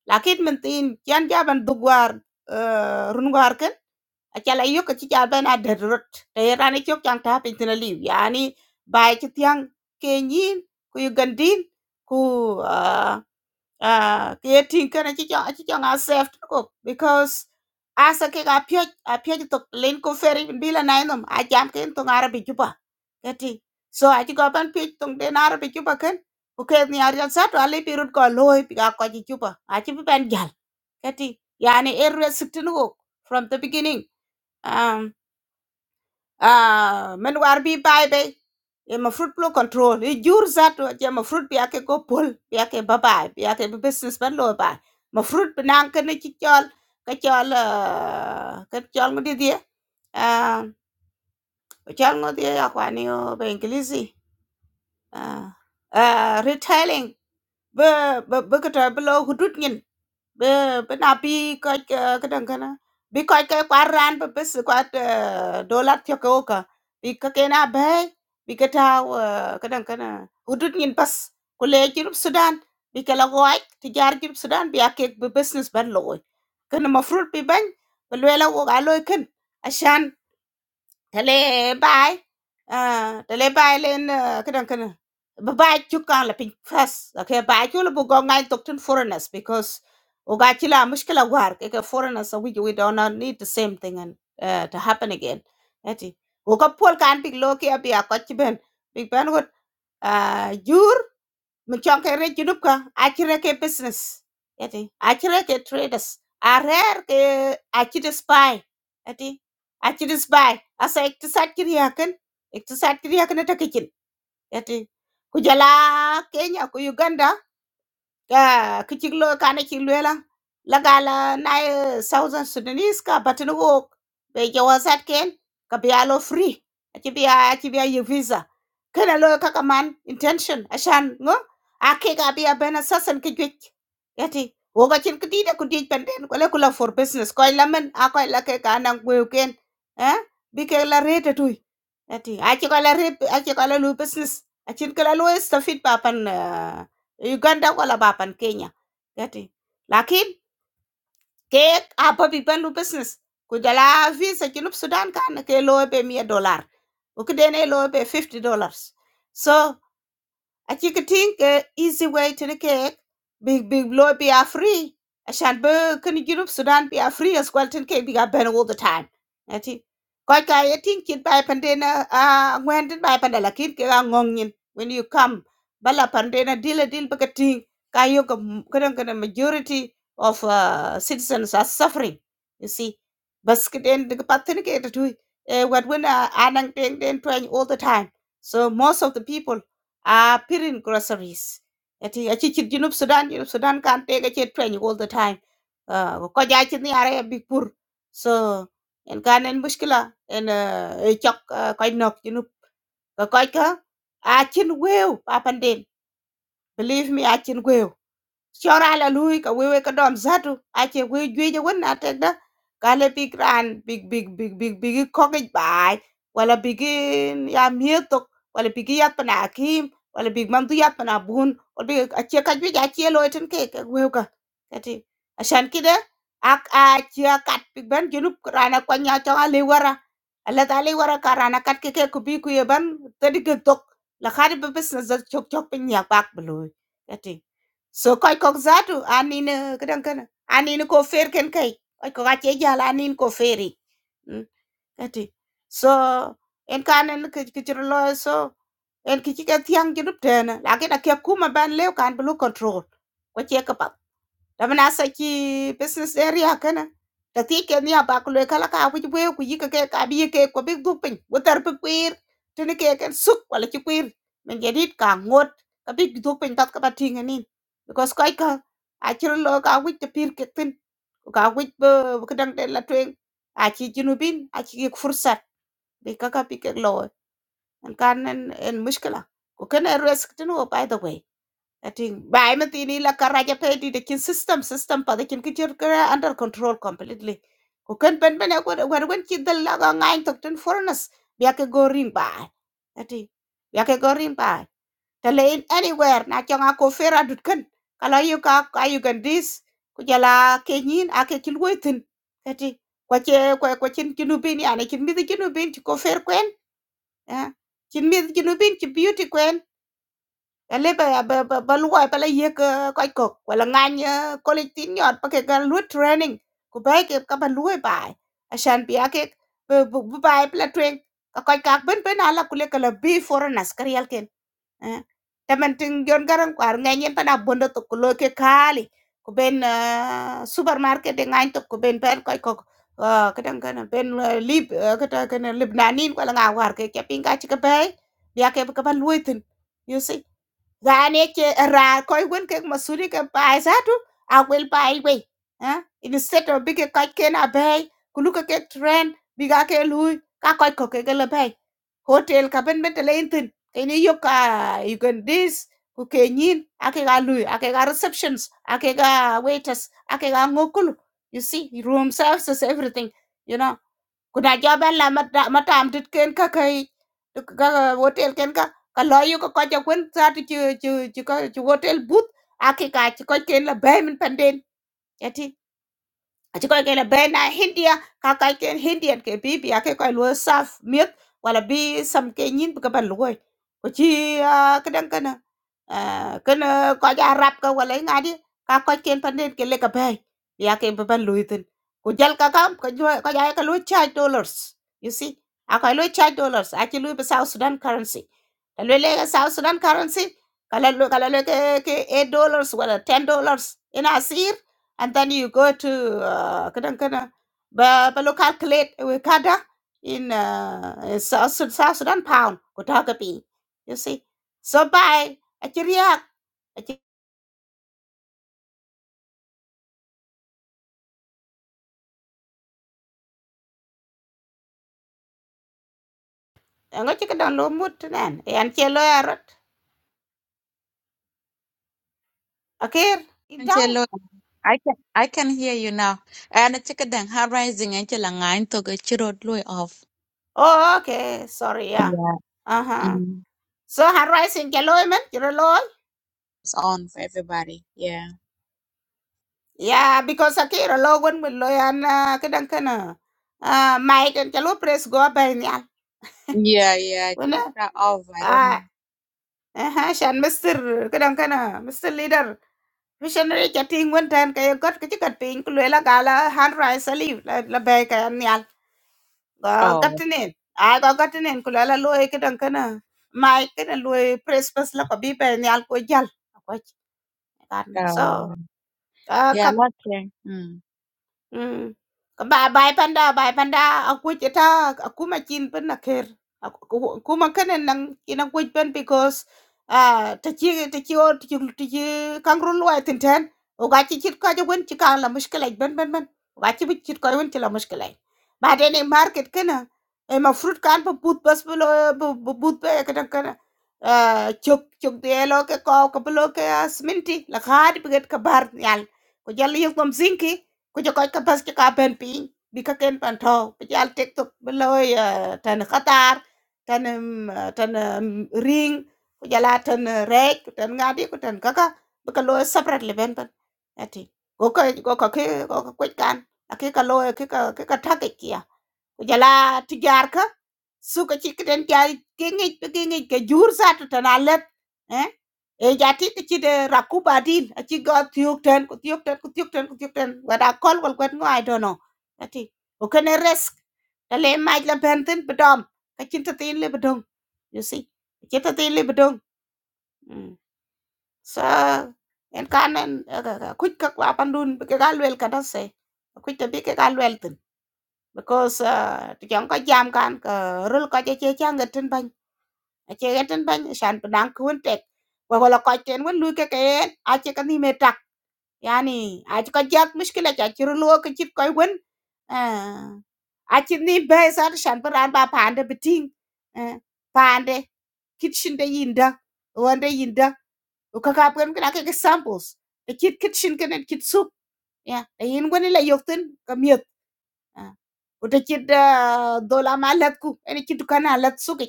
C: lakin min tin chan jaban dugwar eh, rungwar ken acal ayök ka ci cal bɛn a det rot te ran icök caŋ ta piny thïn aliu yani ba ci thiaŋ ke nyin ku yugandin ku ah, ah, ke ye tiŋ kën aci cöŋ a sɛf tïn kök bikos asa kek a piöc a piöc thok lin ku feri bila na enom a jam ken thöŋ arabi juba keti so aci go bɛn piöc thöŋ den arabi juba ke OK, như ở dưới suốt, ả lấy pirut có lời, piak qua chỉ chưa pa, à chứ bù pén cái à, cái gì, nhà anh ấy rửa sạch chân không, from the beginning, à à, mình qua ở đi, ba ấy, em a fruit plô control, như chưa suốt, à chứ em fruit piakeko pull, piakeko bá ba, piakeko business bán lời ba, mà fruit piak nang cái này chỉ chơi, cái chơi là cái chơi mà đi đi, à, cái chơi nó đi học anh yêu tiếng Anh dễ, à, à, retailing. Be be be ke to be lo hudut ngin. Be be na pi ko ke dang kana. Bi ko ke kwar ran be bes ko dollar thyo ko ka. Bi ke ke na be bi ke ta ke dang kana. Hudut ngin pas ko le jirup Sudan. Bi ke la ko ai tijar jirup Sudan bi ake be business ban lo. Kana mafrut bi ban. Be lo la ko ga lo ken. ashan tale bai ah tale bai len kadan kan ba bai chuka la pin fas okay bai chu la, go ngay tok tin foreigners because o ga chila mushkila war ke ke foreigners we we don't not need the same thing and uh, to happen again ati o ka pol kan big lo ke abi a ko chi ben big ben good, ah, jur. mi chong ke re junup ka achire ke business yati achire ke traders arer ke achire spy yati achire spy asa iktisad kiriya kan iktisad kiriya kan ta kichin yati ku jala kenya ku uganda Ah, ki chik lo kana chik lo la la gala na eh, southern sudanese ka batini wo be je wasat ken ka biya lo free achi biya achi biya ye visa kana lo ka kaman intention ashan ngo ake ga biya bena sasan ki gwich yati wo ga chin kiti da kudi penden ko le kula for business ko lamen a ko la ke kana ngwe ken eh bi ke la rete tuy yati achi ko la rete achi ko la lu business achin kala lo istafid papan Uganda wala bapan Kenya yati lakin ke apa pipan lu business ku jala visa junub Sudan kan ke lo be 100 dollar. u ke dene lo be 50 dollars so at you could think a easy way to the cake, big big blow be a free. I sha be can you Sudan be a free as well ten cake big ben all the time. At it. Quite I think it by pandena uh went by pandela kid ngongin when you come. Bala pandena deal a deal bakating kayo kadang majority of uh, citizens are suffering. You see. Basket and the patin get to what when uh anang ten all the time. So most of the people uh, pirin groceries. Ati achi chit Junub Sudan, Junub Sudan can't take a chit train all the time. Uh, ko jaa chit ni are big pur. So, en kan en muskila, en uh, e chok uh, koi nok Junub. Ko koi ka, achin weu, papan din. Believe me, achin weu. shora la lui ka wewe ka dom zatu ache we jwe je wona tekda kale big ran big big big big big kokej bai wala big mm, ya mieto wala big ya pana kim wala big man tu ya pana bun wala big ache ka jwe ja che lo ten ke ka wewe ka ati ashan kide ak a chia kat big ban junub rana kwa nya cha ale wara ala ta ale wara ka rana kat ke ke ku bi ku ye ban tedi ke tok la khari be business chok chok pe nya pak bloy ati So koy kok zatu anin kadang kana anin ko fer ken kai koy ko ache jala anin ko feri Mm, kati so en kanen kichiro lo so en kichike thiang jidup tena lakini akia kuma ban leo kan blue control ko cheka Tamanasaki business area kana. Ta ti ke ni abakule kala ka abu jwe ku yika ke ka bi ke ko bi dupin. Wutar pi kwir. Tini ke ken suk wala chi kwir. Men jedit ka ngot. Ka bi dupin tat ka ba tinga nin. Because koi ka achiro lo ka wik te pir ke tin. Ka wik bu kedang de la tweng. Achi jinubin. Achi ki fursat. بيكاكا بيكك لو ان كان ان المشكله وكان الريسك تنو باي ذا واي ati bai mati ni la karaja pe di de system system pa de kin kichir kara under control completely ko kan ben ben ko war wen ki dal la ga ngai tok ten foreigners ya ke go rim ba ati ya ke go rim ba te in anywhere na changa ko fera dut kan kala yu ka ka yu gan dis ku jala ke nyin a ke kil wetin kwa che kwa kwa chin junubin yani chin mi junubin ci ko fer kwen eh chin mi junubin ci beauty kwen ale ba ba ba ba luwa ba la yek ko ko ko wala ngany ko le tin yot pa ke ga lu training ku ba ke ka ba luwa ba ashan bi ake bu ba ba la twen ka ko ka ben ben ala kule kala bi for nas karial Ah, te man tin jon garan kwar ngany en tada bondo to kulo ke kali ko ben ah, supermarket de ngany to ko ben ber koy ko ah, kadang kana ben ah, lib ah, kata kana libnanin ko la nga war ke ke pinga ci ke bay ya ke ka ban luitin you see. gane ke rar koy wen ke masuri ke pai zatu a wel pai we ha in set of big ka ke na bay kulu ke trend biga ke lui ka koy ko ke le bay hotel ka ben ben le intin ke ni yo ka you can this ku ke nyin ake ga lui ake ga receptions ake ga waiters ake ga ngokulu you see room services everything you know kuna jo ben la mata matam tit ken ka kai ka hotel ken ka ka lo yu ka ko ja kun sa ti chi chi chi ka chi hotel but aki ka chi ko ken la bay min panden ya aci kɔc ke la bɛn na hindia ka kac ken hindian ke pipi ake kɔc luo saf miek wala bi sam ke nyin bi ke ban luoi ko ci kedan kana kana kɔc a rap ka wala i ŋadi ka kɔc ken panden ke le ka bɛi bi ake bi ban luoi thin ku jal ka kam kɔc aye ka luo charge dollars you see a kɔc luo charge dollars aci luo bi south sudan currency ta luo le south sudan currency kala luo kala luo ke ke 8 dollars wala ten dollars ina si and then you go to uh, kadang- kadang, ba ba lo calculate with kada in uh, in South, Sud- South Sudan pound ko ta ka you see so by a chiriak a chi ngo chi kadang lo mut nan yan che lo arot akir idau
A: Angelo, I can I can hear you now. And it's chicken then high rising Angela nine to get you road way off.
C: oh okay sorry yeah
A: Yeah.
C: uh-huh
A: Mm.
C: so har rising ke lo e men chiro lo
A: It's on for everybody. Yeah.
C: yeah because akir lo gon mun lo yan uh, kadang kana uh, mai kan chalo press go ba nyal
A: Yeah, yeah. I couldn't
C: wana
A: start off. I don't know.
C: à ha, Shen Mister cái đó cơ na, Mister Leader, vì Shen này cắt tiền quân tranh cái gốc cái gì cắt tiền, cô lấy là Gala, Han Raisa live là là bè cái anh nyal, có cắt
A: Oh.
C: nè, à có cắt nè, cô lấy là lo cái đó cơ na, Mike cái là lo Express là có bị phải nyal coi jal, coi cái này tranh, sao,
A: Uh,
C: à cắt
A: yeah, not okay. Mm.
C: Ừm. Ba bai panda bai panda aku ceta aku macin pen akhir. Aku ku ku makanan nang kinang kuj pen because ah tachi tachi or tachi tachi kangrun luai tinten. Uga chichit ka jawan chika la mushkilai ben ben ben. Uga chichit chit ka jawan chila mushkilai. Baden e market kena. E ma fruit kan pa put bas belo put pe kadang kana. Ah chok chok de lo ke ko ka belo ke sminti la khadi biget ka bar nyal. Ko jalli yok tam zinki ku jo koy ka pas ki ka pen piny bi ka ken pan to bi jal tek tok bi loy eh, tan qatar tan um, tan um, ring ku jala tan uh, rek ku tan ngadi ku tan kaka bi ka loy separate le ben pan ati go ka go ka ke go ka kwet kan aki ka loy ki ka ki ka thak kia ku jala tijar ka suka ci kiten jari ke ngi ke ngi ke jur sa to tana let eh e jati ke ci de rakuba din a ci ga tiok ten ku tiok ten ku tiok ten ku tiok ten wada kol wal kwet ngo i don't know ati o kene risk ta le maj la benten bedom ka cin ta tin le bedong you see ci ta tin le bedong mm sa en kanen kuc ka kwapan dun bi ke galwel kada se kuc te bi ke galwel because uh, ti chong ko jam kan ko rul ko che che cha ngat tin ban a che ngat tin ban shan pedang kun tek wa wala ko ten wen lu ke ke a che kan ni me tak yani a che ko jak mushkila cha chi rul ko chit ko wen Ah, a chit ni be sa shan peran ba pande biting pande kitchen de yinda wonde yinda ko ka ka pen ka ke samples the kit kitchen kan kit soup ya yin wen la yoktin ka mi Untuk itu doa melihatku, ini kita karena alat suki,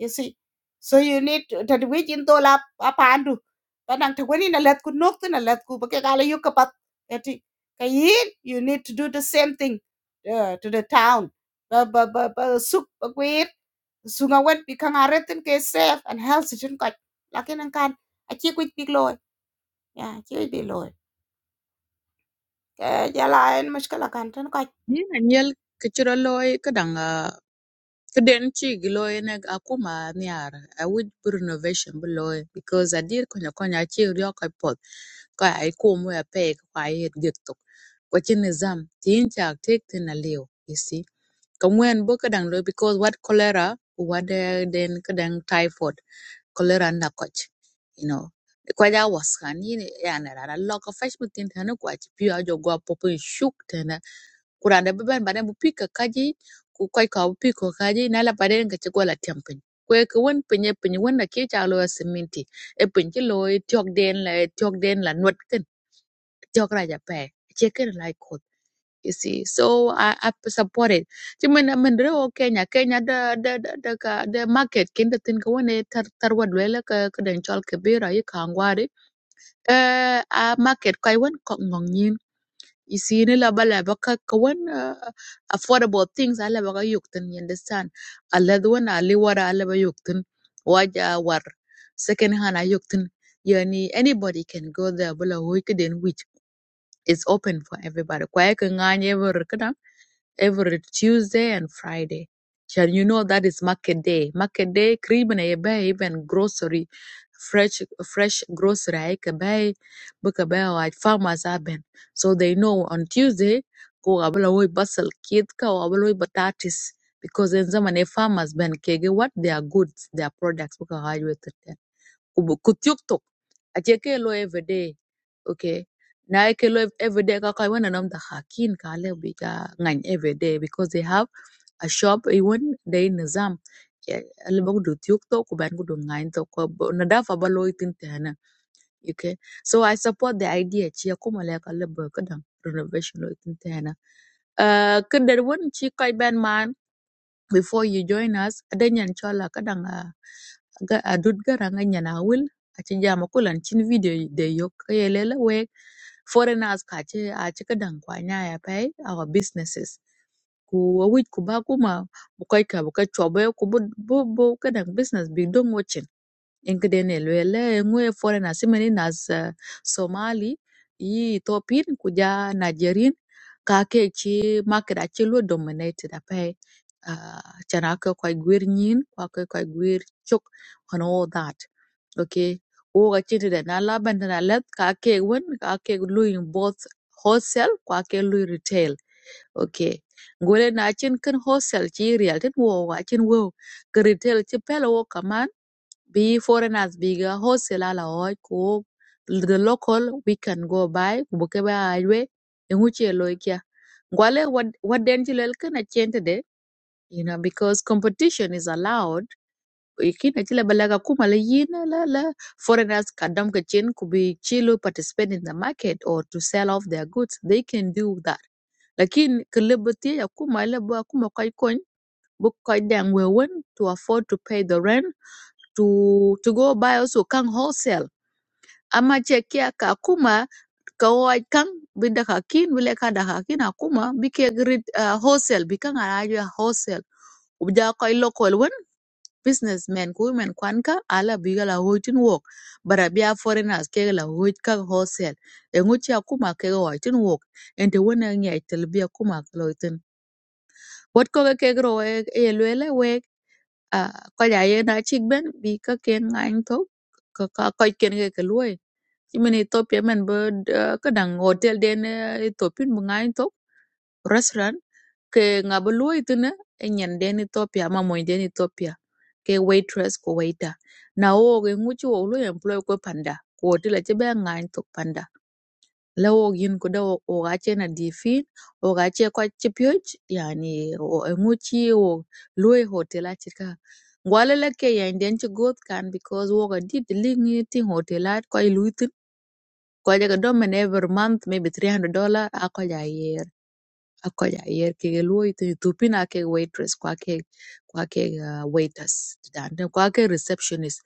C: you see. So you need to do which in doa apa andu. Padang tergini melihatku nuk itu melihatku, bagai kalau yuk kepaterti. Kaya ini you need to do the same thing uh, to the town. Ba, ba, ba, ba, suk, ba, kuir, sungai, wadikang aritin ke safe and health sejengkal. Laki nengkan, aja kuit bilo, ya aja bilo. Kaya lain masalah kan, tenang.
A: Yeah, and you'll get your loy Kiden ci gi lo ene akuma niar I would bi renovation bi lo e, because adir konya konya ci ryo ko pot ko ai kum we pe ko ai et get tok ko ci nizam tin cha tek tin a liu you see ka ngwen bo ka dang lo because what cholera what eh, then ka dang typhoid kolera na koch you know Kwa ja was kan yin ya na ra lo ko fesh mutin tan ko ach pi ajo go popo shuk tana kuranda beban badan bu pika kaji ku koy ka bu piko kaji na la badan ga ci gola tempin kwe ka won pinye pinye wanda ke ta lo siminti e pinye lo e tiok den la e tiok den la not ken tiok raja pe che ken la you see. So I, I support it. Chứ mình mình rất ok nhà Kenya the the the the, the, the market kinda thing ko wani tar tar wad wela ka ka den chol ka bira yi ka ngwari. Eh a market kai wan ko ngong yin. You see ni la bala ba ka ka wan uh, affordable things ala ba ka yuk tin you understand. Ala the wan ali wara ala ba yuk tin waja war second hand a yuk tin. Yani anybody can go there bula hoy ka den which is open for everybody. Kwa ka nganye bur ka every Tuesday and Friday. And you know that is market day. Market day, cream and buy even grocery, fresh fresh grocery. I can buy, book a buy like farmers happen. So they know on Tuesday ko abla hoy basal kid ka o abla hoy batatis because in zaman e farmers ben kege what their goods, their products book a kutyuktok ache lo everyday okay na eke lo everyday ka kai wana nam da hakin ka le ka ngan everyday because they have a shop even they nizam al bog do tyuktok ku ban gudu ngan to ko na da fa ba lo itin ta okay so i support the idea chi ko mala ka ba ka renovation lo itin ta na uh, kedar won chi kai ban man before you join us, adanyan chola kadanga ga adut garanga nyana wil achi jama kulan chin video de yok yelela we foreigners ka ce kadang ci kadan kwanya ya pay our businesses ku wawit ku ba kuma bukai ka bukai chobe ku bu bu bu kadang business bi don enkidene luele ngwe foreign asimani nas uh, somali yi ethiopin kuja nigerian ka ke chi market achi lu dominated apai uh, chana ke kwa gwir nyin kwa ke kwa gwir chok and all that okay wo ga chi de na la ban na let ka ke won lu in both wholesale kwa ke lu retail okay ngole na chin kan wholesale chi real tin wo ga chin wo ke retail chi pelo wo be foreigners biga hosela la hoj ku the local we can go by buke ba highway in which yellow kia. Gwale what what den chilel kana chente de you know because competition is allowed ikina chile balaga kuma la yina la la foreigners kadam ka chin could be chilo participate in the market or to sell off their goods they can do that lakin kalibati ya kuma lebo kuma kai kon book kai dang we want to afford to pay the rent to to go buy also kang wholesale ama che kia ka kuma ka wai kang binda ka kin bile ka da ka kin akuma bike grid uh, wholesale bikang ara ya wholesale ubja koi local one businessmen ku men kwan ka ala biga la hoitin wok bara bia foreigners ke la hoit ka wholesale e nguchi akuma ke ga hoitin wok ente wona ngai tel bia kuma loitin What ko ke gro e e lwele à ko ja na chik ben bi ka ken ngain to ka ka ko ken ge ke luoi chi men ethiopia men bo ka dang hotel den eh, ethiopian bu ngain to restaurant ke nga bo luoi tene e nyen den ethiopia ma mo den ethiopia ke waitress ko waiter na o ge ngu chi o lo employ ko panda ko hotel che be ngain to لا ووك كده ku da wogache na difin wogache kwa chipioj yani nguchi wo lue hotel achika ngwale la ke ya indian chi goth kan because woga did ling ting hotel at kwa iluitin kwa jaga every month maybe 300 dollar اكو ja akoya yer ke luoi te tupina ke waitress kwa ke kwa ke ah, waiters dan de kwa ke receptionist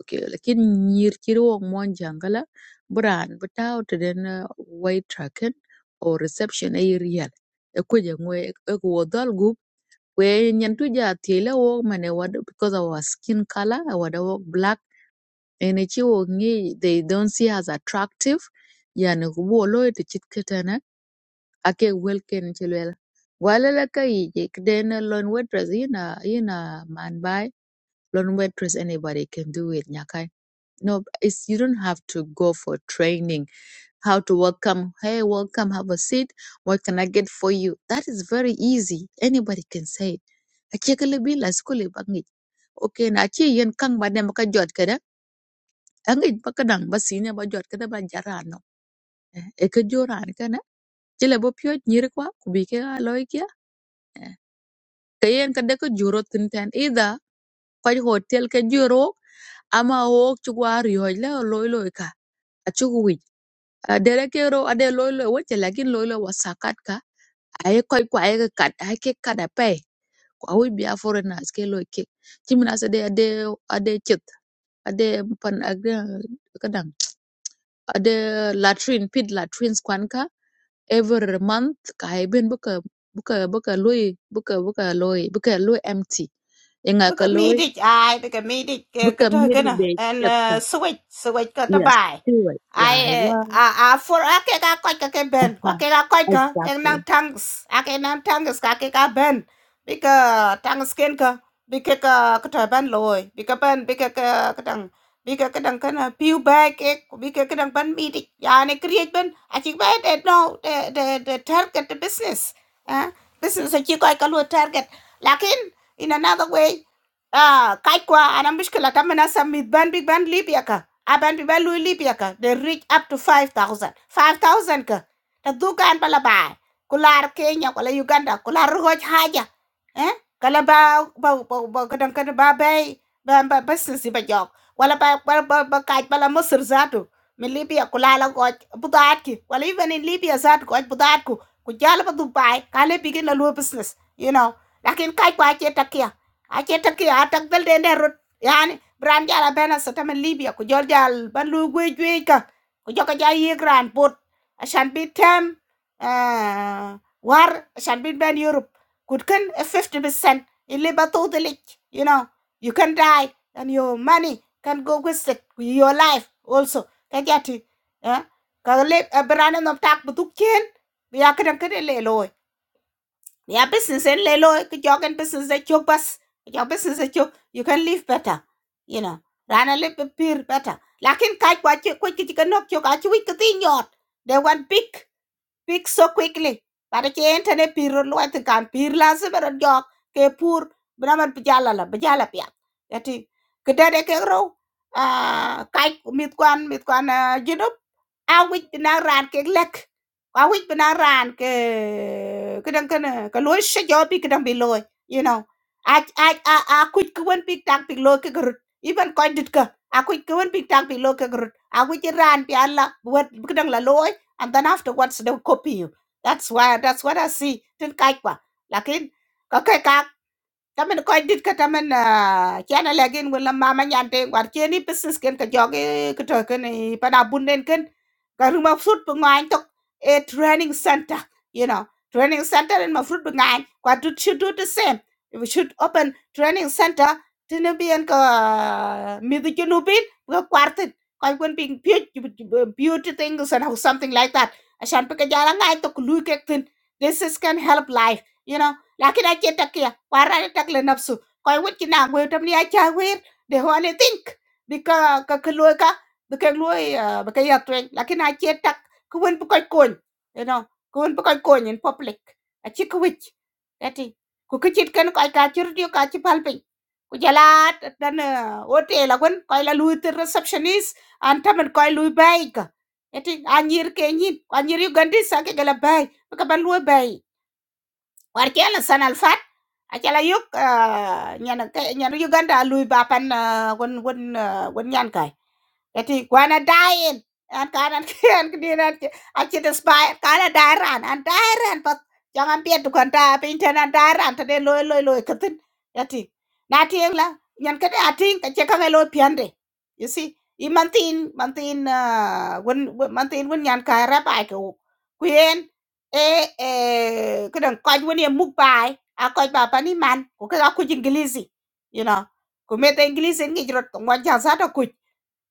A: okay lakin nyir kiri wong mon jangala bran betaw te den ah, wait tracken or reception e real e ko je ngwe e ko dal gup we nyen tu ja tele wo mane wad because our skin color our wo black and chi wo ngi they don't see as attractive yani wo lo te chit ake welken ci luela wala la ka yiji then lon waitress ina ina man by lon waitress anybody can do it nyakai no it's you don't have to go for training how to welcome hey welcome have a seat what can i get for you that is very easy anybody can say it ake kala bila skuli bangi okay na ci yen kang ba dem ka jot kada angi ba ka dang ba sine ba jot kada ba jarano e ka joran kana ci le bo pyo nyir kwa kubi ke kayen ka de ka juro tinten ida kwaj hotel ka juro ama wok ci war yo la loy loy ka a ci wi dere ke ade loy loy wote lakin loy loy wasakat ka ay koy ko ay ka kat ay ke kada pay ko awi bi aforena ske loy ke ci mina se de ade ade cet ade pan ade kadang ade latrine pit latrines kwan every month kaibin buka buka buka loy buka buka loy buka loy empty inga
C: Bức
A: ka
C: có mi
A: loy
C: địch ai, bức có mi địch cái cái
A: buka
C: thôi cái
A: miri
C: nào.
A: be
C: And
A: chatta
C: uh, switch, switch cái tao
A: yes
C: bài.
A: anyway yeah i
C: Ai ờ,
A: wa
C: à à for à cái cái coi cái cái bên, qua
A: ha
C: cái cái coi cái cái
A: exactly
C: năng tanks, à cái năng tanks cái cái cái bên. Bị cái tanks cái cái, bị cái cái cái thôi bên lôi, bị cái bên, bị cái cái cái đằng, bị cái cái đằng cái nào piu bài cái, bị cái cái đằng bên mi địch. À này create bên, à chỉ bài để no, để để để target the business, à business là chỉ coi cái luôn target. Lakin in another way Ah, Kaikwa, and I'm Bishkula Kamana Summit, Banbi Ban Libya. Abanbi Ban Lui Libyaka. They reach up to five thousand 5,000 ka. The Dukan Balabai. Kular Kenya, Kula Uganda, Kular Roj Haja. Eh? Kala ba ba ba ba kadang kadang ba bay ba ba business ba jog wala ba ba ba ba kaj bala Misr zatu min Libya kula la goj budat ki wala even in Libya zat goj budat ku ku jala ba Dubai kale bigin la lo business you know lakin kaj ba che takia achetat ki atak bel den der rot yani bran jala bena satamen libya ku jol jal ban lu gwe gwe ka ku joka ja ye gran pot ashan bi tem ah, war ashan bi ben europe kut ken a 50% in liba to the lich you know you can die and your money can go wasted with your life also ka jati eh ka le eh, bran no tak bu tuk chen ya kan kan le yeah, business and lelo jogan business that you bus. Your business that you you can live better. You know, run a little bit better. Lakin kai kwa chu kwa kichika nok chok achu wik katin yot. They want big. fix so quickly para che entene piro luat kan pir la se ke pur braman pjala la pjala pya Jadi kedade ke ro ah kai mit kwan mit kwan jinup a wit ran ke lek a wit ran ke kedang kana ka loy she jo pi kedang bi you know a a a a kuit kwen tak pi loy ke gerut iban koy dit ka a kuit kwen tak pi loy ke gerut a wit piala buat ala wet kedang la loy and then afterwards they'll copy you. That's why that's what I see. Tin kaikwa. Lakin, okay, kak tamen ko dit ka tamen kiana legen wala mama nyante war cheni business ken ka joge ka to ken eh, pada bunden ken ka ruma fruit bu tok a training center you know training center in ma fruit bu kwa to should do the same we should open training center tene bien ka ah, mi du ka kwartin ka kun ping beauty things and something like that ashan pe ka jara ngai tok lu kek tin this is can help life you know lakina chetakia wara takle nafsu koy wit ki na gwe tam ni acha wir de ho ane think bika ka kloy ka bika loy bika ya twen lakin a che tak ku wen bu koy kon you know ku wen bu koy kon in public a chi ku wit ati ku ki chit ken koy ka chir dio ka chi pal pin ku jala dan hotel la gwen koy la lui the receptionist an tamen koy lui bai ka ati anyir ke nyin anyir ugandisa ke gala bai ka ban lui bai Warchela sana al fat acala yuk ah, nyana ke- nyana Uganda lui bapan ah, gon gon ah, gon nyan kai yati gwana dying an kan an kan dinan achi the spy kana dairan an dairan pat jangan biet dukan ta pinten an dairan ta de loy loy loy katin yati na tieng la nyan kade ating ka che ka loy piande you see i mantin mantin wen mantin wen nyan ka ra bai ko kuen Eh, eh, kadang kaj wani muk bai, a kaj ba pani man, ko kaga kuj ingilizi, you know. Ko meta ingilizi ngi jrot ngwa jasa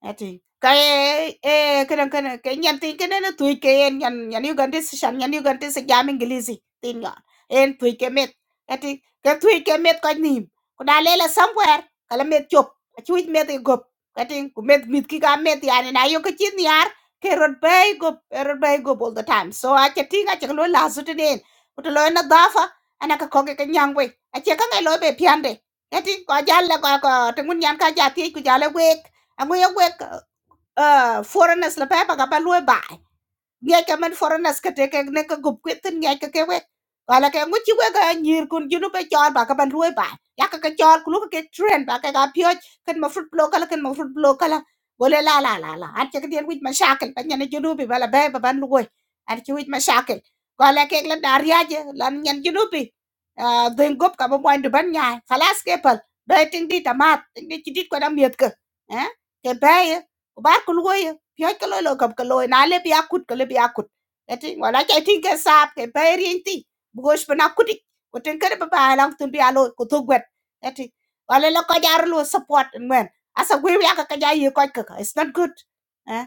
C: À, thì cái, e, cái eee, kadang-kadang kay nyan tin kana na tuy ke en nyan nyan Uganda si shan nyan Uganda si jam English tin nga. cái tuy ke met. cái ka cái ke met ka nim. Ko da là somewhere kala met chop. Achuit met e gop. Ati ku met mit ki ka met yani na yo ka chin yar ke cái bay gop cái rod bay gộp, rồi bay gộp all the time. So a che tinga che lo la su tin en. Ko to lo na cái ana ka ko ke ka cái we. A che đấy, cái lo be piande. là ko jalla ko quân nhang nyan ka thì ti ku là we Angu ya wek uh, foreigners la pepa ka ba lui bai. Ngiya ka man foreigners ka te ka ne ka gup kwetin ngiya ka ke wek. Wala ka nguchi wek a nyir kun junu pe chol ba ka ban ruwe ba. Ya ka ka chol kulu ka ke trend ba ka ka piyoj kan ma fruit blow kala kan ma fruit blow kala. Gole la la la la. An chaka dien wich ma shakil pa nyana junu bi bala bay ba ban luwe. An chi wich ma shakil. Wala ka nglan dariyaje lan nyan junu bi. Dhin gup ka ba mwan duban nyai. Khalas ke pal. Bay ting di tamat. Ting di chidit kwa da miet ka. Eh? Ke bay. Ubar kulwoye piöc ke loi lo köp ke loi na lebi akut ke lebi akut eti wala ca ti ke saap ke pe rien ti bukos pe na kuti ko ten kere pe ba lang tun bi alo ko to gwet eti wala lo ko jar lo support ngwen asa gwe ya ka ka ja yi ko ka it's not good Eh?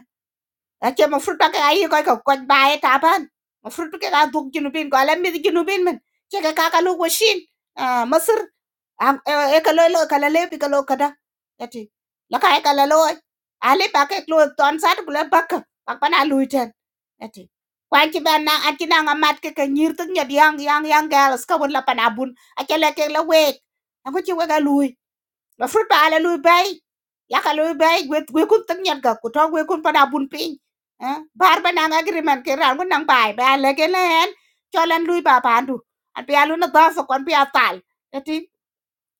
C: Ake mafruta ka ayi ko ko ko bae taban. Mafruta ka ga duk junubin ko alam mi junubin men. Ke ka ka lu washin. Ah Masr e ka lo lo ka la le bi ka lo kada. Yati. La ka e ka la lo. Ali ba ke lo ton sat kula bakka. Pak pana lu ten. Yati. Kwan ki ban na ati na ngamat ke ka nyir tuk nyad yang yang yang gal ska won la panabun. Ake la ke la wek. Aku ci wega lui mafrut ba ala lui bai yaka lui bai gwe kun tak nyat ga ku to gwe kun pada bun ping eh bar ba nang agreement ke ran kun nang bai ba ala ke len cholan lui ba pandu an pi alu na da so kon pi atal Jadi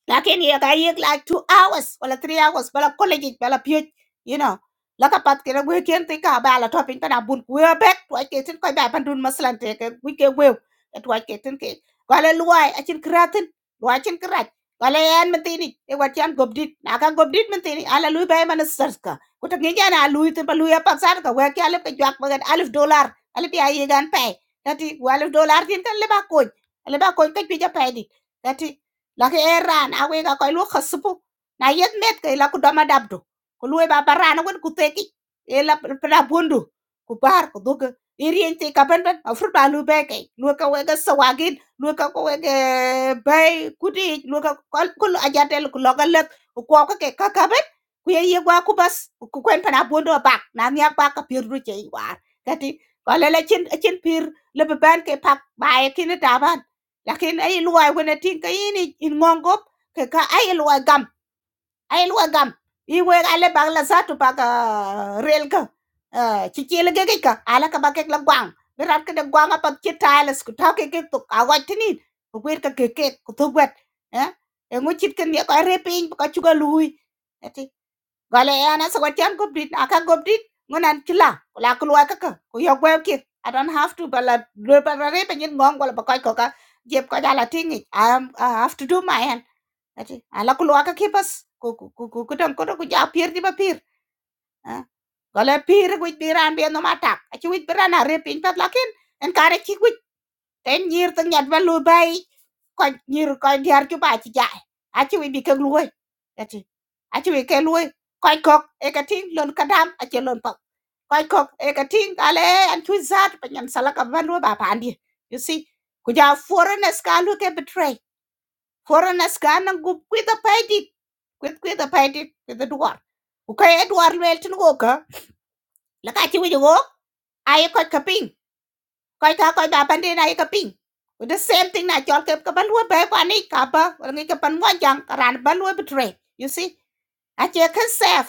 C: lakini yakayik like two hours wala three hours wala college wala PhD, you know laka pat kira gwe ken te ka ba la topping. kana bun gwe bet wa ke tin ko ba pandun maslan te ke We ke gwe et wa ke tin ke gale luai a chin kratin luai chin krat gale yan mentini e wa chan gobdit na ka gobdit mentini ala lui ba man sarka ko ta ngi jana lui te ba lui pa sar ka wa ke ale ke jak ba alif dollar ale bi ayi gan pe tati alif dollar tin kan le ba ko ale ba ko ke pi ja pe di tati laki eran awe ga koy lu khasbu na yet met ke la ku dama dabdu ku lu ba barana wen ku teki e la pra bondu ku bar ku dog irien te kaban ban afur ba lu be ke lu ka we ga sawagin lu ka ko we ga bay kudi lu ka kol kul ajatel ku logal lek ku ko ka ke ka kaban ku ye ye gwa ku bas ku kwen pa bondu ba na nya ba ka pir ru che war kati ko le le chin chin pir le ban ke pak ba e kin da ba lakin ay luwai wene tin ka ini in ngongop ke ka ay luwai gam ay luwai gam i we ale bag la satu bag ah, rel ka ci ci le gege ka ala ka bakek la gwang bi rat ka de gwang apa ci tales ku ta ke ke to ka wat tini ku wer ka ke ke ku to gwet eh e ngu chit ken ye ka repin ka chuga lui ati Gole yana so wati an gobdit aka gobdit ngunan kila kula kulwa kaka ku yo ki I don't have to bala bala re penyin ngong wala bakoy koka jeb ko jala tingi I, have to do my end ati ala kulwa ka kipas ku ku ku ku don ko ku ja pier di ba pier gole pier ku biran bi no matak ati wit biran are pin pat lakin en kare ki ku ten nyir tin nyat ba lu bai ko nyir ko diar ju ba chi ja a chi wi bi ke luoi ati chú chi wi lùi luoi ko kok e ka ting lon ka dam a che lon pa ko kok e ka ting ale an chú zat pa nyan sala ka ba lu ba bà andi you see ku ja foreigners ka lùi ke betray foreigners ka nan gu kwi da pai di kwi kwi da pai di kwi da duar ku ka e duar lu el tin go ka la ka chi wi go ai ko ka koy ka koy ba pande na ka ping With the same thing na chol ke ka ban wo ba kwa ni ka ba wal ngi ka pan mo jang ka ran ban wo betray you see a che kan sef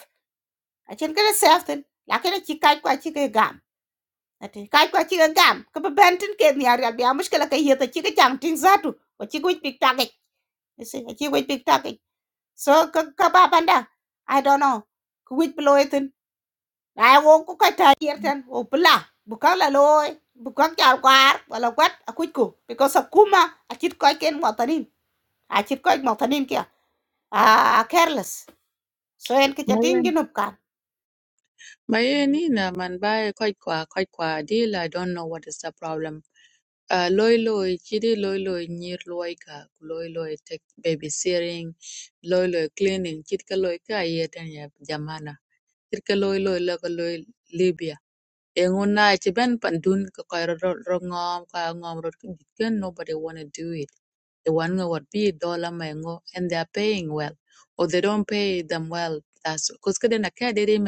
C: a chen kan sef tin la ke chi kai kwa chi ke gam ati kai kwa chi ke gam ka ba ban tin ke ni ari bi a mushkila ka yeta chi ke chang tin zatu ko chi ku pik ta ke you see a chi ku pik ta ke so ka ka ba banda i don't know ku wit blow ai wo ku ka ta yer tan o pla bu ka la loy bu ka ka kwar wala kwat akuj ku because akuma achit koy ken motanin achit koy motanin kia
A: mm.
C: ah careless so en ke chatin
A: mayen
C: ginup kan
A: mayen ina man bai quite kwa quite kwa deal i don't know what is the problem Uh, loy. loi chidi loy loy nyir loy. ka ku loy. loi tek babysitting Loy loy cleaning chit ka loi ka yeten ya jamana chit ka loy loy. la ka loy Libya engu na chi ben pandun ka ko ro ro ngom ka ngom ro ki dit ken nobody want to do it They want to what be dollar mango, and they are paying well or they don't pay them well that's cuz ka den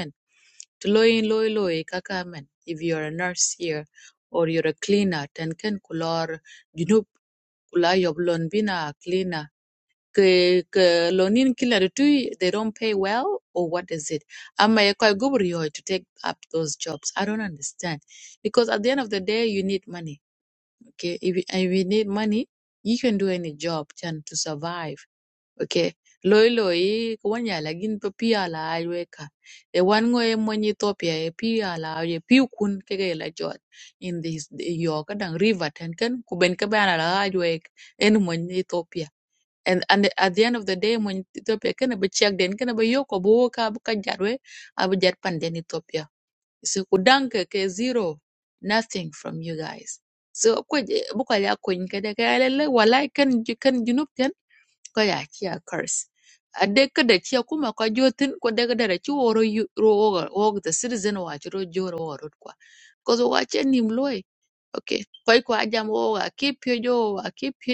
A: Tuloy loy loy kakamen. If you're a nurse here or you're a cleaner, ten ken kulor junub kula yob lon bina cleaner. Ke ke lonin kila de tui they don't pay well or what is it? Am I quite good to take up those jobs? I don't understand because at the end of the day you need money. Okay, if you, if you need money, you can do any job chan to survive okay loi loi ko wanya lagin pa pi ala aywe ka e wan ngo e mon Ethiopia e pi ala aywe pi kun ke ge la jot in this yo ka dang river ten ken ku ben ka ban ala aywe en mon Ethiopia and and at the end of the day mon Ethiopia ken be check den ken be yo ko bo ka bu ka jarwe abu jar pan den Ethiopia so ku dang ke ke zero nothing from you guys so ko bu ka ya ko in ke de ka le walai ken ken junub ten ko ya ki a curse a de ka da ki kuma ko jotin ko de ka da ki woro yu- ro wo wo the citizen wa ki ro joro woro kwa ko zo wa chen nim loy okay ko ko ajam wo wa ki pyo jo wa ki pi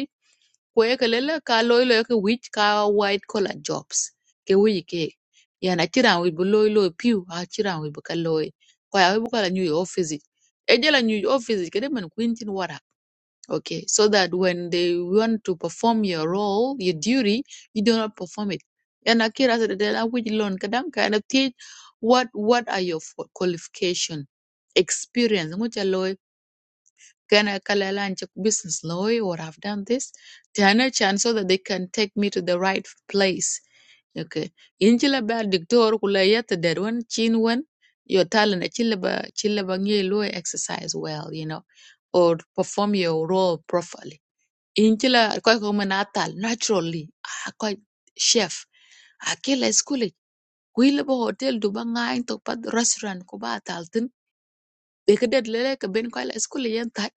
A: ko e ka lele ka loy loy ka wich ka white collar jobs ke wi ke ya na chiran wi bu loy loy piu a chiran wi bu ka loy ko ya wi bu ka la new office e je la new office ke de man kwin tin wara okay so that when they want to perform your role your duty you do not perform it and akira said that I would learn kadam kind of teach what what are your fo- qualification experience mucha loy can I call a check business lawyer or I've done this They are no chance so that they can take me to the right place okay in chila ba dictor kula yata that one chin one your talent chila ba chila ba ngi lawyer exercise well you know or perform your role properly injila koy ko manatal naturally a koy chef a kila skuli kuy lebo hotel du ba ngain to pad restaurant ko ba tal de ke lele ke ben koy la skuli yen tat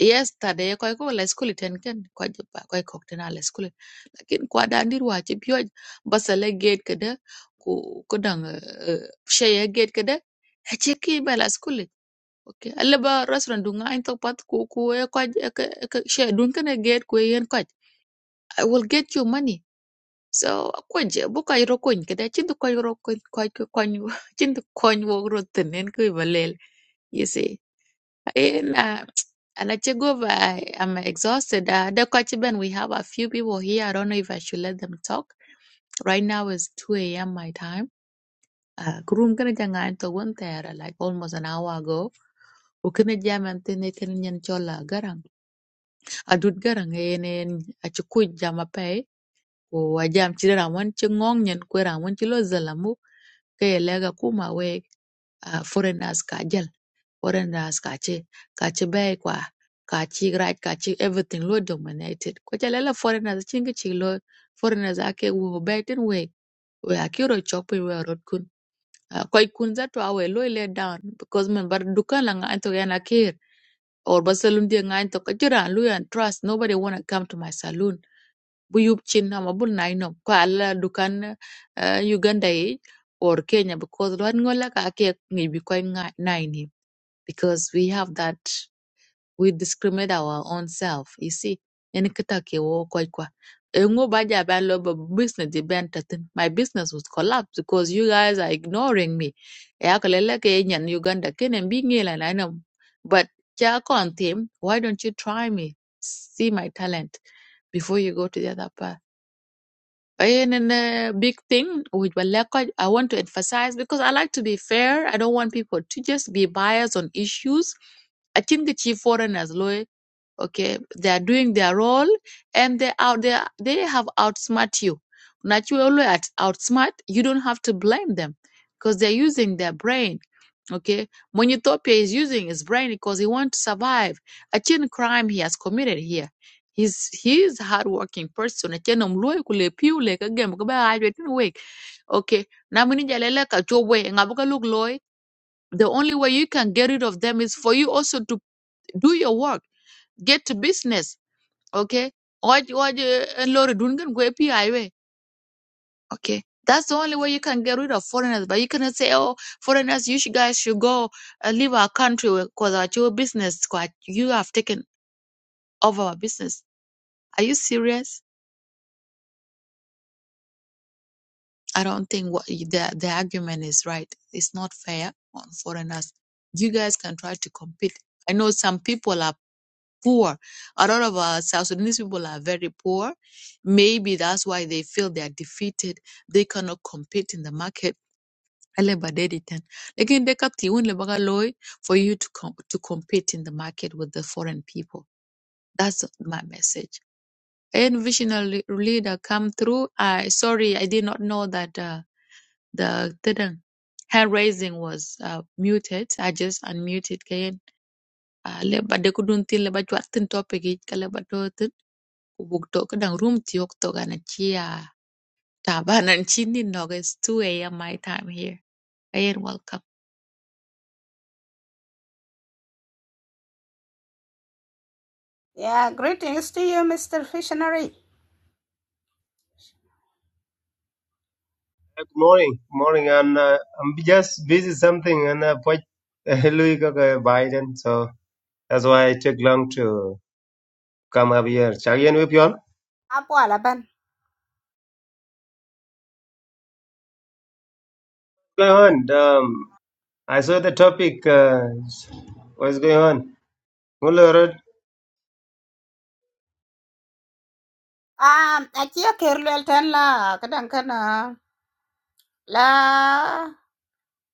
A: yes tade koy ko la skuli ten ken koy ba koy ko ten ala skuli lakin kwa dandir wa ci biyo basale gate ke de ko ko dang sheye gate ke de a ce ki ba la skuli okay alle ba restaurant du ngain to pad ko ko e koy e she dun ken gate ko yen koy I will get you money. So kwenje buka iro kwen kada chindu kwa iro kwen kwa kwa kwa chindu kwa wo ro tenen ku ibalel. You see, and uh, and I check over. I, I'm exhausted. Uh, the Kwachiban, we have a few people here. I don't know if I should let them talk. Right now it's 2 a.m. my time. Uh, kurum kana jangan to one there like almost an hour ago. Ukana jaman tene tene nyan chola garang. Adut garang en en achukuj ko wajam ci ran wan ci ngong nyen ko ran wan ci lo zalamu ke lega kuma we uh, foreigners ka jal foreigners ka ci ka ci bai kwa ka ci right ka ci everything lo dominated ko jal la foreigners ci ngi ci lo foreigners ake wo bai tin we we akiro chok pe we rot kun uh, koy kun za to awe lo le down because man bar dukan la nga to yana kir or basalum dia nga to ka jira lu yan trust nobody wanna come to my saloon bu yup chin ama bul na inom ko ala dukan uh, Uganda ye or Kenya because lo an ngola ka ake ngi bi ko na ini because we have that we discriminate our own self you see yani kita ke wo ko kwa E ngo ba ja ban lo ba business di ban tatin my business was collapse because you guys are ignoring me ya ko lele ke nyan Uganda kenen bi ngela na nom? but ja kon tim why don't you try me see my talent before you go to the other part and then a big thing with Baleko, I want to emphasize because I like to be fair. I don't want people to just be biased on issues. I think the chief foreigners, okay they are doing their role and they out there they have outsmart you naturally at outsmart you don't have to blame them because they're using their brain okay monitopia is using his brain because he wants to survive a chin crime he has committed here he's he is a hardworking person a chin omloi kule piu le ka gem ajwe tin wek okay na mini jalele ka ngabuka look loy the only way you can get rid of them is for you also to do your work get to business okay what what uh, lori dungan go API way okay that's the only way you can get rid of foreigners but you cannot say oh foreigners you should guys should go uh, leave our country because our your business quite you have taken over our business are you serious i don't think what the the argument is right it's not fair on foreigners you guys can try to compete i know some people are poor. A lot of uh, South Sudanese people are very poor. Maybe that's why they feel they are defeated. They cannot compete in the market. Ele ba dai dai tan. Lakin dai ka ti wun le ba loy For you to com- to compete in the market with the foreign people. That's my message. And visionary leader come through. I sorry, I did not know that uh, the the hand raising was uh, muted. I just unmuted. Kayen. Uh, le ba dai ku tin le ba chwat tin topic ik, ka le Kubukto kadang room tiyokto gana chia tabanan chinin nog. It's 2 a.m. my time here. Ayan, welcome.
C: yeah greetings to you mr visionary
D: Uh, Good morning, good morning. I'm uh, I'm just busy something and uh, put Louis Kaka Biden, so that's why I took long to come up here. Chagian with you all?
C: apo ala ban
D: Going on. Um, I saw the topic. Uh, what's going on? Mulo Road.
C: ah achia kerlel tan la kadan kana la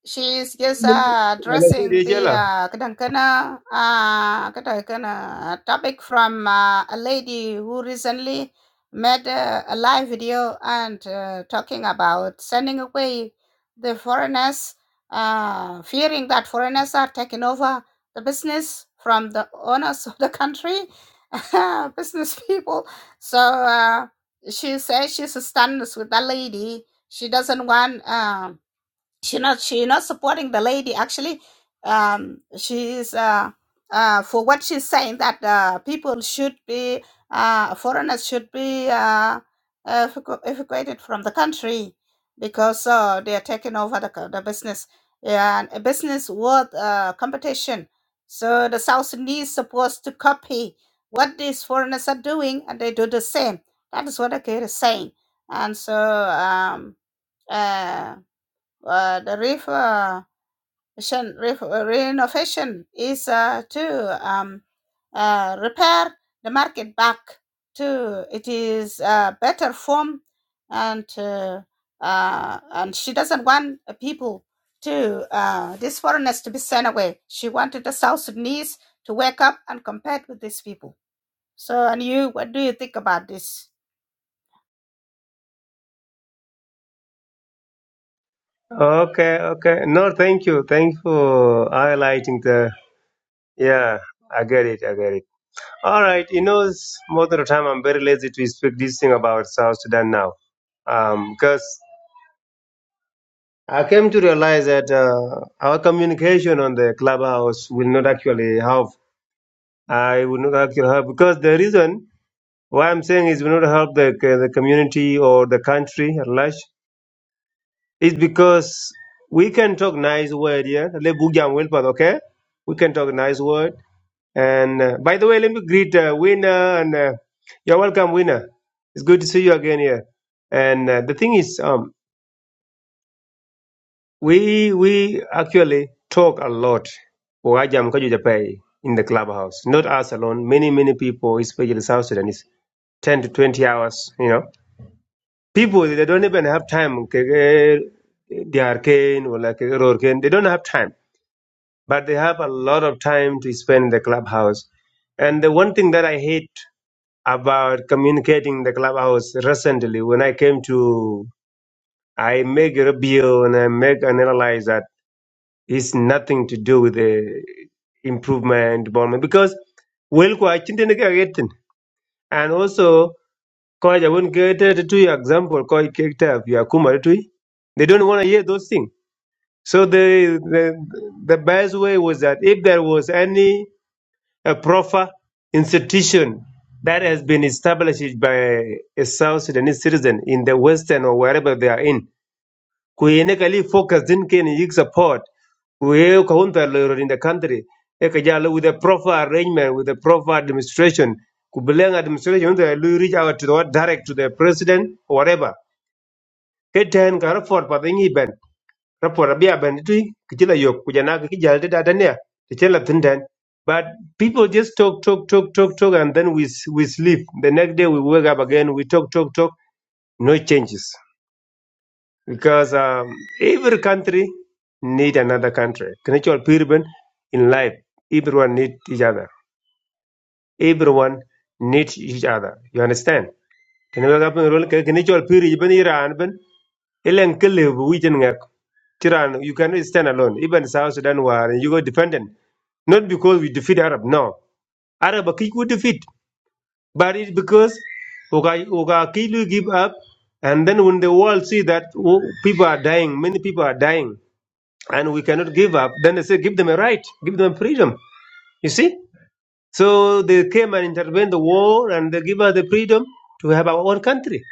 C: she is just uh,
D: Wala si
C: addressing
D: Rachel,
C: the
D: ah?
C: uh, kadang kana, uh, kadang kana topic from uh, a lady who recently made uh, a live video and uh, talking about sending away the foreigners, uh, fearing that foreigners are taking over the business from the owners of the country, business people. So uh, she says she stands with that lady. She doesn't want. Um, she not she not supporting the lady actually um she's uh uh for what she's saying that uh people should be uh foreigners should be uh evacu- evacuated from the country because uh they are taking over the, co- the business yeah, and a business worth uh competition so the south sudanese supposed to copy what these foreigners are doing and they do the same that is what the kid is saying and so um uh, uh, the river ref- uh, renovation is uh, to um, uh, repair the market back to it is uh, better form and uh, uh, and she doesn't want uh, people to uh, these foreigners to be sent away. She wanted the South Sudanese to wake up and compete with these people so, and you, what do you think about this?
D: Okay, okay. No, thank you. Thank you for highlighting the. Yeah, I get it. I get it. All right. You know, it's most of the time I'm very lazy to speak this thing about South Sudan now, um, because. I came to realize that uh, our communication on the clubhouse will not actually help. I will not actually help because the reason why I'm saying is will not help the the community or the country at large is because we can talk nice word here. Le bugyan will, but okay, we can talk nice word. And uh, by the way, let me greet uh, winner and uh, you're welcome, winner. It's good to see you again here. And uh, the thing is, um, We we actually talk a lot. Wajam Kaju Japai in the clubhouse. Not us alone. Many, many people, especially South Sudanese, 10 to 20 hours, you know. People, they don't even have time. kege, They are cane or like kege roar cane. They don't have time. But they have a lot of time to spend in the clubhouse. And the one thing that I hate about communicating in the clubhouse recently, when I came to, I make a review and I make analysis. It's nothing to do with the improvement, development, because well, quite interesting. And also, quite I won't get it to your example, quite character, your Kuma, they don't want to hear those things. So the, the the best way was that if there was any a proper institution that has been established by a South Sudanese citizen in the Western or wherever they are in, kuyene kali focus din ken yik support we counter lawyer in the country e ka jalo with a proper arrangement with a proper administration ku beleng administration the lawyer reach out to the direct to the president or whatever ke ten ka report pa dingi ben report abia ben tu kijila yok kujana ki jalo da da ne te chela tin ten but people just talk talk talk talk talk and then we s- we sleep the next day we wake up again we talk talk talk no changes because um, every country need another country. Connectual people in life, everyone need each other. Everyone needs each other. You understand? Tenaga kapin rol connectual people iban Iran ben ilen kelle bu witen Iran you cannot stand alone. Even South Sudan war you go dependent. Not because we defeat Arab. No, Arab are quick we defeat, but it's because Oga Oga Kilu give up, and then when the world see that oh, people are dying, many people are dying and we cannot give up. Then they say, give them a right, give them freedom. You see? So they came and intervened the war and they give us the freedom to have our own country.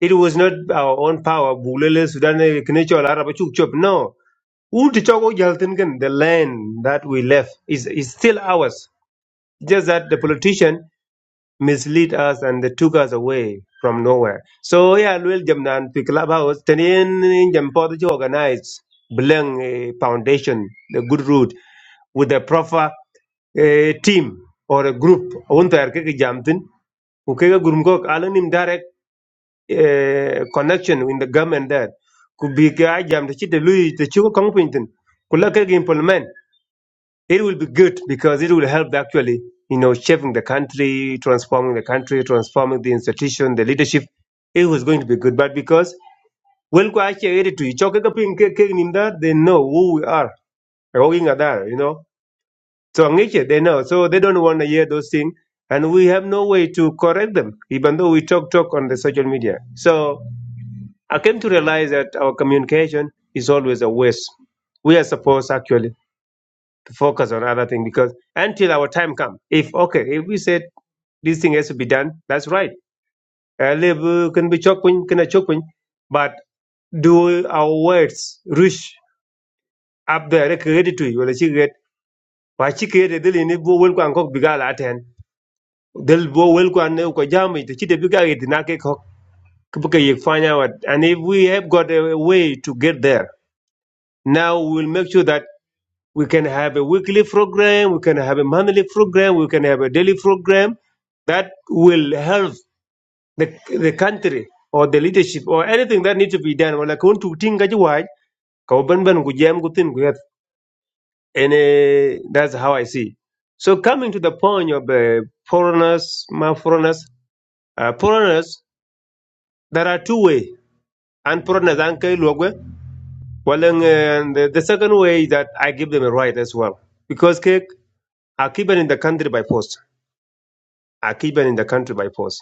D: It was not our own power. Bulele, Sudan, Kinichol, Arab, Chukchop. No. Wunti Chogo Jaltingen, The land that we left is, is still ours. Just that the politician misled us and they took us away from nowhere. So yeah, Luel Jamnan to Clubhouse, Tenin Jampod organized Bleng eh, Foundation, the good root, with the proper eh, team or a group. Unter Kiki Jamtin, Ukega Gurumgok, Alanim direct eh, connection with the government there. Could be Jam the Chita Louis, the Chuka Kongpinton, Kulaka implement it will be good because it will help actually, you know, shaping the country, transforming the country, transforming the institution, the leadership. It was going to be good, but because well, to each they know who we are. walking at that, You know, so Angiche, they know, so they don't want to hear those things, and we have no way to correct them, even though we talk talk on the social media. So I came to realize that our communication is always a waste. We are supposed actually to focus on other things because until our time come, if okay, if we said this thing has to be done, that's right. Uh, live, uh, can be chokpin, can a chokpin, but do our words reach up there created to you? Well, she get why she created the line bo wel kwan kok bigal at hand. They'll wel kwan ne ko jami The chite bigal it na cock. kok kibuke ye fanya wat and if we have got a way to get there now we'll make sure that We can have a weekly program, we can have a monthly program, we can have a daily program that will help the, the country or the leadership or anything that needs to be done. Wala kun tu tinga ji wai, ka wu ban ban ku jam ku tin ku yat. And eh, that's how I see. So coming to the point of uh, foreigners, my foreigners, uh, foreigners, there are two ways. And foreigners, and kai logwe. Well, and, uh, the, the second way is that I give them a right as well. Because cake are given in the country by force. Are keep in the country by force.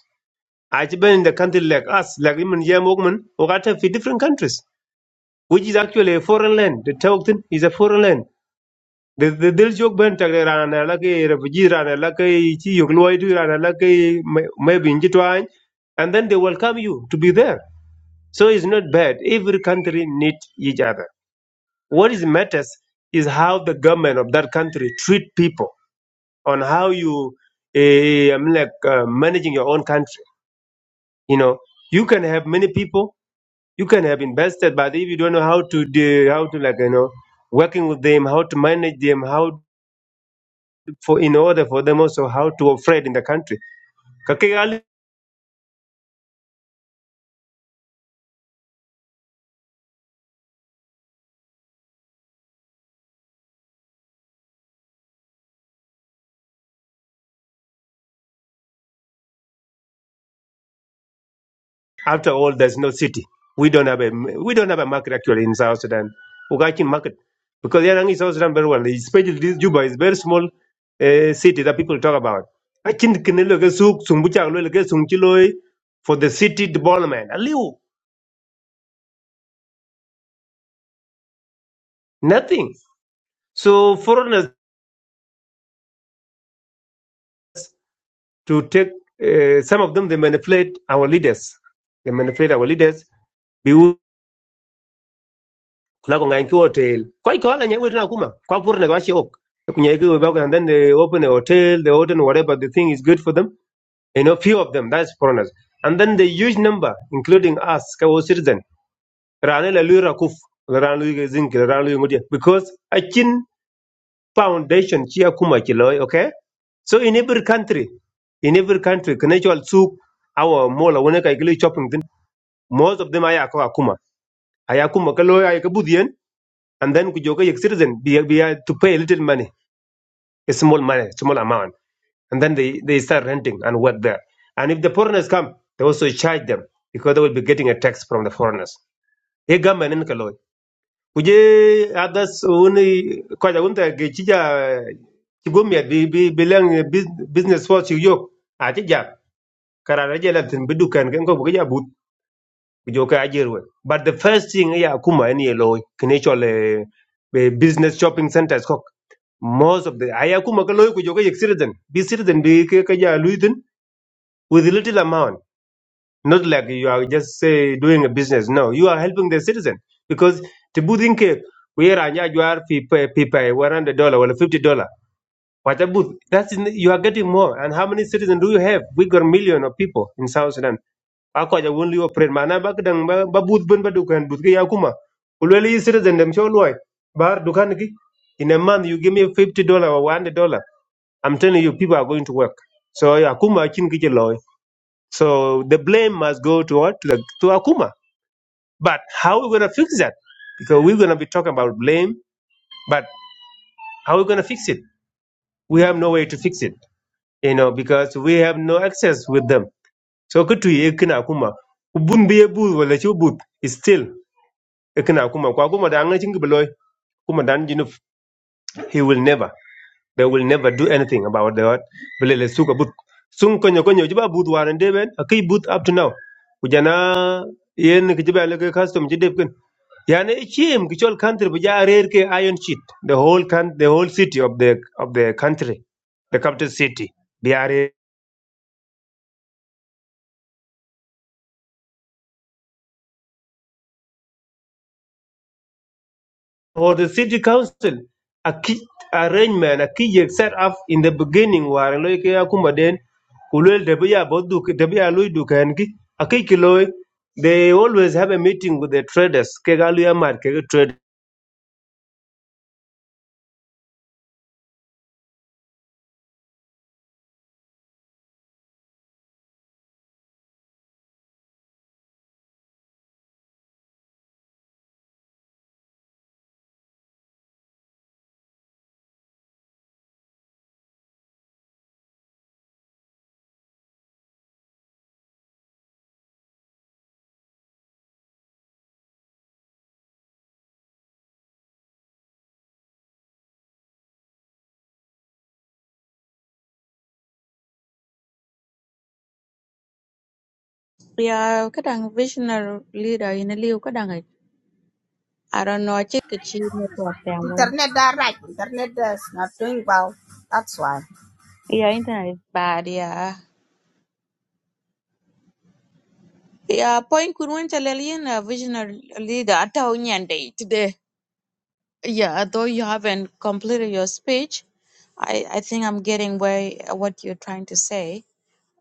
D: Are keep in the country like us, like him and Yam Ogman, or at a different countries, which is actually a foreign land. The Tawton is a foreign land. The the Dil Jok Bentag ran a lucky refugee ran a lucky Chi Yogloidu ran a lucky maybe in Jitwine, and then they welcome you to be there. So it's not bad. Every country needs each other. What is matters is how the government of that country treat people on how you uh, I'm like uh, managing your own country You know, you can have many people, you can have invested, but if you don't know how to do, how to like, you know, working with them, how to manage them, how for in order for them also how to operate in the country. Kakigali, after all, there's no city. We don't have a we don't have a market actually in South Sudan. Ugachi market because Yarang is South Sudan very well, especially this Juba is very small uh, city that people talk about. Achin kinelo ke suk sumbucha lo ke sungchiloi for the city development. Aliu nothing. So foreigners to take uh, some of them they manipulate our leaders they manipulate our leaders biu la ko ngai ko hotel koi ko la nyewe na kuma kwa pur na washi ok kunye ko and then they open a hotel they open whatever the thing is good for them you know few of them that's foreigners and then the huge number including us ka wo citizen rane la lura kuf rane lu zinki rane lu ngodi because achin foundation chia kuma kiloi, okay? So in every country, in every country, Kanechal soup, our mola waneka igli chopping thing, most of them ayako akuma. Ayakuma kaloi ayakabudian, and then kujoka yek citizen be, be uh, to pay a little money, a small money, small amount. And then they, they start renting and work there. And if the foreigners come, they also charge them because they will be getting a tax from the foreigners. Ye gamma nen kaloi. kuje others woni koja wonta ge chija chigomia bi bi bilang business force yok ati jam karara jela tin bidukan ken ko buja but kujo ka ajerwe but the first thing ya kuma ni lo kine chole be business shopping centers kok most of the aya kuma ka loy kujo ka yek citizen bi citizen bi ke ka ja luitin with little amount not like you are just say doing a business. No, you are helping the citizen because the building cake where you are nyajwar people people one hundred dollar or fifty dollar. What a booth. That's in, you are getting more. And how many citizens do you have? We got million of people in South Sudan. Ako ja won't you operate mana ba kadang ba ba booth bun ba dukan booth ya kuma. Ulweli citizen dem show loy. Bar dukan ki. In a month you give me fifty dollar or one hundred dollar. I'm telling you people are going to work. So yeah, kuma chin ki loy. So the blame must go to what? To, the, to Akuma. But how are we going to fix that? Because we're going to be talking about blame, but how are we going to fix it? We have no way to fix it, you know, because we have no access with them. So kutu ye kina Akuma. Ubun be bu wala chu but is still ye kina Akuma. Kwa Akuma da anga chingi beloy. Akuma dan jinuf. He will never. They will never do anything about the what? Belele suka but. Sung konyo konyo jiba but waran deben. Aki but up to now. Ujana yen kijiba leke custom jidep Yani Chim, Kichol country, bija rare ke iron sheet. The whole can, the whole city of the of the country, the capital city, Biare or the city council. A key arrangement, a key set up in the beginning where loike akuma den kulwel debiya bodu debiya lui dukengi. A key kiloi. They always have a meeting with the traders. Kegaluya market
A: Yeah, kadang visionary leader in a liu kadang. I don't know. I check the chi network them way.
C: Internet, that right? Internet is not doing well. That's why.
A: Yeah, internet is bad. Yeah. Yeah, point kun went a visionary leader at day today. Yeah, though you haven't completed your speech, I, I think I'm getting way what you're trying to say.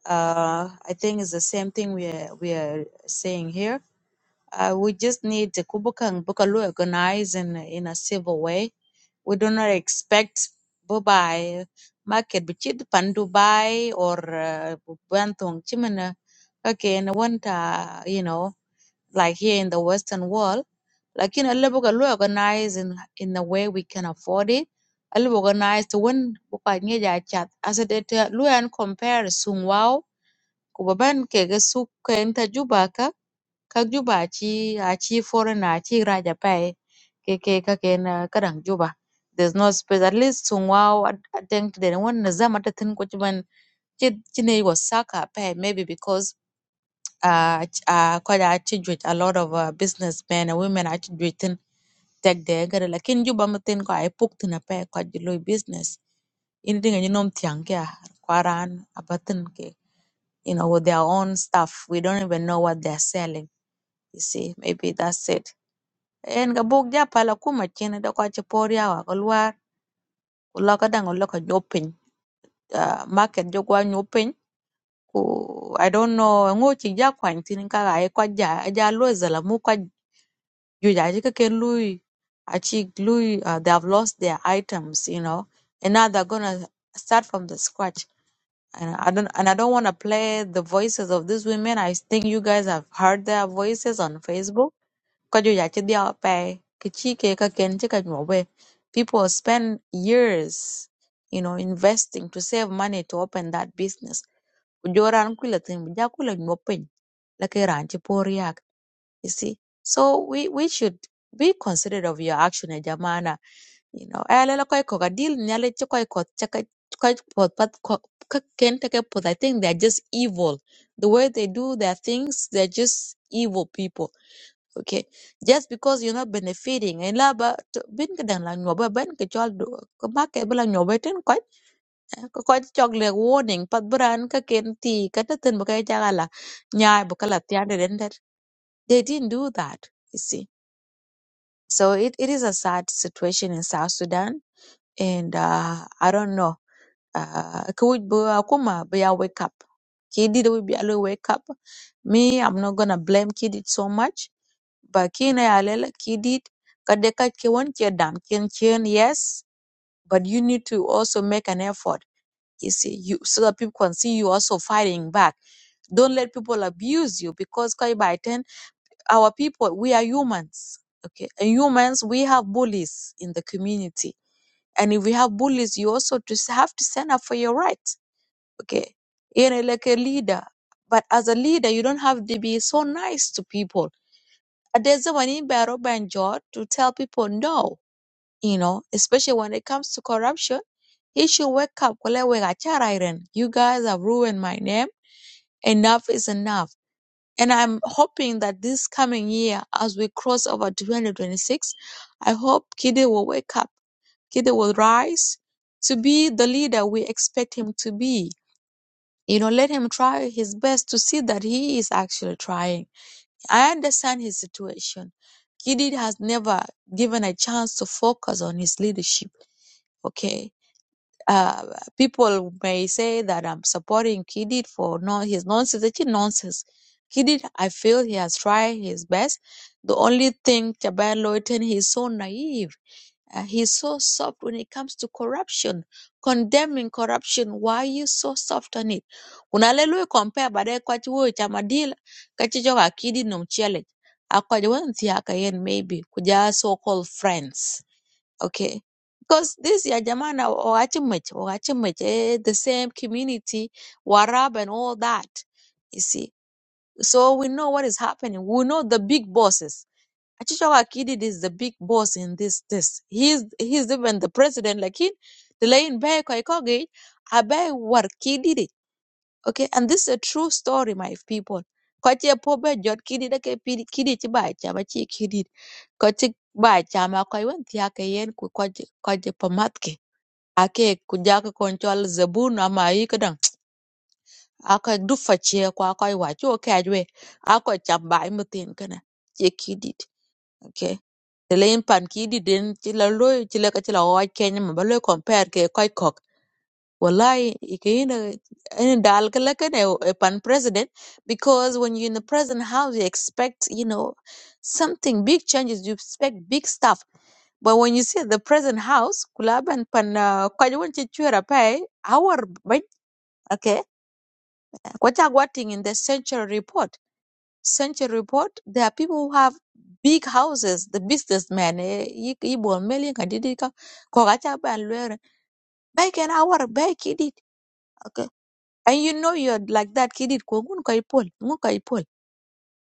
A: Uh, I think it's the same thing we are we are saying here. Uh, we just need to kubukang bukalu organize in, a- in a civil way. We do not expect Dubai market bichid pan Dubai or Bantong Chimena again want uh, you know like here in the Western world. Like you know, bukalu organize in in the way we can afford it. Alu organize little organized when bukanyeja chat as a data lu and compare sung wow kubaban kege suk enta jubaka kak juba achi achi foreign achi raja pai ke ke ka ken ah, kadang juba there's no space at least to wow I think they want to zama ta tin ko chiban chine was saka pai maybe because uh ch- uh quite achi jwit a lot of uh, businessmen and women achi jwitin tek de gada lakin juba mutin ko ai puk tina pai ko jilo business in dinga ni nom tiang kya kwaran abatin ke you know with their own stuff we don't even know what they're selling you see maybe that's it en ga buk ja pala kuma cen do ko ci por yawa ko luar ku lo ko dang lo ko nyo Ah, market jo gwa nyo ku i don't know ngo ci ja kwan tin ka ga ko ja e ja lo zala mu ko ju ja ji ka ken lui a ci lui ah, they have lost their items you know and now they're gonna start from the scratch and I don't and I don't want to play the voices of these women. I think you guys have heard their voices on Facebook Kajuya chidia pay kichike kaken chika nyobe. People spend years, you know, investing to save money to open that business. Kujoran kula tin bujakula nyopin laki ranchi poriak. You see, so we we should be considerate of your action, eh, jamana. You know, alela koi koga deal nyale chakoi kot chaka koi pot pat ko- ka- ken take pot. I think they're just evil. The way they do their things, they're just evil people okay just because you're not benefiting and la ba to- bin ka dang la nyoba ban ka chol do ka ba ke bla nyoba ten ko ko ko chogle warning pat bran ka ken ti ka ta ten ba ka ja la nya bu ka la tian de den dat. they didn't do that you see so it, it is a sad situation in south sudan and uh, i don't know uh, ka wuj bu akuma bu ya wake up kidi do bi alo wake up me i'm not gonna blame kid so much ba kine alel kidit kade ka won ke dam ken ken yes but you need to also make an effort you see you so that people can see you also fighting back don't let people abuse you because kai by 10 our people we are humans okay and humans we have bullies in the community and if we have bullies you also just have to stand up for your rights okay you know like a leader but as a leader you don't have to be so nice to people uh, there's a someone in Baro Banjor to tell people no, you know, especially when it comes to corruption. He should wake up. Kwale wega charairen. You guys have ruined my name. Enough is enough. And I'm hoping that this coming year, as we cross over to 2026, I hope Kide will wake up. Kide will rise to be the leader we expect him to be. You know, let him try his best to see that he is actually trying I understand his situation. Gidid has never given a chance to focus on his leadership. Okay. Uh, people may say that I'm supporting Kidid for no his nonsense. It's nonsense. Kidid, I feel he has tried his best. The only thing Jabal Lawton, he's so naive uh, he's so soft when it comes to corruption, condemning corruption. Why are you so soft on it? Unalelui compare baadaye kwa chuo cha madila kachicho kakidi no mchele akwaje wanti haka yen maybe kuja so called friends okay because this ya jamana wachimich wachimich eh, the same community warab and all that you see so we know what is happening we know the big bosses Achichok Akidid is the big boss in this this. He's he's even the president. Like in the lane by Koikogi, Abai war Kidid. Okay, and this is a true story, my people. Kochi pobe jot kidid ake kidid chiba chama chi kidid. Kochi ba chama koi wen tiake yen ku kochi kochi pamatke. Ake kujaka control zabun ama ikadang. Ako dufa chie kwa koi wachu okay ajwe. Ako chamba imutin kana. Chi kidid. Okay. The leyin pan ki i didin ci la loyo ci leka ci la wawaj Kenya ma ba lo compare ke koy kok wallahi ke ina ina dal ka leka ne e pan president because when you're in the present house you expect you know something big changes you expect big stuff but when you see the present house, kulaban pan kwajwon chichwera pay our ban okay, kwacha watting in the central report century report there are people who have big houses the businessmen eh, yi yi bol meli ka didi ka ko ka cha ban lwer bay ken awar bay kidit okay and you know you're like that kidit ko ngun ka ipol ngun ka ipol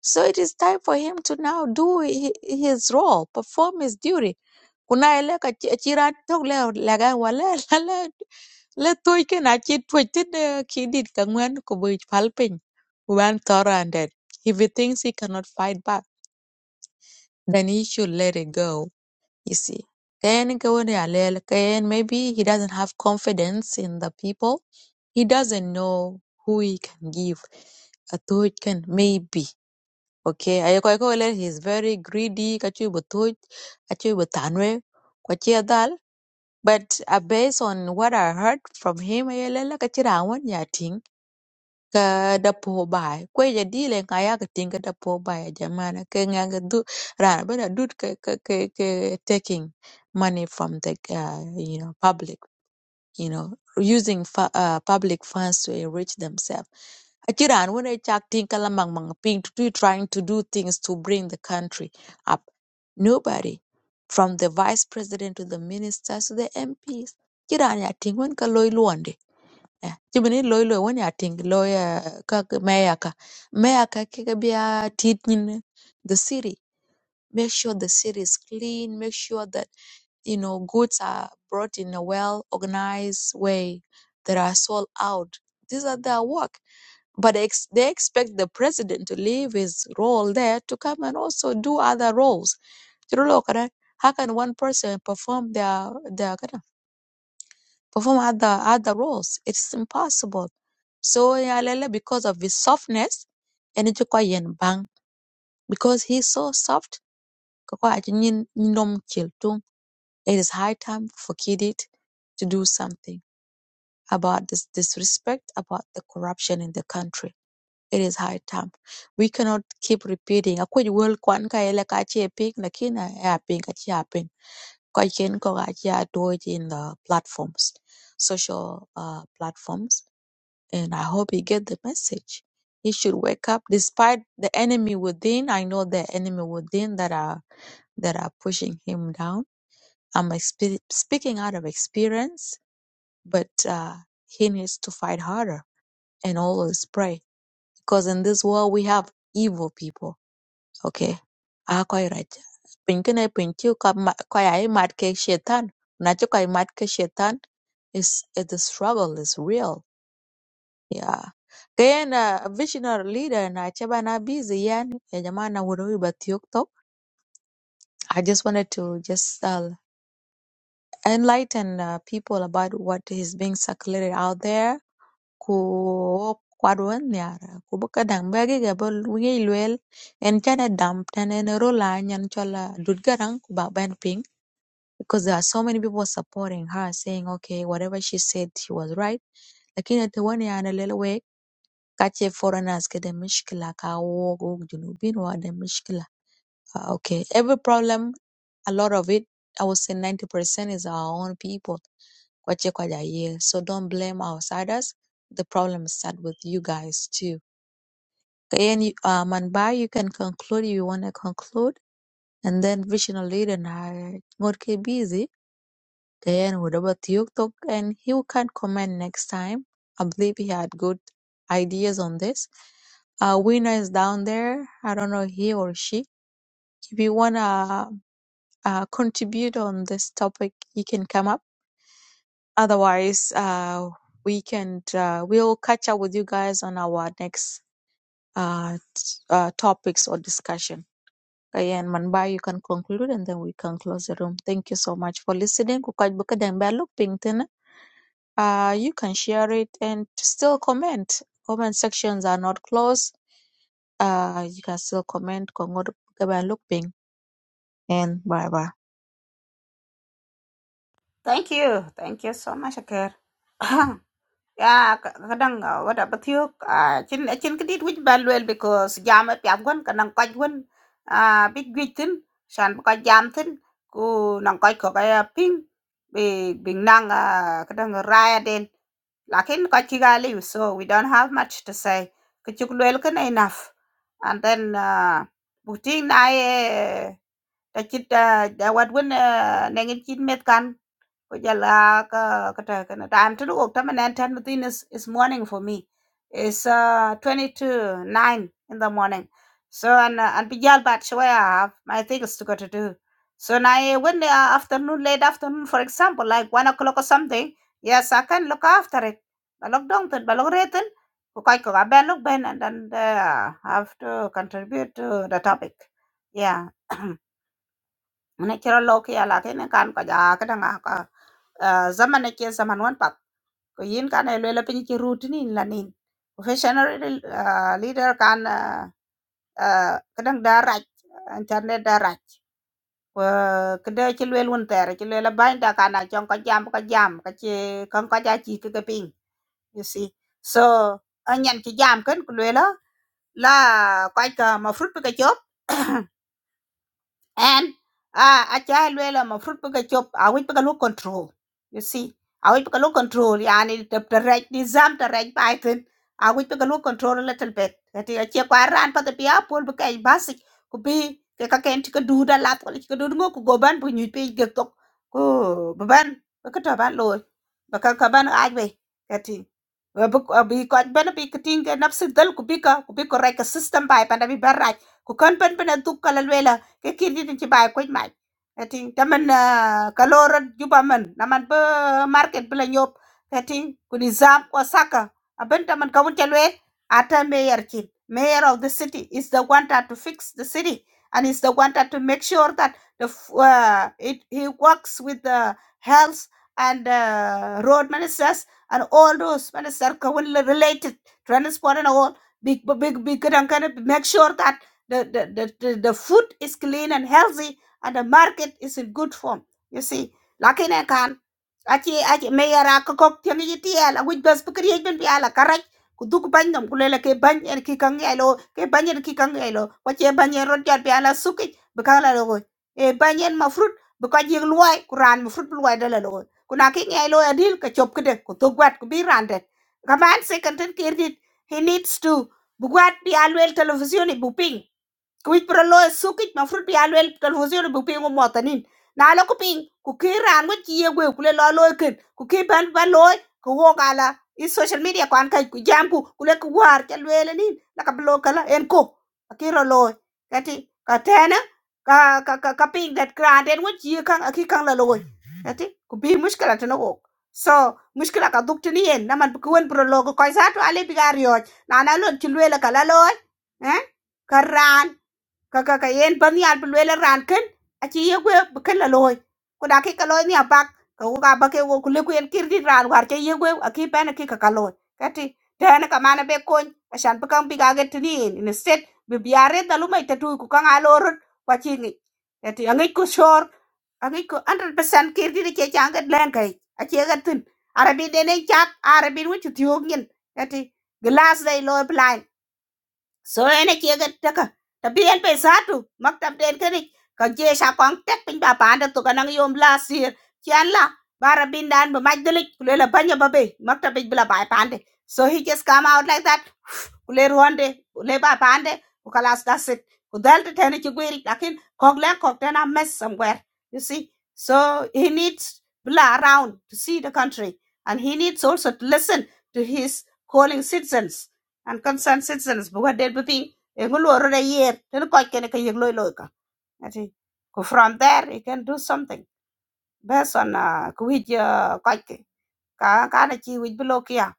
A: so it is time for him to now do hi- his role perform his duty kuna ele ka chi- chira tok le la ga wala la le toy ken a chi toy tin eh, kidit ka ngwen ko bo pal piny wan thora and dead. if he thinks he cannot fight back then he should let it go, you see. Kayan ikaw ni Alel, kayan maybe he doesn't have confidence in the people. He doesn't know who he can give a thought can maybe. Okay, ayoko ayoko ele he's very greedy, kachu butoj, kachu butanwe, kwachi adal. But uh, based on what I heard from him, ayelele kachi rawan ka da puhi bahi ko ya dile ka ya ka tinga da puhi bahi jamana ka nga ka du rana bada dud ka ka ka ka taking money from the uh, you know public you know using fu- uh, public funds to enrich themselves akiran when i chak tinga la mang mang ping to do- trying to do things to bring the country up nobody from the vice president to the ministers to the MPs kiran ya tingwen ka loy eh Chimini loy loy wani ating loy uh, kak mayor ka mayor ka kika biya titin the city make sure the city is clean make sure that you know goods are brought in a well organized way that are sold out these are their work but they, ex- they expect the president to leave his role there to come and also do other roles Chirolo kada, how can one person perform their their perform other other roles. It is impossible. So Yalele, because of his softness, and it is quite yen bang because he's so soft. kwa ati nyin- nyinom kil tung. It is high time for Kidid to do something about this disrespect, about the corruption in the country. It is high time. We cannot keep repeating. Akwai world kwan ka yele ka ce pink na kina ya ping ka ce ping Kwa ken ko ka ce a do it in the platforms, social uh, platforms and I hope he get the message. He should wake up despite the enemy within. I know the enemy within that are that are pushing him down. I'm expe- speaking out of experience, but uh, he needs to fight harder and always pray because in this world we have evil people. Okay, Ah, quite right. Pinkine pinchu kwai mad ke shetan. Nacho kwai mad ke shetan is the struggle is real Yeah. Kayana a visionary leader and I chabana busy yan ya jamana wuruba talk. I just wanted to just uh, enlighten uh, people about what is being circulated out there. Ku kwadwon yara ku buka dang bagi gabol wingi luel en chana damp tan en rola nyan chola dudgarang ku ba ban ping because there are so many people supporting her saying okay whatever she said she was right lakini ate wani Kache foreigners ke the mishkila ka wo go junubin wa the mishkila. Ah, Okay, every problem, a lot of it, I would say 90% is our own people. Kwache kwaja ye. So don't blame outsiders. The problem start with you guys too. Okay, And you, uh, Manbai, you can conclude. You want to conclude, and then visional leader na ngot ke busy. Diane would over to talk, and he can comment next time. I believe he had good ideas on this. Uh, winner is down there. I don't know he or she. If you wanna uh, contribute on this topic, you can come up. Otherwise, uh, we can uh, we'll catch up with you guys on our next uh, t- uh, topics or discussion. Ayan, Manbai, you can conclude and then we can close the room. Thank you so much for listening. Ku kaj buka dang ba luk ping tin na. Uh, you can share it and still comment. Comment sections are not closed. Uh, you can still comment. Kongod kaban lukping and bye bye.
C: Thank you. Thank you so much, Akir. Ya, kadang wada batiok a chin a chin kidit which bad well because jam at yam gun kanang kaj gun a big big tin shan ka jam tin ku nang kaj ko kaya ping big big nang a kadang raya den lakin kaj kiga liu so we don't have much to say kichuk well kan enough and then uh buting na e ta chit da wat gun nengin chit met kan ko jala ka kata kana time to go tama nan tan within is is morning for me it's uh 20 to 9 in the morning so and uh, and bijal bat shwaya i have my things to go to do so now when the uh, afternoon late afternoon for example like one o'clock or something yes i can look after it balog dong tan balog reten ko kai ko ben look ben and then uh, have to contribute to the topic yeah ne kiro lo ke ala ke ne kan ka ja ka danga ka ah, zaman ne ke zaman wan pat ko yin kan e le pin ki root ni la ni professional ah, leader kan ah, ah, ka dang da raj internet da raj ko ka de ki le won ter ki le la ban da kana chon ka jam ka jam ka che kan ka ja chi ka pin you see so anyan ki jam kan ku le la la ka ka ma fruit ka chop and uh, a child will am a fruit pick a chop I will pick a low control you see I will pick a low control yani the, the right nizam the right python I will pick a low control a little bit that is a chip I ran for the pia pull pick a basic could be cái các em chỉ có đủ đã lát có chỉ có đủ ngô của gò ban bùi nhụy pe giật tục cô bà ban bà cái trò ban lôi bà cái cái ban ai về cái thì bà bà bị coi bên nó bị cái tiếng cái nắp sinh dal cũng bị cái cũng bị cái cái system bài bên nó bị bà rai ku kan pen pen tu kala cái kia đi ci bay ko mai tin tamen ka lorat juba man naman ba market bla nyop tin ku nizam ko saka aben tamen ka wunta lwe ata mayor kid. mayor of the city is the one that to fix the city and is the one that to make sure that the uh, it he works with the health and uh, road ministers and all those ministers ka related transport and all big big big big make sure that the, the, the, the, the food is clean and healthy and the market is in good form. You see, lakini I can achi achi mayara kakok tiangi jiti ala which bus pikir yej ben biala karai kudu ku bany nom kulele ke bany en ki kangi alo ke bany en ki kangi alo wache bany en rod jar biala suki bikala logo e bany en mafrut bikaji yeg luwai kuran mafrut luwai dala logo kuna ki ngi alo adil ka chop kede kudu gwat kubi randet kaman second and kirdit he needs to bugwat bi alwel television i Kuwich lo sukich mafrut bi alwel televizyon bu pingu motanin na lo ku ping ku ki ran wet ki yegwe ku le lo lo ken ku ki ban ban lo ku wo gala i social media kwan kai ku jam ku ku le ku war chal wele nin la ka blo kala en ko akiro lo kati ka tena ka ka ka, ka ping that grand en wet ki kan aki kan la lo kati ku bi mushkala tana ko so mushkila ka duk tini yen naman ku wen pro lo ko sa to ale bi gar yo na na lo ti lwele kala lo eh karan kaka ka yen ban yal bu le ran ken a chi ye gwe bu ken la loy ku da ki ka loy ni abak ka ku ka ba ke wo ku le ku yen kir di ran war che ye gwe a ki ben ki ka ka loy ka ti tene ka mana be kon a shan bu kan bi ga get ni in in set bi biare da lu mai ta tu ku ka nga lo rut wa chi ni ka ti a ngi ku shor a ngi ku 100% kir di che chang ga len kai a che ga tin arabi de ne chat arabi wu chu tiog nyin ka ti glass dai loy so ene chi ga taka ta bi en pe sa tu mak tam den ke ni ka je sha kong tek pin ba pa da to ka nang yom la sir chen la bara bin dan ba maj delik kule la banya ba be mak ta bi bla ba pan de so he just come out like that kule ruande kule ba pan de ku kala that's it ku dal te tene chi gwiri lakin kok le a mess somewhere you see so he needs bla around to see the country and he needs also to listen to his calling citizens and concerned citizens bu ga det bu ping e ngu luoro da yer ten ko ken ka yeg loy loy ka ati ko from there you can do something based on uh, ku wij uh, ko ke ka ka na chi wij bu lo kya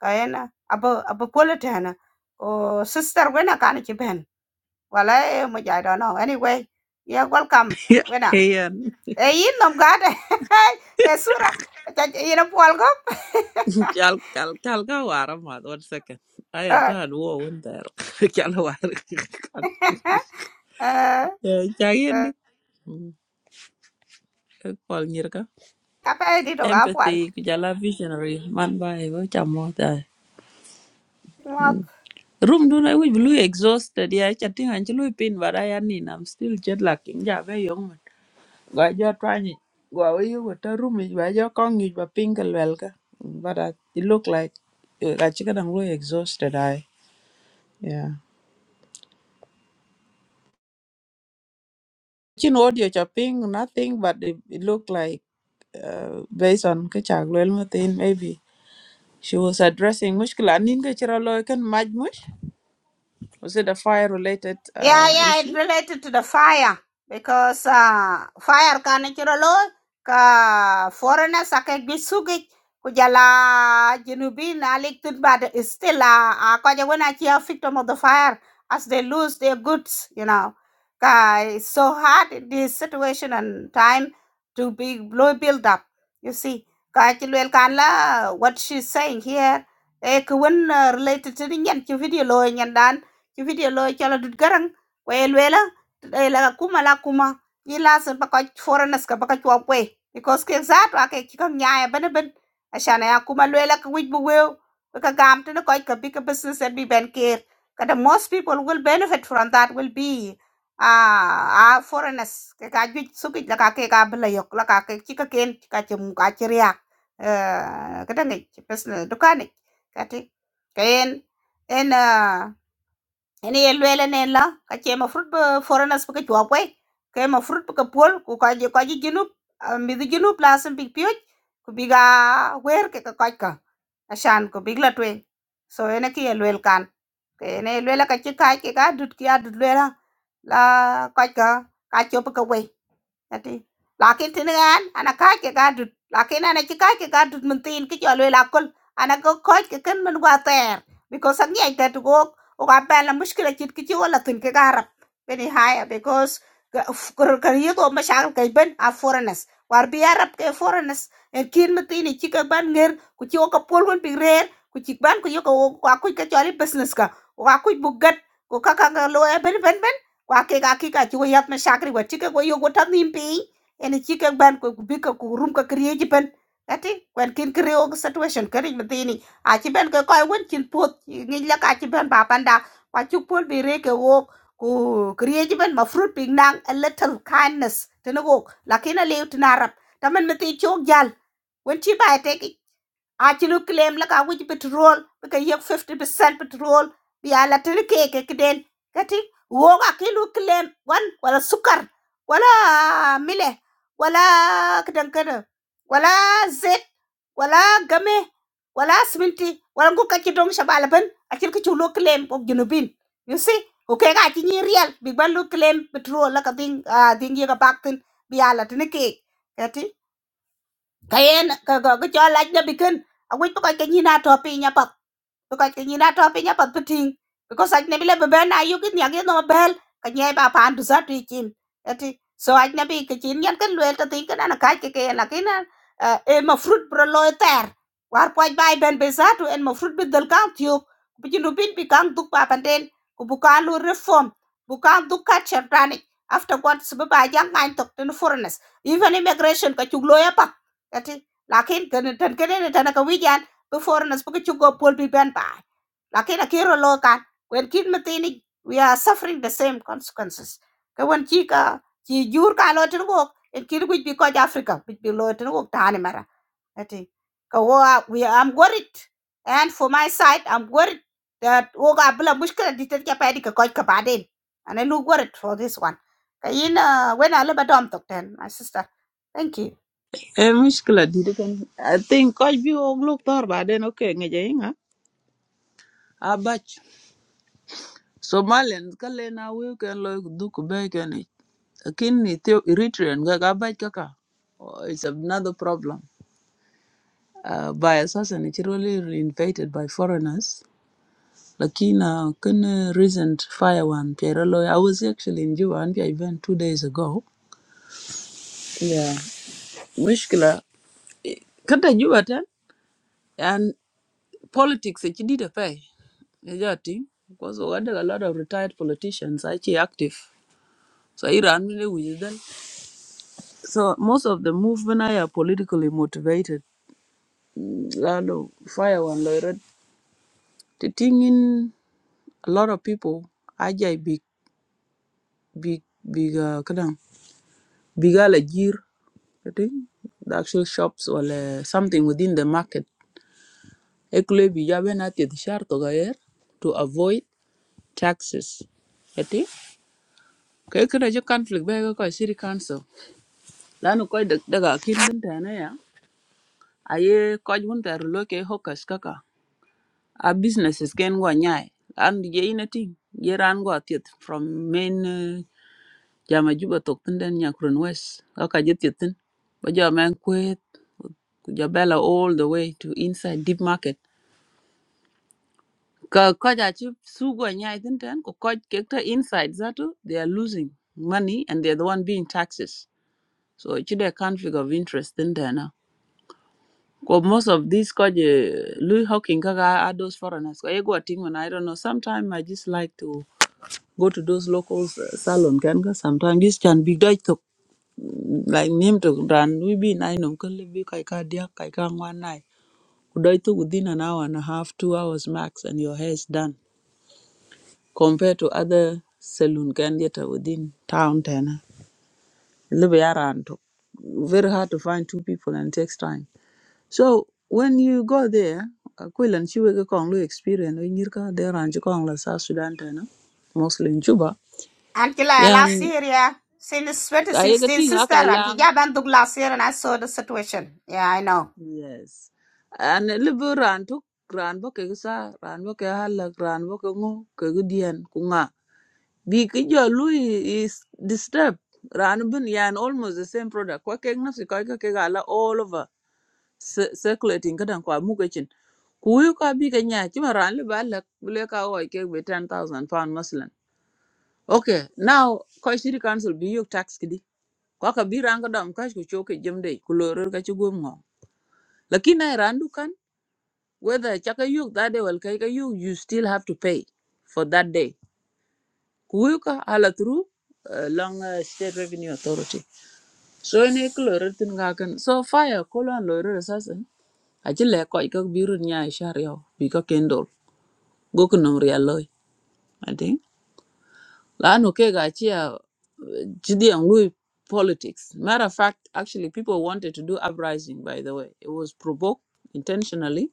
C: ka ena abo abo quality na ko sister wena ka na chi ben wala e mo ja do no anyway yeah welcome
E: Yeah,
C: wena
E: yeah.
C: e yin nom ga de e sura ta yin pol go
E: Chal, chal, chal ka waram ma. One second. I had
C: eh
E: done war one there. Chal waram.
C: eh
E: Yeah,
C: eh,
E: chayendi. Call nyirka.
C: ka pa di do ga
E: Empathy, kujala visionary. Man by wo chamo da.
C: pol
E: Room do na we blue exhausted. Yeah, chatting anchulu pin but I am in. I'm still jet lacking. Ja very young man. Gwa jo twani. Gwa we you with a room. Gwa jo kong you but pink and welka. But I, it look like. I Gachika dang blue exhausted. I. Yeah. chin audio chopping, nothing, but it, it looked like uh, based on Kichak Lelmutin, maybe she was addressing Mushkila Ninga Chiraloikan Majmush. Was it a fire related
C: Yeah,
E: uh,
C: yeah, it
E: issue?
C: related to the fire because uh, fire ka natural law ka foreigners ake gisugi kujala jinubin aliktud but it's still uh, akaja when I hear victim of the fire as they lose their goods, you know. Ka it's so hard in this situation and time to be blow build up. You see, ka chilwel kan what she's saying here. Eh, when uh, related to the nyan ki video lo nyan dan ci video lo ci la kwe lwela e la kuma la kuma yi la sun baka foreigners ka baka chwa kwe because ke za to ake kika nyaaya bana ban ashana ya kuma lwela ka wij bu wew ka gam to ko ka big business and be ben care kada most people will benefit from that will be ah uh, foreigners ke ka juj suki la ka ke ka bla yok la ka ke kika ken ka chum ka chiriya eh kada ngi business dukani kati ken en ene ye lwele ne la ka che ma fruit ba foreigners ba ka chwa kwe ke ma fruit ba ka pol ku ka je ka ji ginu mi di ginu plus bi pyoj ku biga, ga wer ke ka ka ka ashan ku big la twe so ene ki ye lwel kan ke ene lwele ka chi kai ke ka dut ki adut lwela la ka ka ka chop ka we Jadi, lakin tinigan ana anak ke gadut lakin ana ci kaj ke gadut min tin ki jolwe la kul ana go koj ke because ak nyai tet go o apa yang mushkila cit ki ci wala tin ke garab beni because kerja kar yigo mashakal kay ben a foreigners war bi arab ke foreigners en kin min tin ci ke ban nger ku ci o ka pol won bi rer ku ci ban ku yoko ko akuj ke business ka o akuj bu gat ko kaka lo eh ben ben kwa ke ga ki ka ci wo yat ma shakri wa ci ke wo yo go tan nim pi en ci ke ban ko bi ka ku rum ka kriye ji pen ati kwen kin kriyo situation kari matini a ci ben ko koy won cin pot ngi la ka ci ben ba panda wa ci pol bi re ke wo ku kriye ji ben ma fruit ping nang a little kindness tene go lakina le tin arab tamen mati chok jal wen ci bay teki a ci lu claim la ka wuj petrol bi ka yek 50% petrol bi ya la tere ke ke den kati wo ka ki lu claim wan wala sukar wala mile wala kadan kada wala zet wala game wala sminti wala ngu ka ci dong shabala ban a ci ka ci lu claim ko junubin you see ko ke ka ci ni real bi ban lu claim petrol la ka ding ah, ding ye ka baktin bi ya la tere ke kayen ka ka ka cho lach na bikin a wit pa ka nyi na to pi nya pa because ke nyina to pinya pat piting because aj nabi le bebe na yu kin yagi no bel ka nyai ba pan du sa tu kin ati so aj nabi ke chin yan kan lwel ta tin kan ana ka ke ke la kin e ma fruit bro lo ter war poj bai ben be sa tu en ma fruit bi dal kan tiyo bu jindu bin bi kan duk pa panden ku bu kan lu reform bu kan duk ka chertani after what sabu ba jang ngain tok tin foreigners even immigration ka chuglo ya pa ati lakin kan cái này là cái wi ku foreigners bu ku go pol bi ben bai lakini akiro local when kid matini we are suffering the same consequences ka wan chi ka chi jur ka lo tin go en kid which be ko africa which below lo tin go tani mara ati ka we i'm worried and for my side i'm worried that wo ga bla mushkila ditet ka pedi ka ko ka baden and i look worried for this one ka in uh, when i live at home my sister thank you
E: Eh, mushkila didi kan. I think kajbi bi wog look tor ba den okay ngeje inga. Abach. Somalians, Kalena, we can ken loy duku be ken ich. Akin ni Eritrean ga kaka. Oh, it's another problem. Uh, by assassin, it's really invaded by foreigners. Lakina kene recent fire one Pierre Loy. I was actually in Juba and event two days ago. Yeah. Mushkila. Kata Juba ten and politics it did a pay. Ejati. Because we had a lot of retired politicians actually active. So Iran really with them. So most of the movement are politically motivated. Mm, Lalo fire one loy. The thing in a lot of people ajay big big big uh kadang big alajir I think the actual shops or uh, something within the market. Ekule bijabe na tiet shar to gayer to avoid taxes. Eti? Kaya kira jo conflict ba ko city council. Lanu ko daga kin din ta na ya. Aye ko jun ta rulo ke hokas kaka. A businesses ken go nyai. An je ina ting. Yeran go tiet from main uh, jama juba tok tin den nyakrun west. Kaka je tiet tin. Ba jo man kwet. Jabella all the way to inside deep market. Ka coach achieve sugo nyai tinten ko coach kekta inside zatu they are losing money and they are the one being taxes. So it's chide conflict of interest tinten na. Ko most of these coach uh, Louis Hawking kaga are those foreigners. Ko ego atingman I don't know. Sometimes I just like to go to those local uh, salon kan ka sometimes this can be dai to like name to dan we be nine on kan be kai ka dia kai ka ngwan nai. Ku dai to within an hour and a half, two hours max and your hair is done. compared to other saloon candidate within town Tana. Libe Around very hard to find two people and takes time. So when you go there, Aquilan Chiwege Konglu experience when you there and you la South Sudan Tana, mostly in Juba.
C: Until I last
E: Yan
C: year, yeah. Since
E: Kayega
C: 2016,
E: Ting
C: sister, and
E: Akai
C: yeah, been to last year, and I saw the situation. Yeah, I know.
E: Yes. and libu ran tuk ran bo kegi sa ran bo ke halak ran bo ke ngu kegi dian ku nga. Bi ki jo lui is disturbed. Ran bin yan almost the same product. Kwa keg nafsi kwa ke keg ala all over cir- circulating kadan kwa mu kechin. Kuyu ka bi ka nya chima ran libu halak bile ka oi keg be 10,000 pound maslan. Okay, now kwa shiri council bi yuk tax kidi. Kwa ka bi ran kadam kash ku choke jemde kulorur kachi gom ngong. Lakini ay ran dukan whether chaka yuk that day well kaika yuk you still have to pay for that day kuyuka hala through uh, long uh, state revenue authority so ne kloro tin ga kan so fire kolon loro assassin. aji le ko ikak biru nya shar yo bi ko kendol go ko nom ria loy i think la no ke ga chi a jidi an lui politics matter of fact actually people wanted to do uprising by the way it was provoked intentionally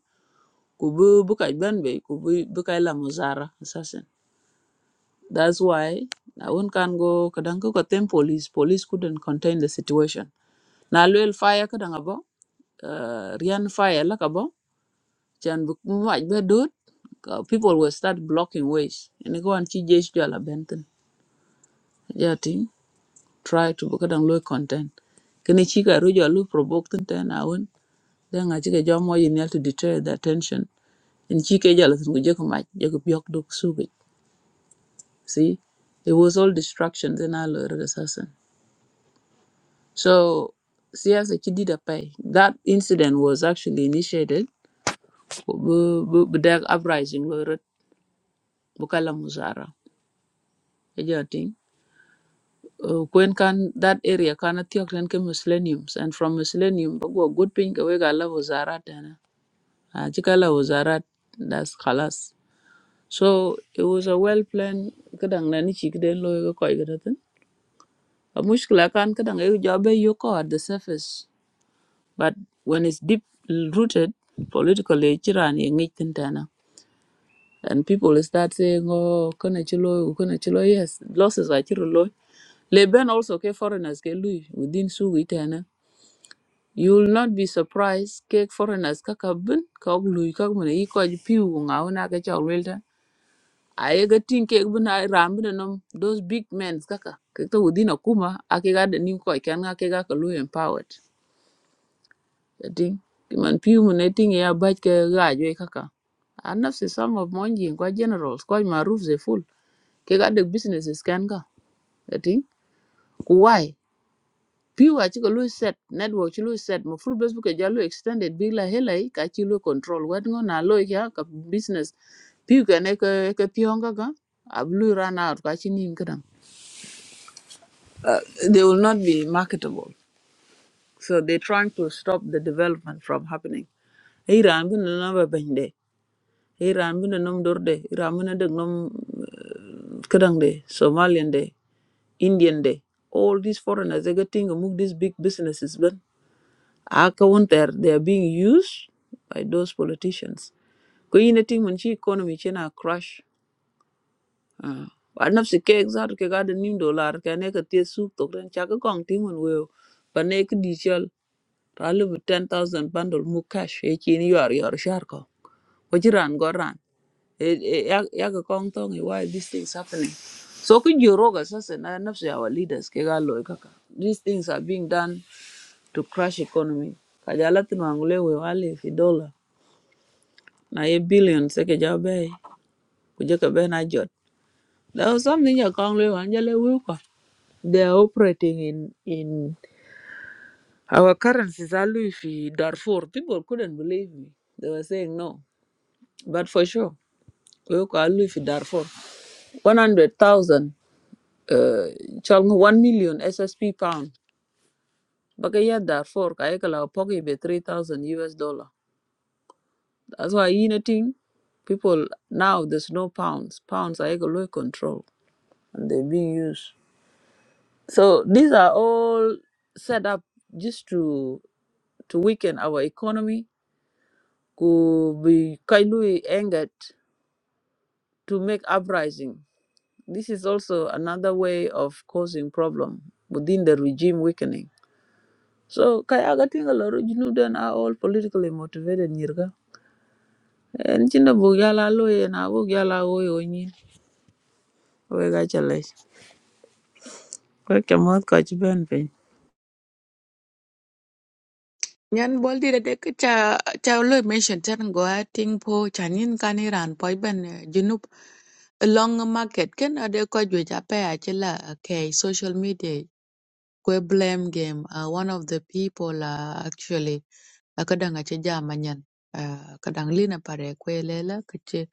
E: kubu buka benbe kubu buka la assassin. That's why I won't can go kadango katem police. Police couldn't contain the situation. Na luel fire kadangabo. Uh, Rian fire lakabo. Chan much bedut. uh, People will start blocking ways. And go and chi jesh jala benten. Yeah, thing. Try to book kadang luel contain. Kini chika rujo lu provoke ten ten awon. Then I chika jamu you need to deter the attention. And chika jala tun kujeko mach. Jeko biok duk sugi. See, it was all distractions in our Lord assassin. So siyasa chidi dapai. That incident was actually initiated bu bu bu dag uprising lo rot bukala muzara. Eja ting. Uh, Kwen kan that area kana tiok len ke millenniums and from millennium bagwa good ping kawe gala wazarat dana. Ajikala wazarat that's khalas. So it was a well planned kadang nani chikden lo ko igratin. A mushkila kan kadang e jobe yoko at the surface But when it's deep rooted politically, Chiran tana. And people start saying, oh, kana chilo, kana chilo, yes, losses are chiro loy. Leben also ke foreigners ke lui within su itana. You will not be surprised ke foreigners kaka bin ka ok lui ka mun yi ko ji piu nga una ka cha welta. Aye ga tin ke bin ay ram bin nom those big men kaka ke to within akuma ake ga da nin ko kan ake ga ka lui empowered. jadi man piu mun ne ting ya baj ke gaj we kaka a nafsi some of mon jin kwa generals kwa maruf ze full ke ga de businesses kan ka jadi ku Why? piu a chiko lu set network chi lu set mo full facebook e jalu extended big la hela i ka chi lu control wat ngo na lo ya ka business piu ke ne ke ke pionga ka Ablu run out ka chi nim kadam uh, they will not be marketable so they're trying to stop the development from happening Iran bin na ba bende. Iran bina nom dorde, Iran bina deg nom uh, kadang de, Somalian de, Indian de. All these foreigners, they getting among these big businesses. But I counter, they are being used by those politicians. Ko yine ting mun chi economy chena crash. Ah, but nafsi ke exact ke ga de nim dollar ke ne ke tie su to ren cha ke kong ting mun weo. But ne ke di chal 10000 bundle mu cash e chi ni yor yor shar ko. Ko chi go ran. it it ya ya ga kong tong e, why these things happening so could you roga sasa na nafsi our leaders ke ga kaka these things are being done to crash economy kajala tin wangule we wale fi dollar na ye billions ke ja be ku ka be na jot there was something ya kong le wanjale we kwa they are operating in in our currencies are Luffy Darfur. People couldn't believe me. They were saying no. But for sure, we call Luffy Darfur. One hundred thousand. uh, chalnga 1 million SSP pound. Baka ya Darfur ka ekala poki be 3000 US dollar. That's why in a thing people now there's no pounds. Pounds are low control and they're being used. So these are all set up just to to weaken our economy, could be kindly angered to make uprising. This is also another way of causing problem within the regime weakening. So kaya ga tinga loro junu are all politically motivated nyirga. En chinda bu gala na bu gala wo yo nyi. We ga chale. We ke mot ben pe.
A: Nyan bol di da de ke cha cha lo mention chan go a ting po chan yin kan iran poi ben eh, junub long market ken ade ko ju cha pe a chila ke social media kwe blame game. Uh, one of the people uh, actually akadang ache jama nyan uh, kadang lina pare kwe lela kache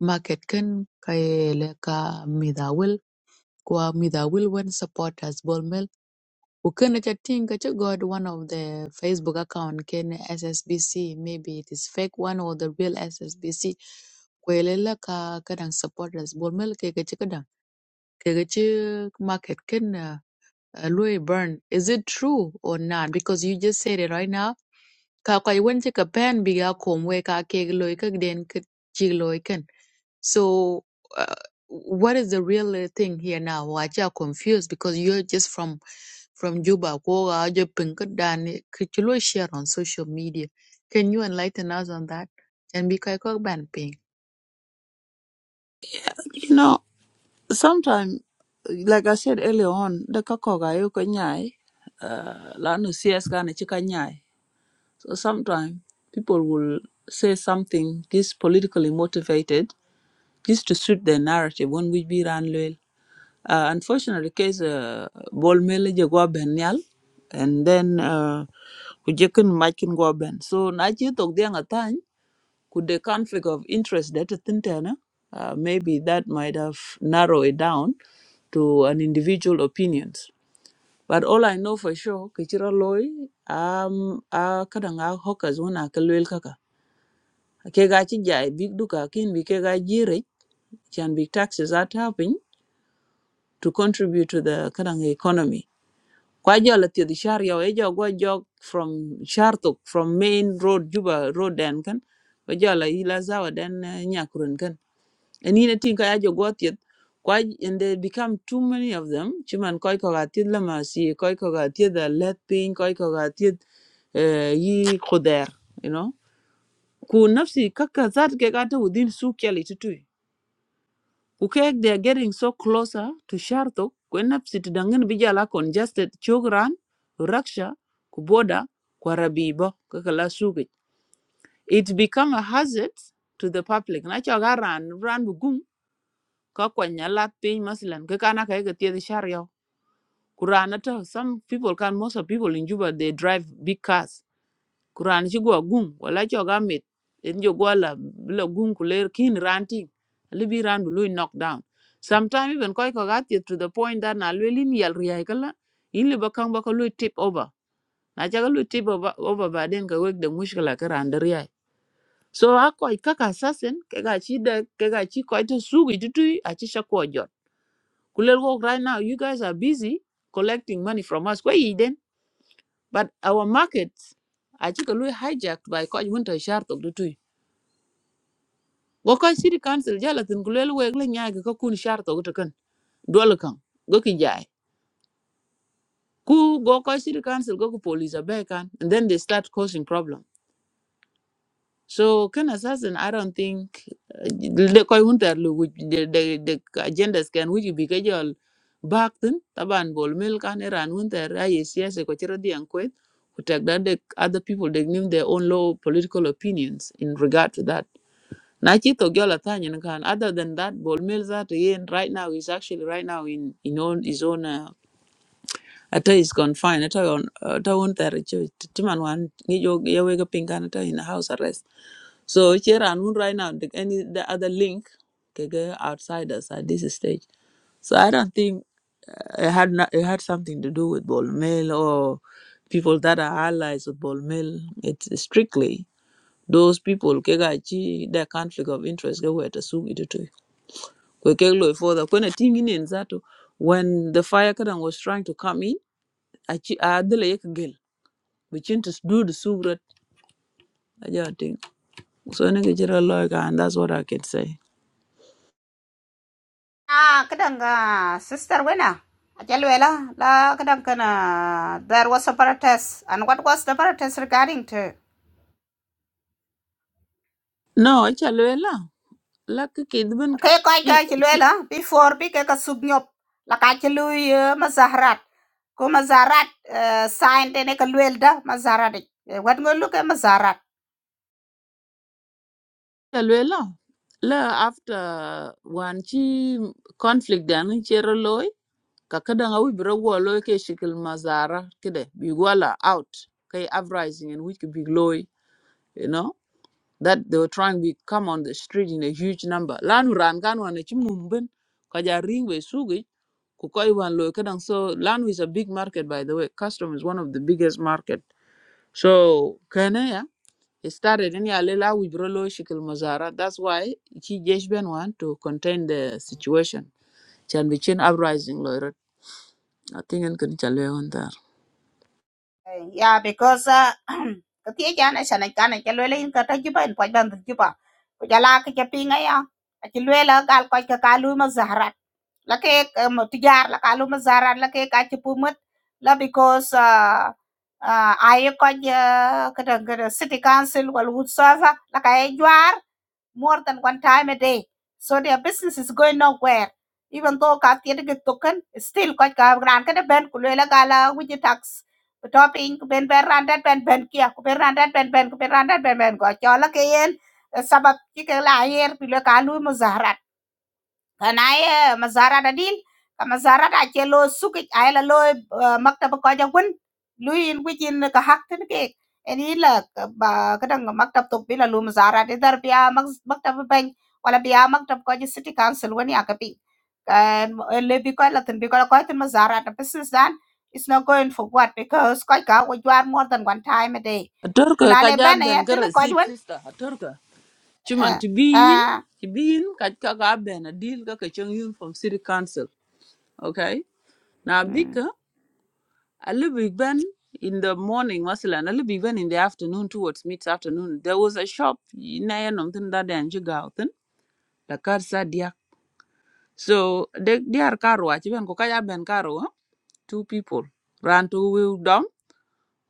A: market ken kaye le ka midawil kwa midawil when supporters bolmel ukene cha ting kache god one of the facebook account ken ssbc maybe it is fake one or the real ssbc kwe lela ka kadang supporters bolmel ke kache kadang ke kache market ken uh, uh, Louis Byrne, is it true or not? Because you just said it right now. Ka kwai wen chi ka pen bi ga kom we ka ke loy ka den ka chi loy ken. So uh, what is the real uh, thing here now? Wa cha confused because you're just from from Juba. Ko ga je pin ka dan ni, ka chi lo share on social media. Can you enlighten us on that? And bi kai ko ban ping.
E: You know, sometimes like I said earlier on, the kako yuko nyai. Uh, la no CS kana na chika nyai. So sometimes people will say something this politically motivated just to suit their narrative when we be ran Uh, unfortunately, case uh, ball mill je go ben nyal, and then uh, ku jekin machin go ben. So na chi tok dia ngatany could the conflict of interest that tintana uh, maybe that might have narrowed it down to an individual opinions. But all I know for sure, kichira loy um a kadanga hawkers una kalwel kaka. Ke ga chi jai big duka kin bi ke ga jire chan big taxes are happening to contribute to the kadanga economy kwa jala tiadi shar yaw e jog. gwa jog from shartok from main road juba road den kan wa jala ila zawa den eh, nyakuren kan and ina tin ka ajo gwa tiad kwa and they become too many of them chiman koi ko ga tiad lama si koi ko ga tiad da let pin koi ko ga tiad eh, yi khuder you know ku nafsi kaka zat ke gata within su kyali tutu Ukek, they are getting so closer to Shartok, kwenap sitidangin bijala congested chogran, raksha, kuboda, kwarabibo, kakala sugit. It become a hazard to the public. Na chaga ran, ran bugum, kakwanya lat pin maslan, kakana kaega tia the shario. Kuranata, some people can, most of people in Juba, they drive big cars kuran ci go gum wala cho ga met en jo gola la gum ku ler kin ranting libi ran bu lui knock down sometimes even koy ko ga to the point that na lwelin yal riya kala in le bakang ba ko lui tip over na cha ga tip over over ba den ka wek de mushkala ka ran de riya so a koy kaka assassin ke ga chi de ke ga chi koy to sugi tutui a chi sha ko jot kulel go right now you guys are busy collecting money from us kwa yi den but our markets a chi ka lui hijacked by koy winter sharp to tutui wo koy city council jala tin ku lelu weg la nyaage ka kun sharto go kan dol kan go ki jaay ku go koy city council go ku police abe kan and then they start causing problem so can assassin i don't think uh, le koy hunter lu the the the agendas can which be ka jol back tin taban bol mel kan iran hunter ay siyasa ko chiro dian kwet ku tek da dek other people they name their own low political opinions in regard to that na chi tok jola tanya kan other than that bol mil za to yen right now is actually right now in in own his own uh, ata is confined ata on ata on ter cho timan wan ngi jo ye we ga pinga ata in house arrest so here and one right now the, any the other link ke ga outsiders at this stage so i don't think uh, it had not, it had something to do with bol Mel or people that are allies with bol Mel. it's strictly those people ke ga chi their conflict of interest ke were assume it to we ke lo for the when a thing in in when the fire kadan was trying to come in a chi a dele yek gel we chin to do the subrat aja thing so ne ke jira lo e ka and that's what i can say
C: Ah, kadang, ah, sister, winner. Ajalwela, la kadang kana. There was a protest, and what was the protest regarding to?
E: no a cha lo e la la ke ke ben
C: Okay, koi ka jalwela before big ka subnyop la ka jalui mazahrat. Ko mazahrat sign tene ka lwelda mazahrat. What go look at mazahrat?
E: la after one chi conflict dan chero lo e ka kadaŋa wic bi ra wɔɔ looy shikil ma zaara kide bi gwala out kei uprising in which big loy you know that they were trying to come on the street in a huge number lanu ran kan wan ci mum ka ja ring sugi ku koy wan looy kadaŋ so lanu is a big market by the way custom is one of the biggest market so kana ya it started in ya lela wic bi ra shikil ma that's why ci jesh ben wan to contain the situation chan bi chin uprising loy. rat i think en kan chalwe
C: Yeah, because uh, ketika jana sana kana ke lwela in kata juba in poj bandu cái Ko jala ke ke pinga ya. Ati lwela gal cái quay cái kalu mà zahrat. La cái mo tijar la kalu ma zahrat la ke cái ti pumat la because uh, uh, ai ko cái cái cái city council wal whatsoever la ka e jwar more than one time a day. So their business is going nowhere. Even though ka tiyan ke token, still koch ka gran ka ben kulela gala with the tax. Topping ben ben randat ben ben kia ku ben randat ben ben ku ben randat ben ben ko chola ke yen sabab ki ke la yer pilo ka lu mo zahra kanaye mazara da dil ka mazara da ke lo suki ayla lo eh, maktaba ko jagun luin wicin ka haktin ke eni la ka- ba kadang maktab tok bila lu mazara de dar biya mak- maktab bang wala biya maktab ko ji city council wani akapi kan le bi ko la tin bi ko ko tin mazara da business dan it's not going for what because ko ka we you are more than one time a day
E: Atorka ka
C: kunale
E: ja
C: bana
E: ben
C: ya
E: ka
C: tin ko
E: receipt
C: jwan
E: sister atorka cuman
C: ah
E: to be in
C: ah
E: to be in ka ka ka ben a deal ka ka chung in from city council okay na
C: mm.
E: bika a little bit ben in the morning masalan a little bit ben in the afternoon towards mid afternoon there was a shop na ya nom tin da den ji gauten la kar sa dia so de diar karwa ci ben ko ka ja ben karwa two people ran to will dom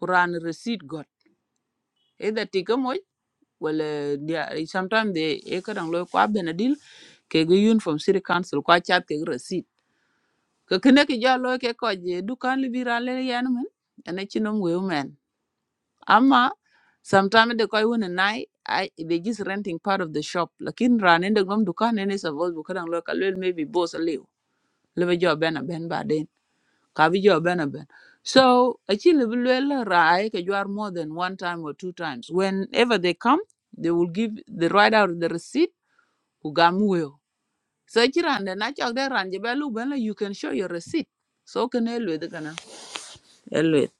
E: ran receipt got either tiga wala dia sometimes they e ka dang loy kwa benadil ke gi yun from city council kwa chat ke receipt ka kene ki ja loy ke ko je dukan li bira le yan men ene chinom we men ama sometimes de koy wona nai I, they just renting part of the shop lakin ran ende gom dukan ene suppose bu ka dang loy ka lel maybe boss a liu lebe jo ben a ben ba den ka bi jo ben a ben so actually lebe lel rai ke more than one time or two times whenever they come they will give the write out the receipt ku gam weo so ci rande na cok de ranje be lu ben you can show your receipt so ken e lwedhe kana e lwedhe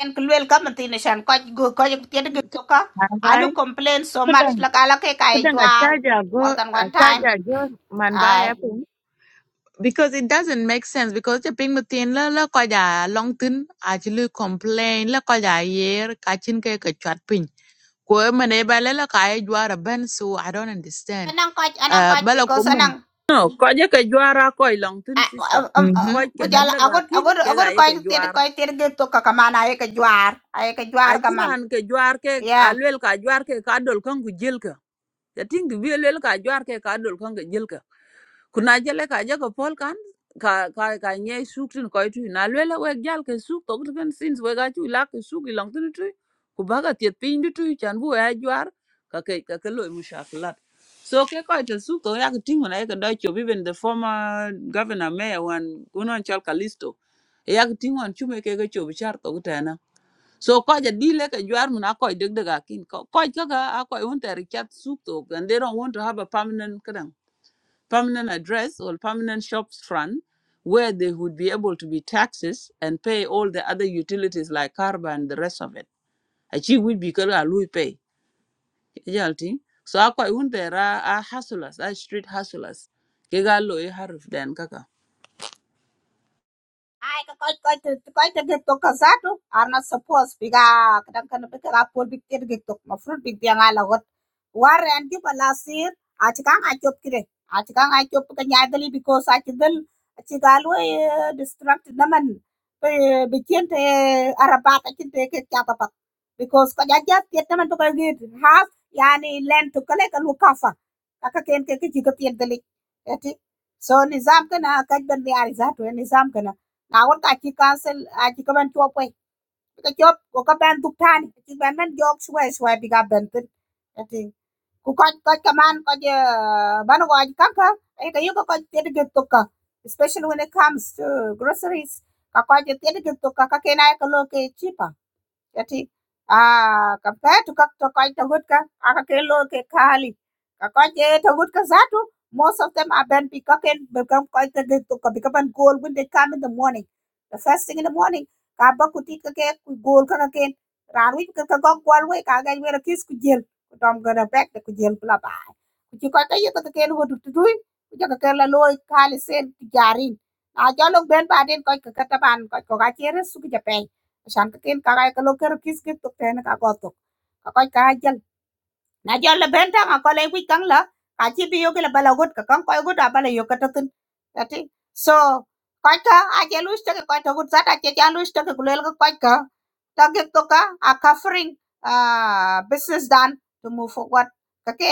C: en ku luel ka mathin shan ko go ko tiet gi to ka
A: Man
C: alu
A: bai?
C: complain so much
A: Kadang,
C: la kala ke kai
A: kadang a
C: jwar
A: charger go,
C: more than
A: a
C: one time
A: charger go, man
C: ai
A: bai because it doesn't make sense because the ping mutin la la ko ja long tin a chi lu complain la ko ja yer ka chin ke ka chat pin ko mane ba la la ka e jwara ben so i don't understand
C: anang ko anang ko
A: uh bala ko
C: because anang
A: man
E: no koje ke jwara koi long tin sister
A: mhm
E: koj
C: ku
E: ke dak
A: mhm.
C: jala
E: daga
C: agod
E: kin
C: agod
E: ke ga
C: agod ko
E: ye ke
C: tiet
E: jwar
C: ko tiet gi to ka kamana ay ka jwar ay ka jwar kaman
E: aciran ke jwar ke alwel ka jwar ke ka dol kan ku jel ya ting du bi lel ka jwar ke ka dol kan ku jel ka kuna jele ka je pol kan ka ka ka nye suk tin ko tu na lwel we gal ke suk to kan sins we ga tu la ke suk i lang tin tu ku baga tiet pin du tu chan bu ya jwar ka ke ka ke loy mushaklat so ke ko te suk to ya ke ting na ke da cho even the former governor mayor one kunon chal kalisto ya ke ting on chume ke ga cho bichar to gutana so ko ja dile ka jwar mun akoi deg deg akin ko ko kaka akoi un ta richat suk to and they don't want to have a permanent kadang permanent address or permanent shops front where they would be able to be taxes and pay all the other utilities like carbon and the rest of it achi would be kala lui pay jalti so akoi un ta ra a hustlers a street hustlers ke ga lo e harf den kaka
C: Ai ka koy koy te koy te get to kazatu are not supposed biga kadan kan be ka pol big ter get to ma fruit big yang ala got war and ki bala sir ach ka nga chop kire ach ka nga chop ka nya dali because ach dal ach galo distract naman be be kente arabat ach te ke kya papa because ka jaja tiet naman to ka git has yani land to kale ka lukafa ka ken ke ki jigat tiet dali eti so nizam kana kaj ban ni ari zatu nizam kana Naawun ka ci council I think I to a ci kaban cop koy ka cop ko ka ban duk tani ci ban man jog suway suway bi ga ben tin ati ku ko ko kaman ko kanka ay ka yuko ko tede ge especially when it comes to groceries ka ko je tede ge tokka ka ke cheaper Jadi ah compare to các to koi to good ka aka ke lo ke khali ka koi je to good ka zatu most of them are ben pi ka ken become koi ka de to ka become goal when they come in the morning the first thing in the morning ka ba ku ti ka ke ku goal ka ka ken ran wi ka ka go goal we ka ga we ra kis ku jel ku tom ga da back ku jel bla ba ku ti koi ka ye ka ka ken wo du tu dui ku ja ka ke la lo khali sen ti jarin a jo lo ben ba den koi ka ka ta ban koi ko ga chere su ki ja pen Sa'n kekeun kakak e ka leukeut geus kitu teh na Kakak e na jɔl la bɛn taŋa kɔlɛi kuc kaŋ la ka ci bi yoki la bala gut ka kaŋ kɔc gut a bala yok kötökön yati so kɔcka a je luc töki kɔc tögut zat a ce ja luc töki ku luelkä kɔcka töki tuka a covering uh, business dan to move forward kake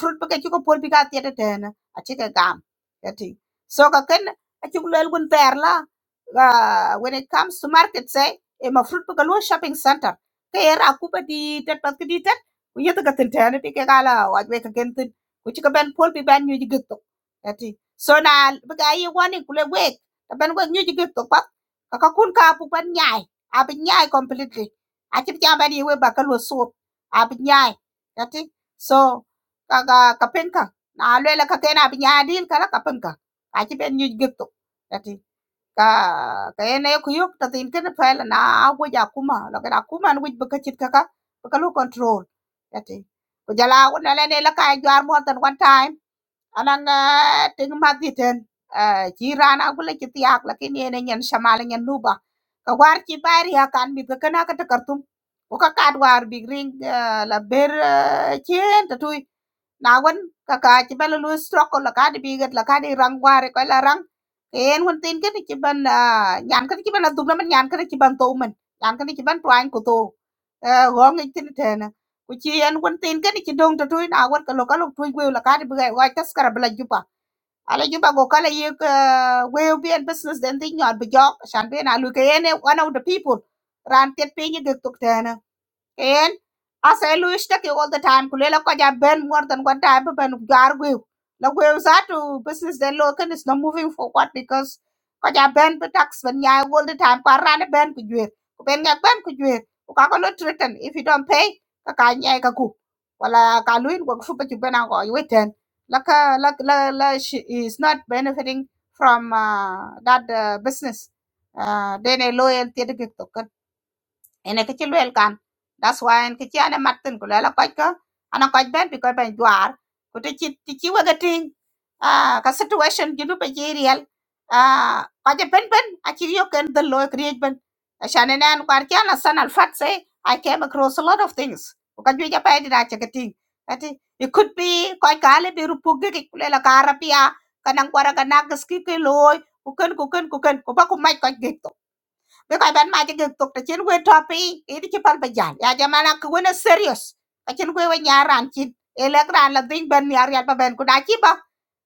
C: fruit bi ke ci ko pol bi ka thiete tɛɛna a ci ke gam yati so kaken a ci ku luel gun ter la Ah when it comes to market say e ma fruit bi ka luo shopping center ke er a kuba di tet ku yet ga tin tane ti ke gala wa be ka gentin ku ci ka ben pol bi ben nyuji gitto ati so na bi ga yi woni ku le wek ka ben wek nyuji gitto pa ka ka kun ka pu ben nyai a bi nyai completely a ci ja ben yi we ba ka lo so a bi nyai ati so ka ga ka penka na le la ka ke na bi nyai dil ka la ka penka a ci ben nyuji gitto ati ka kayene kuyuk ta tin ken pel na awu ja kuma lo ka kuma ni bi ka chit ka ka ka lu control yati ko jala wona le ne la ka jwar mo tan one time anan ting ma di ten ji rana gule chit yak la kin yene nyen shamal nyen nuba ka war chi bari ya kan bi ka kana ka ta kartum ko ka kad war bi ring la ber chen ta tu na wen ka ka ci bela lu strok la ka di bigat la ka di rang ware ko la rang en won tin ke ci ban ah, nyan ka ci ban la dum la man nyan ka ci ban to man nyan ka ci ban twain ko to go ngi tin te na ku ci en won tin ke ci dong to tu na wen ka lo ka lo tu gwe la ka di bigat wa tas kara bla jupa ala juba go kala ye we bi en business den tin nyar bi jok shan be na lu ke en e, one of the people ran tet pe ni de tuk te na And I say Louis take you all the time, Kulela Kwaja Ben more than one time Ben Gargu. Lagwevs are to business then local is not moving forward because Kwaja Ben tax when ya all the time Parana Ben could you Ben ya Ben could you not written. if you don't pay Kakanya Kaku. Wala Kaluin work for but you Ben or you wait then. Laka lak la la she is not benefiting from uh, that uh, business. Uh, then a loyalty to ene ke ci luel kan that's why en ke ci ane matin ku lela koj ko ana koj ben bi koj ben jwar ku ti ci ti ci waga ting ah ka situation jinu pe ci riel ah koj ben ben a ci yo ken the loy kriej ben ashane nan kwar ci ana sanal fat say i came across a lot of things ku ka juja pe dina ci ke ting ati it could be koj ka le bi rupu ge ku lela ka rapia kanang kwara ka nagas ki ke loy ku ken ku ken ku ken ku ba ku mai koj ge be ko ban ma jige tok te chen we topi e di pal be jan ya jamana ko wona serious ka chen we nya ran chin e le gran la ding ben yar yar ba ben ku da chi ba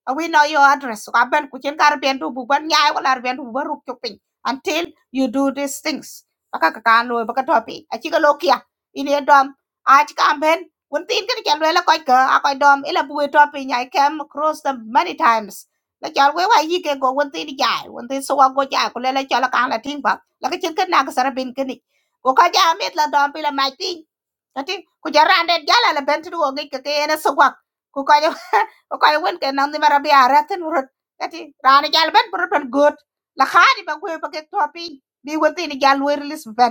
C: Uh, we know your address ka ben ku chen kar ben du bu ban nya wala ben du ba ruk chupin until you do these things baka ka kan lo baka topi a chi ka lo kia ini dom a chi ka ben won tin ka chen we la ko ka a ko dom ila bu we topi nya came across them many times la chal we wa yi ke go won tin jai won tin so wa go jai ku le la chala kan la ting laka chin kan na ka sarabin kani ko ka ja met la dom pila mai ti kati ku jara ne jala la bentu wo ngi ka ke na sugwa ku ka ja ko ka wen ke nan ni marabi araten urut. kati rani jal ben burut ben gut la khadi ba ku ba ke topi bi wati ni jal wer lis ben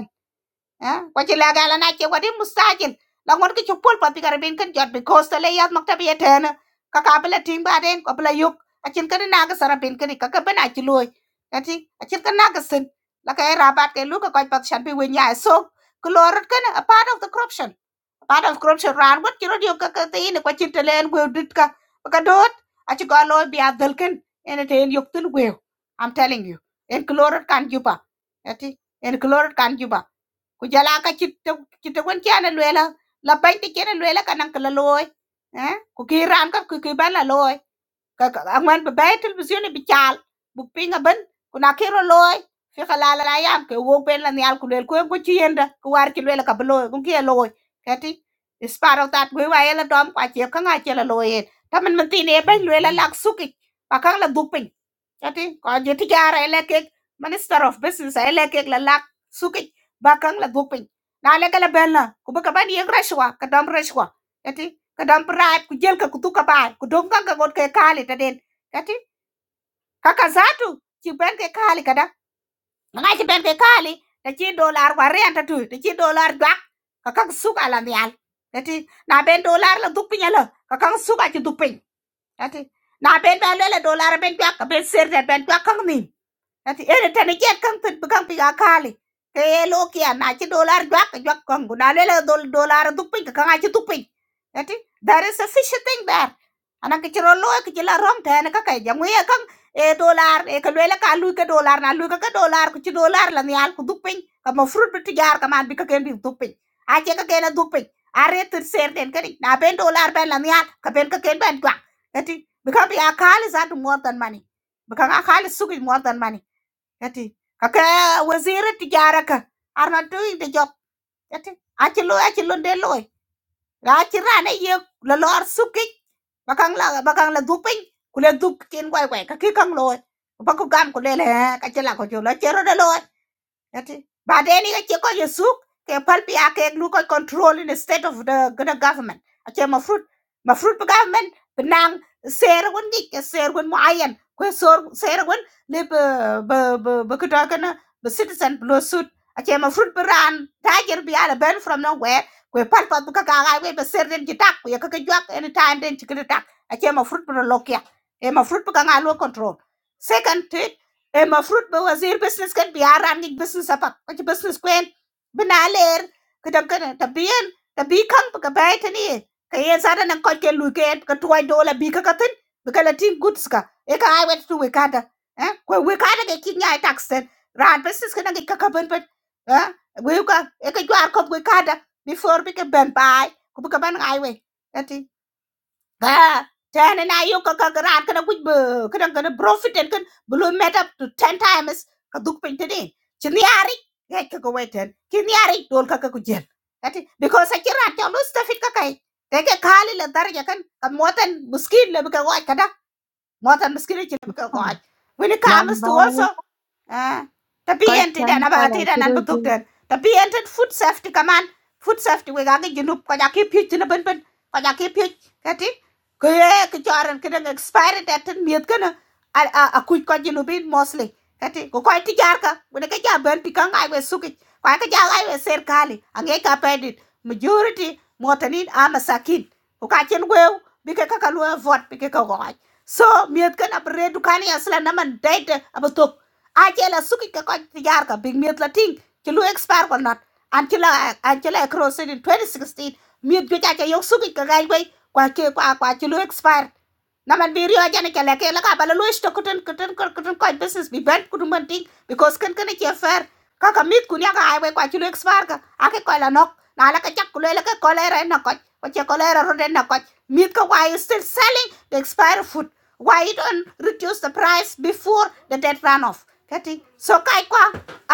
C: eh kwaci la gala na ce wadi musajin la ngon ki chupul pa pikara bin kan jot because tale yat makta bi etena ka ka bela ting ba den ko bela yuk acin kan na ga sara bin kan ka ka bena ci loy ati acin kan na ga sin la ka era bat ke lu ka ko pat shan bi wen ya so klorot kan a part of the corruption a part of corruption ran wat ci rodio ka ka te ina kwaci tale en gwe dit ka ka dot aci ko loy bi adal kan ene te en ten yuk tin gwe i'm telling you en klorot kan juba ati en klorot kan juba ku jala ka chitta chitta gon chana luela la bai ti chana luela kanan kala loy eh ku ki ran ka ku ki bala loy ka ka angwan ba bai tul busyone bichal bu pinga ban ku na kiro loy fi khala la yam ke wo ben la nyal ku lel ku ku chi yenda ku war chi luela ka bloy ku ki loy kati is part of that we wa ela dom kwa chi ka nga chi la loy ta man man ti ne ben luela lak suki pa kang la bu pin Jadi ko joti jara eleke Minister of Business eleke la lak suki bakang la gupin. Na eleke la bella ku baka ban yeg rashwa ka dam rashwa. Jadi ka dam bribe ku jel ka kutu ka bai ku dom ka ka got ke kali ta den. Jadi kaka zatu ci ben ke kali kada. Nga ci ben ke kali ta ci dollar wa renta tu ta ci dollar gak ka ka suka la nyal. Jadi na ben dollar la dupinya la ka ka suka ci dupin. Jadi na ben ben la dollar ben gak ka ben ser ben gak ka min ati ene tane jet kan pet kan pi akali ke ye lo kia na chi dollar jwak jwak kan guna le le dol dollar du pi kan a chi tu pi ati there is a fish thing there ana ke chiro lo ke chila rom ta ne ka ka jamu ye kan e dollar e ka le ka lu ke dollar na lu ka ka dollar ku chi dollar la ni al ku du pi ka mo fruit bi ti jar ka man bi ka ken bi du pi a che ka ken du pi a re tir ser den ka ni na ben dollar ben la ni al ka ben ka ken ben jwak ati because bi ka pi akali za du more than money bi ka akali su more than money ati kaka waziri tijara ka arna tu de job ati achi lo achi lo de lo la achi rane ye la lor suki bakang la bakang la duping kule dup kin gwai gwai ka ki kang lo ba ku gam kule le le ka chi la ko jo la chero de loy Yati. Baadaye nikachukua Yusuf ke palpi yake gluko control in the state of the, the government. Ache mafruit mafruit pe government benang ser gun dik ke ser gun muayan ko sor ser gun le be be be be kuda kana be citizen blow suit. Ache mafruit pe ran tiger bi ala ben from nowhere ko palpa bu ka ga we be ser den jitak ko ka juak anytime den jikita tak. Ache mafruit pe lokia. E mafruit pe ka ngalo control. Second thing, المفروض بوزير بزنس كان بيعرف عندك بزنس أبك كنت بزنس كوين بنالير كدم كده تبين تبي كم بكباي تاني كي زارا نكون كلو كين كتوي دولا بيكا كتن بكلا تيم goods ka eka ai wet tu wekada eh ko wekada ke kinya taxen ran business kana ke kakaben pet eh we ka eka jwar ko wekada before bi ke ben bai ko ka ban ai we Bah, ten and I you can run can a quick boo, can gonna profit and can blue met up to ten times a duke pin today. Chiniari, get cook away ten. Chiniari, don't cook a good gel. That is because I can't tell you stuff it cakai. Take a kali la dar yakan, a motan muskin lebuka white kada, motan muskin lebuka white. When it
A: man
C: comes to also.
A: bai
C: Ah, ta
A: ko
C: PNT
A: chan
C: den
A: ka
C: aba
A: la
C: ti den
A: chi
C: an
A: ro
C: batuk
A: je
C: ten. Ta PNT food safety kaman. Food safety we gangi jinup ko jaki pich tina ben ben. Ko jaki pich kati. Ko ye ki choran kidang expired at ten miet kana. A a a kuj ko jinubin mostly. Kati ko ko ti jar ka. Wene ka jar ben pikang ai we suki. Ko ka jar ai we ser kali. Ange ka pedit. Majority motanin ama sakin. Ko ka chen wew. Bike ka ka vote bike ka goj. So miet kana bre dukani asla naman date aba a che la suki ka ko yar ka big miet la ting che lu expire ko not an che la an che la cross in 2016 miet jo cha che yo suki ka gai bai kwa ke kwa kwa che lu expire na man bi riyo jani kala ke la ka bala lo sto kuten kuten kuten kuten ko business bi ban kudum ban ting because kan kan ke fair ka ka mit kun ya ka ai wai kwa chulo expire ka ake ko la nok na la ka chak kulo la ka ko la re na ko ko che ko la ro re na ko mit ka why is still selling the expired food why you don't reduce the price before the debt run off getting so kai kwa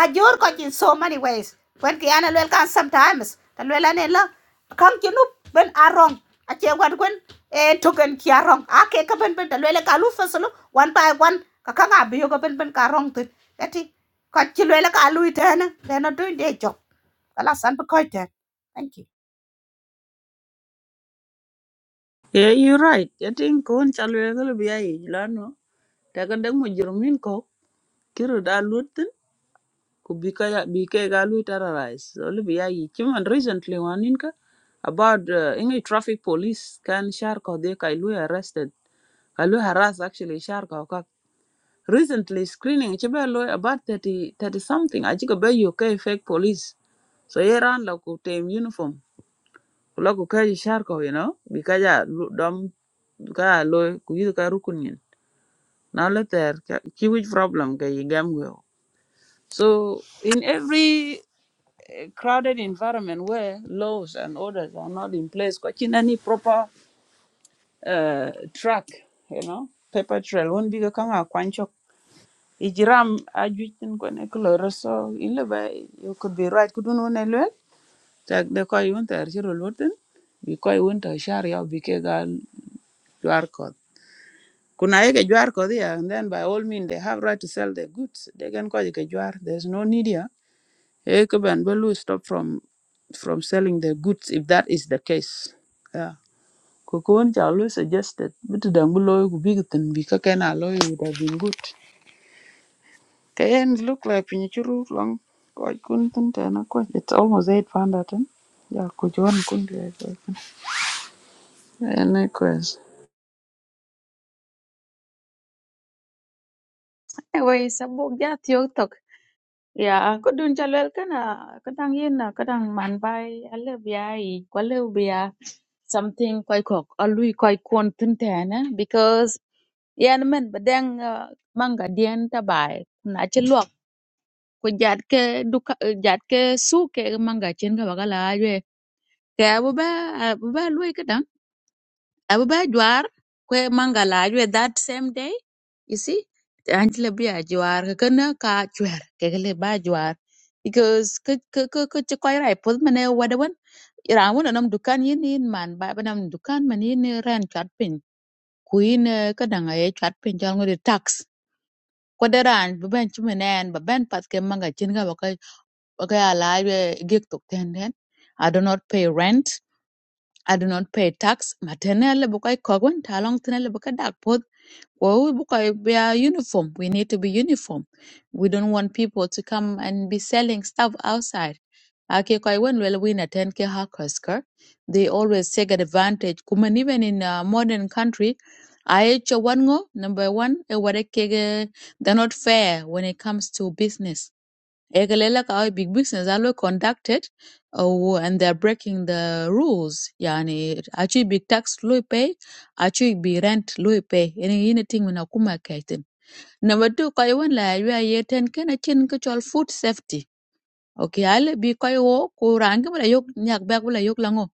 C: a jor in so many ways when ki ana lel kan sometimes ta lel ane kan ci nup ben arong a ce gwen e token ki arong a ben ben lele ka lu fasulu by wan ka ka ben ben ka arong tin eti ka ci lele ka lu itena lena job kala san bu thank you
E: yeah you're right i think kon chalwe galo biya yi lano daga dang mo jurmin ko kiro da lutin ku bika ya bike terrorize so lu biya yi chiman recently one ka about uh, ingi traffic police can shark or they kai lui arrested kai harass actually shark or ka recently screening chiba about thirty thirty 30 something aji ko be UK fake police so ye ran la ku uniform ku la ku kai shar you know because ya lu- dom ka lui ku yi ka rukun yin na le ki which problem ka yi go so in every a crowded environment where laws and orders are not in place kwachi any proper uh, track you know paper trail won't be kang a kwancho ijiram ajuitin kone kloro so ile ba you could be right kudun wona lwel tak de ko yun ter chiro lutin bi ko yun ter shar ya bi ke gal jwar kod kuna ye ke jwar kod ya and then by all means they have right to sell their goods they can call it ke jwar there's no need here Eh, Cuban Belu stop from from selling their goods if that is the case. Yeah. Kukuon Chalu suggested, but Dangulo would be good and Bikaken alloy would have been good. Kayen look like Pinichuru long. Quite couldn't and of course It's almost eight pound at him. Yeah, could you want to Any quest?
A: Anyway, sabuk ja tiok tok. Ya, ko dun cha lwel kana kadang yin na kadang man bai ale bia i kwale bia something koi kok alui koi kon tin because. yen min bi dɛŋ manga diɛn tabai na ci lɔk ku jat ke duka eh, jat ke su ke manga cin ka baka ajwe ke abu ba abu ba lui ka dang abu ba jwar ku manga la ajwe that same day you see an ci le bi a jwar ka kana ka jwar ke ka le ba jwar because ke ke ke ke ci koy rai pul mene wadawan ira wona nam dukan yin yin man ba ba nam dukan man yin ran chat pin ku yin eh, ka danga ye chat pin jal ngode tax ko deran bi ben cumi nen ba ben pat ke manga cin ga baka baka ya la ye gig tok ten den i do not pay rent i do not pay tax matenele baka ko gon talong tenele baka dak well, we book a- we are uniform. We need to be uniform. We don't want people to come and be selling stuff outside. Ake kwa when well we attend ke hakasker, they always take advantage. Kuman even in a modern country, I one go number one, eh, wada kege- they're not fair when it comes to business Ekelela kawa big business alwe conducted uh, and they're breaking the rules. Yani actually, big tax lui pay, Actually, big rent lui pay. Any anything when akuma kaitin. Number two, kwa yuwen la yuwa yeten kena chin kichol food safety. Okay, ale bi kwa yuwo kurangi wala yuk nyak bag wala yuk lango.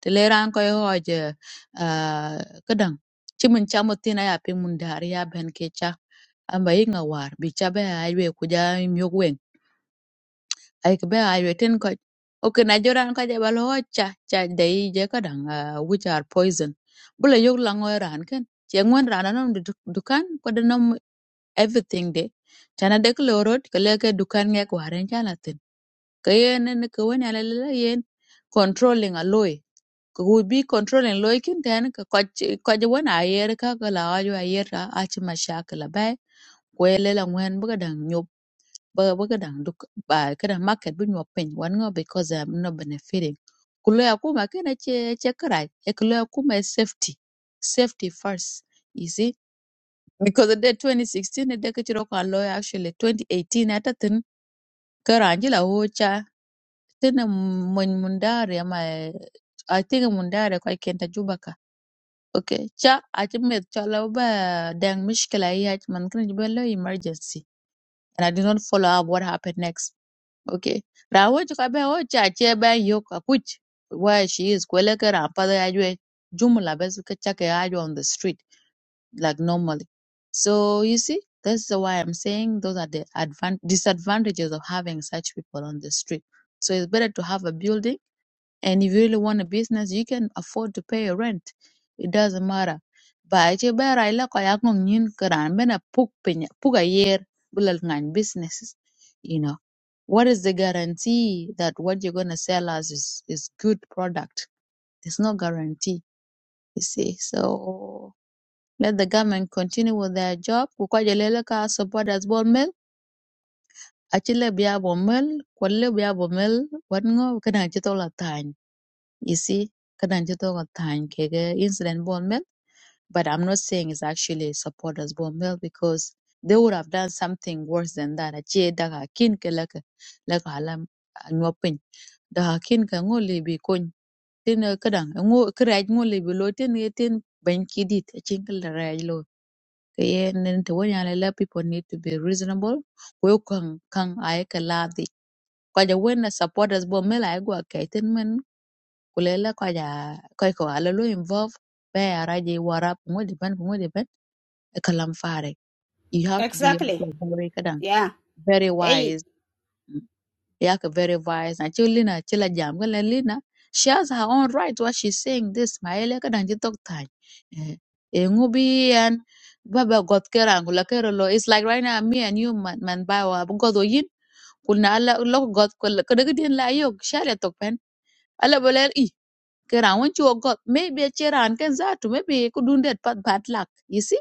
A: Tele rang kwa yuwo aje uh, kadang. Chimin chamo tina ya pingundari ya benkecha. Amba yik nga war, bi chabe aywe kuja myok ai ka be ai written ko okay na joran ka jabal ho cha cha dei je ka dang ah, which are poison bula yog la ngoi ran ken che ngwen ran anon du- dukan ko de nom everything de chana de ko road ka le ka dukan ngek waren chala tin ka yen ne ka wen ala la yen controlling a loy ko would be controlling loy kin ten ka ko ko je wen ayer ka ka la ayo ayer a chi mashakla bai ko ele la ngwen bu ka dang ba weka dang duk ba kada market bu nyok piny wan ngo because I'm not benefiting ku lo ya kuma kana che che karai e ku lo ya kuma is safety safety first you see because the 2016 de ka chiro ka lo ya actually 2018 atatin karanjila ho cha tene mony mundare ama atege mundare kwa kenta jubaka okay cha achmet chala ba dang mishkela ya man kan jibelo emergency and i did not follow up what happened next Okay. Rawoch kabe wocha ache ba yok akuch where she is kweleke rampada ajwe jumla bes kachake ajwe on the street like normally. So you see, that's the why I'm saying those are the advan- disadvantages of having such people on the street. So it's better to have a building and if you really want a business, you can afford to pay your rent. It doesn't matter. Ba ce bera ila ko yak ngong nyin karan bena puk pinya puk a year bulal ngan businesses. You know, what is the guarantee that what you're gonna sell us is is good product? There's no guarantee. You see, so let the government continue with their job. Kukaja lele ka support as bon mel. Achile biya bon mel. Kwalle biya bon mel. Wat ngo kana chitola you see, kadan ci got time kege incident bone mill, but I'm not saying it's actually supporters bone mill because they would have done something worse than that. Achi daga kin ke laka laka alam nyopin. Daga kin ka ngo libi kony. Tin eh, kadan eh, ngo kraj ngo libi lo tin ye tin ben kidit achin kel raj lo. Kaya nen te wanya lela people need to be reasonable. We kang kang ay kaladi. Kaja wena supporters bone mill ay gwa kaitin kulela kwa kwaja kwa kwa lu involve be a raji warap ngudi ban ngudi ban e kalam fare you have to be
C: Exactly.
A: also very kadang
C: Yeah.
A: very
C: Hey.
A: wise yak very wise na chulina chila jam gala lina she has her own right what she's saying this maele kadang ji tok tan e ngubi and baba got kerang kula kerolo it's like right now me and you man man bawa godo yin kulna ala lok got kula kadang din la yok shale tok pen ala bolel Kera when you got maybe a chair and can that maybe you could do that but bad luck, you see?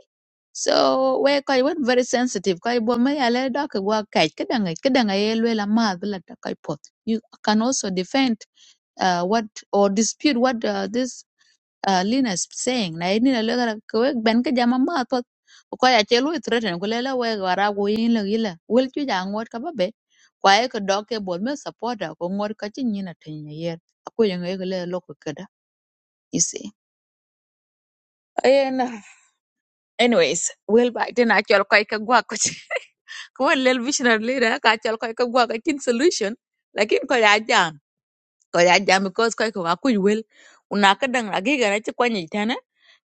A: So we kai went very sensitive. Kai bo me ale da ke wa kai kedanga kedanga yelwe la ma bila da kai pot. You can also defend uh, what or dispute what uh, this uh, Lina is saying. Na ini le gara kwe ben ke jama ma pot. Ko ya chelu threaten ko lela we gara go yin le gila. Wel ju ja ngot ka ba be? Kwa e ko doke bo me supporter ko ngot ka chin yin atin yer. Ko yang e le lokwe you see. And uh, anyways, well back then I chol koy ka gwa ko kuwen lel visionary leader ka chol koy ka gwa ka kin solution lakin ko ya jam ko ya jam because koy ko akuy wel una ka dang agi gara ci kwanyi tane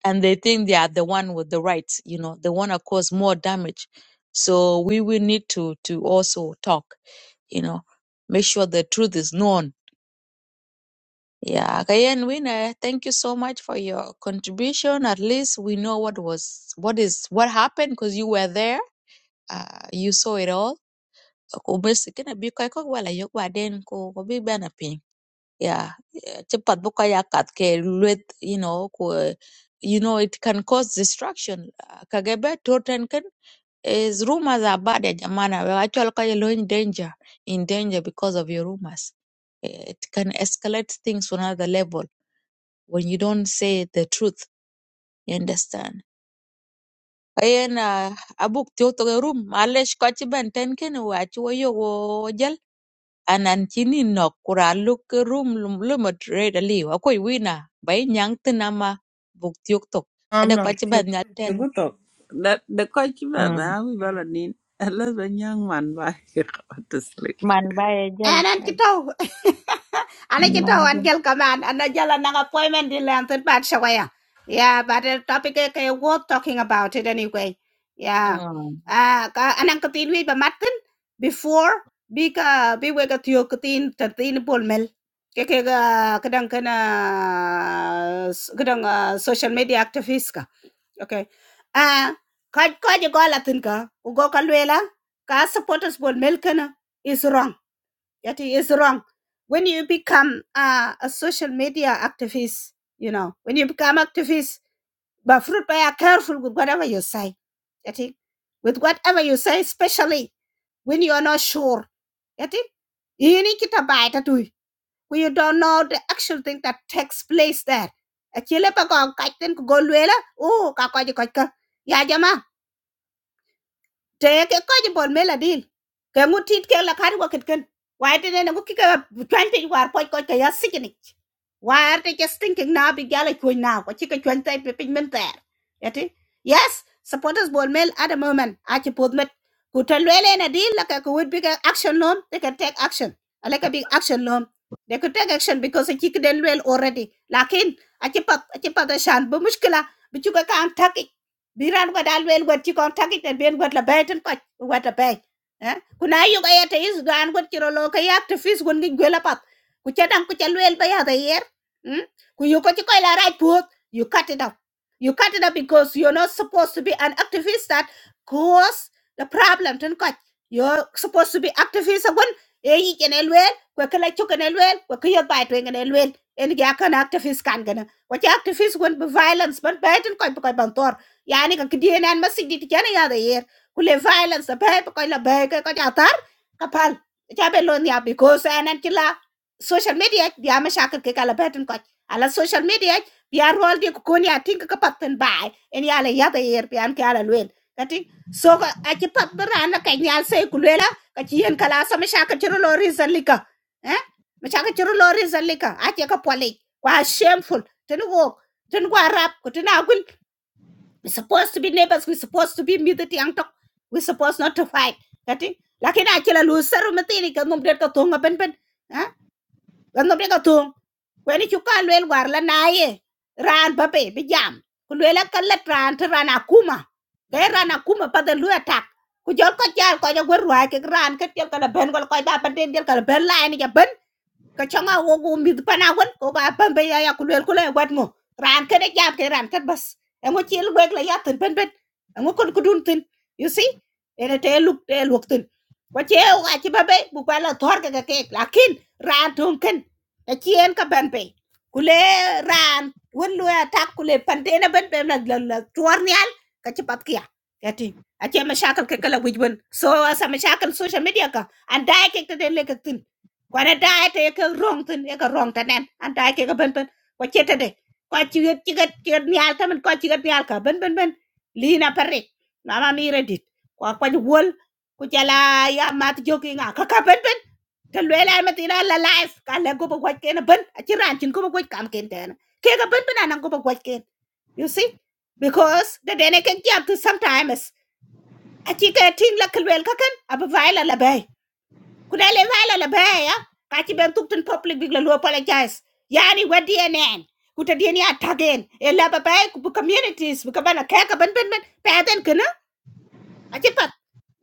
A: and they think they are the one with the rights you know they want to cause more damage so we will need to to also talk you know make sure the truth is known Yeah, Kayen Winner, thank you so much for your contribution. At least we know what was what is what happened because you were there. Uh, you saw it all. Ko bes kina bi koy ko wala yok ba den ko ko bi bana ping. Yeah, eh, ci pat bu ko yakat ke luet, you know ko eh, you know it can cause destruction. Uh, Kagebe Totten ken is rumors are bad ya jamana. We actually ko you're in danger in danger because of your rumors. Eh, It can escalate things to another level when you don't say the truth. You understand? Ayen uh, abuk tiok to room malesh kochi ben ten ken wachi wo yo wo jal anan chini nok kura look room lum lumot red ali akoi wina bay nyang tinama buk tiok tok
E: No,
A: ada
E: no.
A: kochi ben
E: The
A: nyal ten
E: good talk. The the coach man,
A: mm.
E: man, we better need unless a young man buy to sleep.
A: man bay jal
C: And an kito. Ana kito
A: man
C: an
A: jal
C: gel kaman an jala nang appointment di lantern bat shawaya. Yeah, but the topic is okay, worth talking about it anyway. Yeah.
A: mm.
C: Ah, ka anang katin wi ba matkin before bi ka bi we ka tiyo tin tatin bol mel. Ke ke ga kadang kana kadang ah, social media activist ka. Okay. Ah, ka ka je go la tin ka. Ku go ka lela ka supporters bol mel kana is wrong Yet it is wrong. When you become uh, a social media activist, you know, when you become activist, but fruit by are careful with whatever you say. Yet it- with whatever you say, especially when you are not sure. Yet it- you need to buy that too. when you don't know the actual thing that takes place there. Achille pa ko kaitin ko golwela, oh, kakoji kajka. Ya jama. te ke ko je bol mela dil ke ngutit ke la kar waket ken wai te ne ngu kike twente war ko ko ke ya sikini war te just thinking na bi gala ko na ko chike twente pe pin men ter yati yes supporters bol mel at the moment a che pod met ku te lele na dil la ke ko would big action lom they can take action ala ka big action lom they could take action because a chike den well already lakin a che pat a che pat shan bu mushkila bi chuka kan tak biran go dal wel got ci kon takit en ben got la bayten ko wata bay eh kuna yu ga yata is do an got ci rolo ka yak te fis gon ngi gola pat ku ca dang ku ca wel ba yata yer hmm? ku yu ko ci koy la raj put you cut it up you cut it up because you're not supposed to be an activist that cause the problem ten ko you're supposed to be activist gon e yi kenel wel ko kala ci kenel wel ko ko yot bay to ngenel wel en ga kan activist kan gana ko ci activist gon be violence ban bayten ko ko bantor. yani ka kidien en masik dit chana ya de yer kule violence the pay ko la bay ko ka tar ka pal cha be lon ya because en en kila social media ya ma shakal ke kala betin ko ala social media ya rol di ko kon ya tin ka patten bay en ya le ya de yer pian ka ala luen kati so ka a ki pat brana ka nyal se kulela ka ci yen kala sa ma shakal chiro lo reason lika eh ma shakal chiro lo reason lika a ke ka pole kwa shameful tin wo tin kwa rap ko tin We're supposed to be neighbors. We're supposed to be middle ang tok. We're supposed not to fight. Kati, laki na kila loser mati ni kanom dia ka tunga pen pen. Ha? Kanom dia ka tung. Weni chuka lwel war la naye. Ran babe bi jam. Kulwela kallat ran te ran akuma. Kay ran akuma pa de lu attack. Ku jol ko jal ko jogwer ruai ke ran ke tiel kala ben kala ko ba pen tiel kala ben la ni ja ben. kachanga wo go mid pana won ko ba pambe ya ya kulel kulel wad ngo ran ke de jam ke ran kat bas e ngo chiel gwek la yatin pen pen e ngo kon kudun tin you see ene te luk te luk tin ko che o ga chi babe bu pa la thor ke ke lakin ran thun ken e chien ka ben pe kule ran won lu attack kule pante na ben ben la la la tuar nyal ka chi pat kia kati ache mashakal ke kala wijbon so asa mashakal social media ka andai ke te le ke kwana daye te ke rong tin e ke rong tanen an daye ke ke ben ben ko chete de ko chiget chiget chiget nyal tamen ko chiget nyal ka ben ben ben li na parre mama mi redit ko ko wol ku jala ya mat joki nga ka ka ben ben te lwela ma tina la life ka le go ko ke na ben a chiran chin ko ko kam ken ten ke ka ben ben anan ko ko ken you see because the dene can jump to sometimes a chike ting la kelwel ka ken ab vaila la la bai Could I live ala la baya? Kachi ben tuk in public big lalu apologize. Yani wa DNN. Kuta DNA tagin. E la ba baya kupu communities. Buka bana kaya ka ban ban ban. Padan kana.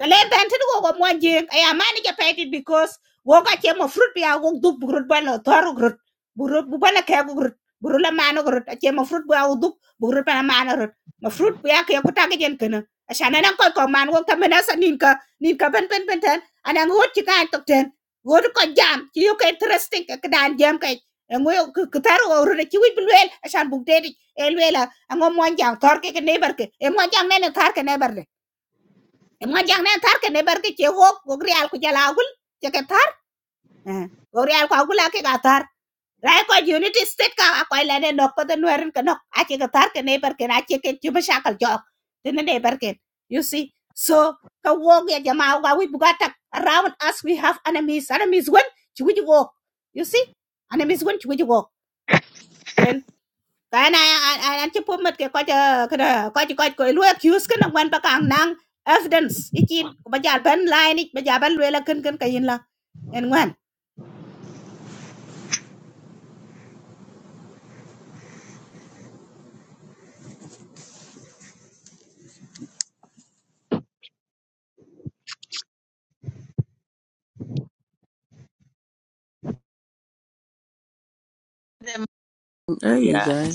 C: le ben tin go go mo je e a mani ke peti because go ka che mo fruit ya go du burut ba no tor grut burut bu bala ke go grut buru la mano grut a che mo fruit ba go du burut ba mano grut mo fruit ya ke ko ta ke jen kana a shana nan ko ko man go ta mena sa nin ka nin ka ben ben ben tan ana go ti ka tok ten go ko jam ti yo ke interesting ke dan jam ke ngo ku tar go ru ti wi bulwel a shan bu de di el wela ngo mo jang tor ke ke neighbor ke e mo jang ne ne tar ke neighbor Emojang ne tar ke ne bar ke che wok go real ku jala gul che tar eh, go real ku gula ke ga tar rai ko unity state ka ko la ne nok ko den werin ke nok a che ke tar ke ne bar ke na che ke ju ba shakal jok den ne ke you see so ka wok ya jama ga we bugata around us we have enemies enemies when chu ju you see enemies when chu ju wok cái này an an an chụp phim mất cái coi chờ cái đó coi chỉ coi coi lúa accuse cái năng quan bạc ang năng evidence ikin ko bajal ban line ik bajal ban lue la kan kan kayin la en ngwan
A: them.
E: Hey,
A: Yeah,
E: guy.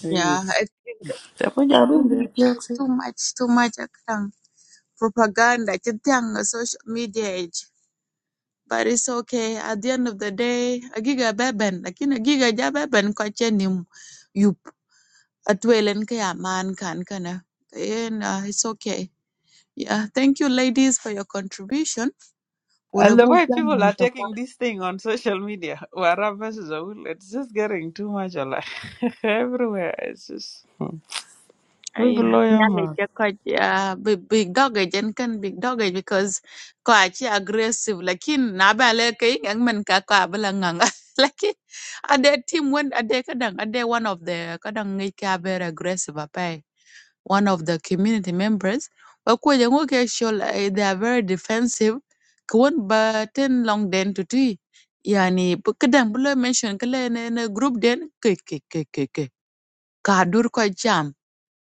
E: Hey,
A: yeah. I think
E: the boy
A: too much, too much, too much. I Propaganda. I social media. but it's okay. At the end of the day, agiga beben, lakin agiga ja beben kwache ni m- yup. Atwelen kaya man kan kana. Kayen, uh, it's okay. Yeah, thank you ladies for your contribution.
E: And the
A: Wodabu
E: way
A: jana
E: people are
A: ntaka.
E: taking this thing on social media, Wara versus Awil, it's just getting too much alive. Everywhere. It's just hmm. we
A: Yeah,
E: below your
A: nyale
E: mouth.
A: che kwa uh, big, big dog agent kan big dog age because kwa chi aggressive lakin na ba le kai ngang men ka kwa bala nganga lakin ade team when ade kadang ade one of the kadang ngai ka very aggressive apai one of the community members bakweje ngo ke sure eh, they are very defensive kwon ba ten long den to tui yani bu- kadan bulo mention kala ne ne group den ke ke ke ke ke ka dur ko jam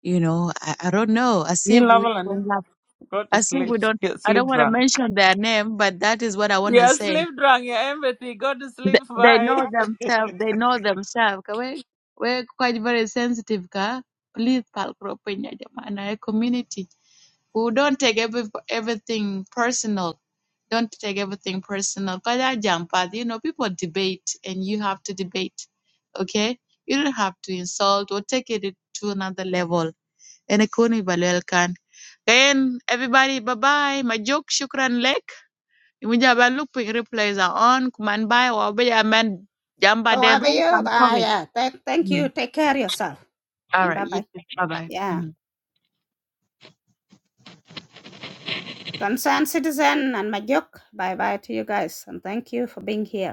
A: you know I, i don't know as if
E: You love
A: we don't
E: and
A: love
E: go to
A: as if
E: sleep.
A: we don't
E: Get
A: i don't
E: sleep
A: want to
E: drunk.
A: mention their name but that is what i want to
E: You're
A: say
E: sleep drunk, you're empathy, go to
A: they,
E: sleep.
A: they know
E: Bye.
A: themselves they know themselves ka we we quite very sensitive ka please pal kro pinya jamana e community who don't take every, everything personal. Don't take everything personal. Because I jump at you know people debate and you have to debate. Okay, you don't have to insult or take it to another level. And ikuni balel kan. Then everybody, bye bye. My joke, shukran lek. Imuja ba looping replays are on. Kuman bye. Wabe ya man jamba
C: oh
A: den room
C: abayo
A: kan
C: ah
A: kore.
C: yeah thank thank you
A: Mm.
C: take care of yourself
A: All
C: and
A: right,
C: bye
A: you
C: bye
A: too. Bye bye.
C: yeah concerned citizen and my joke bye bye to you guys and thank you for being here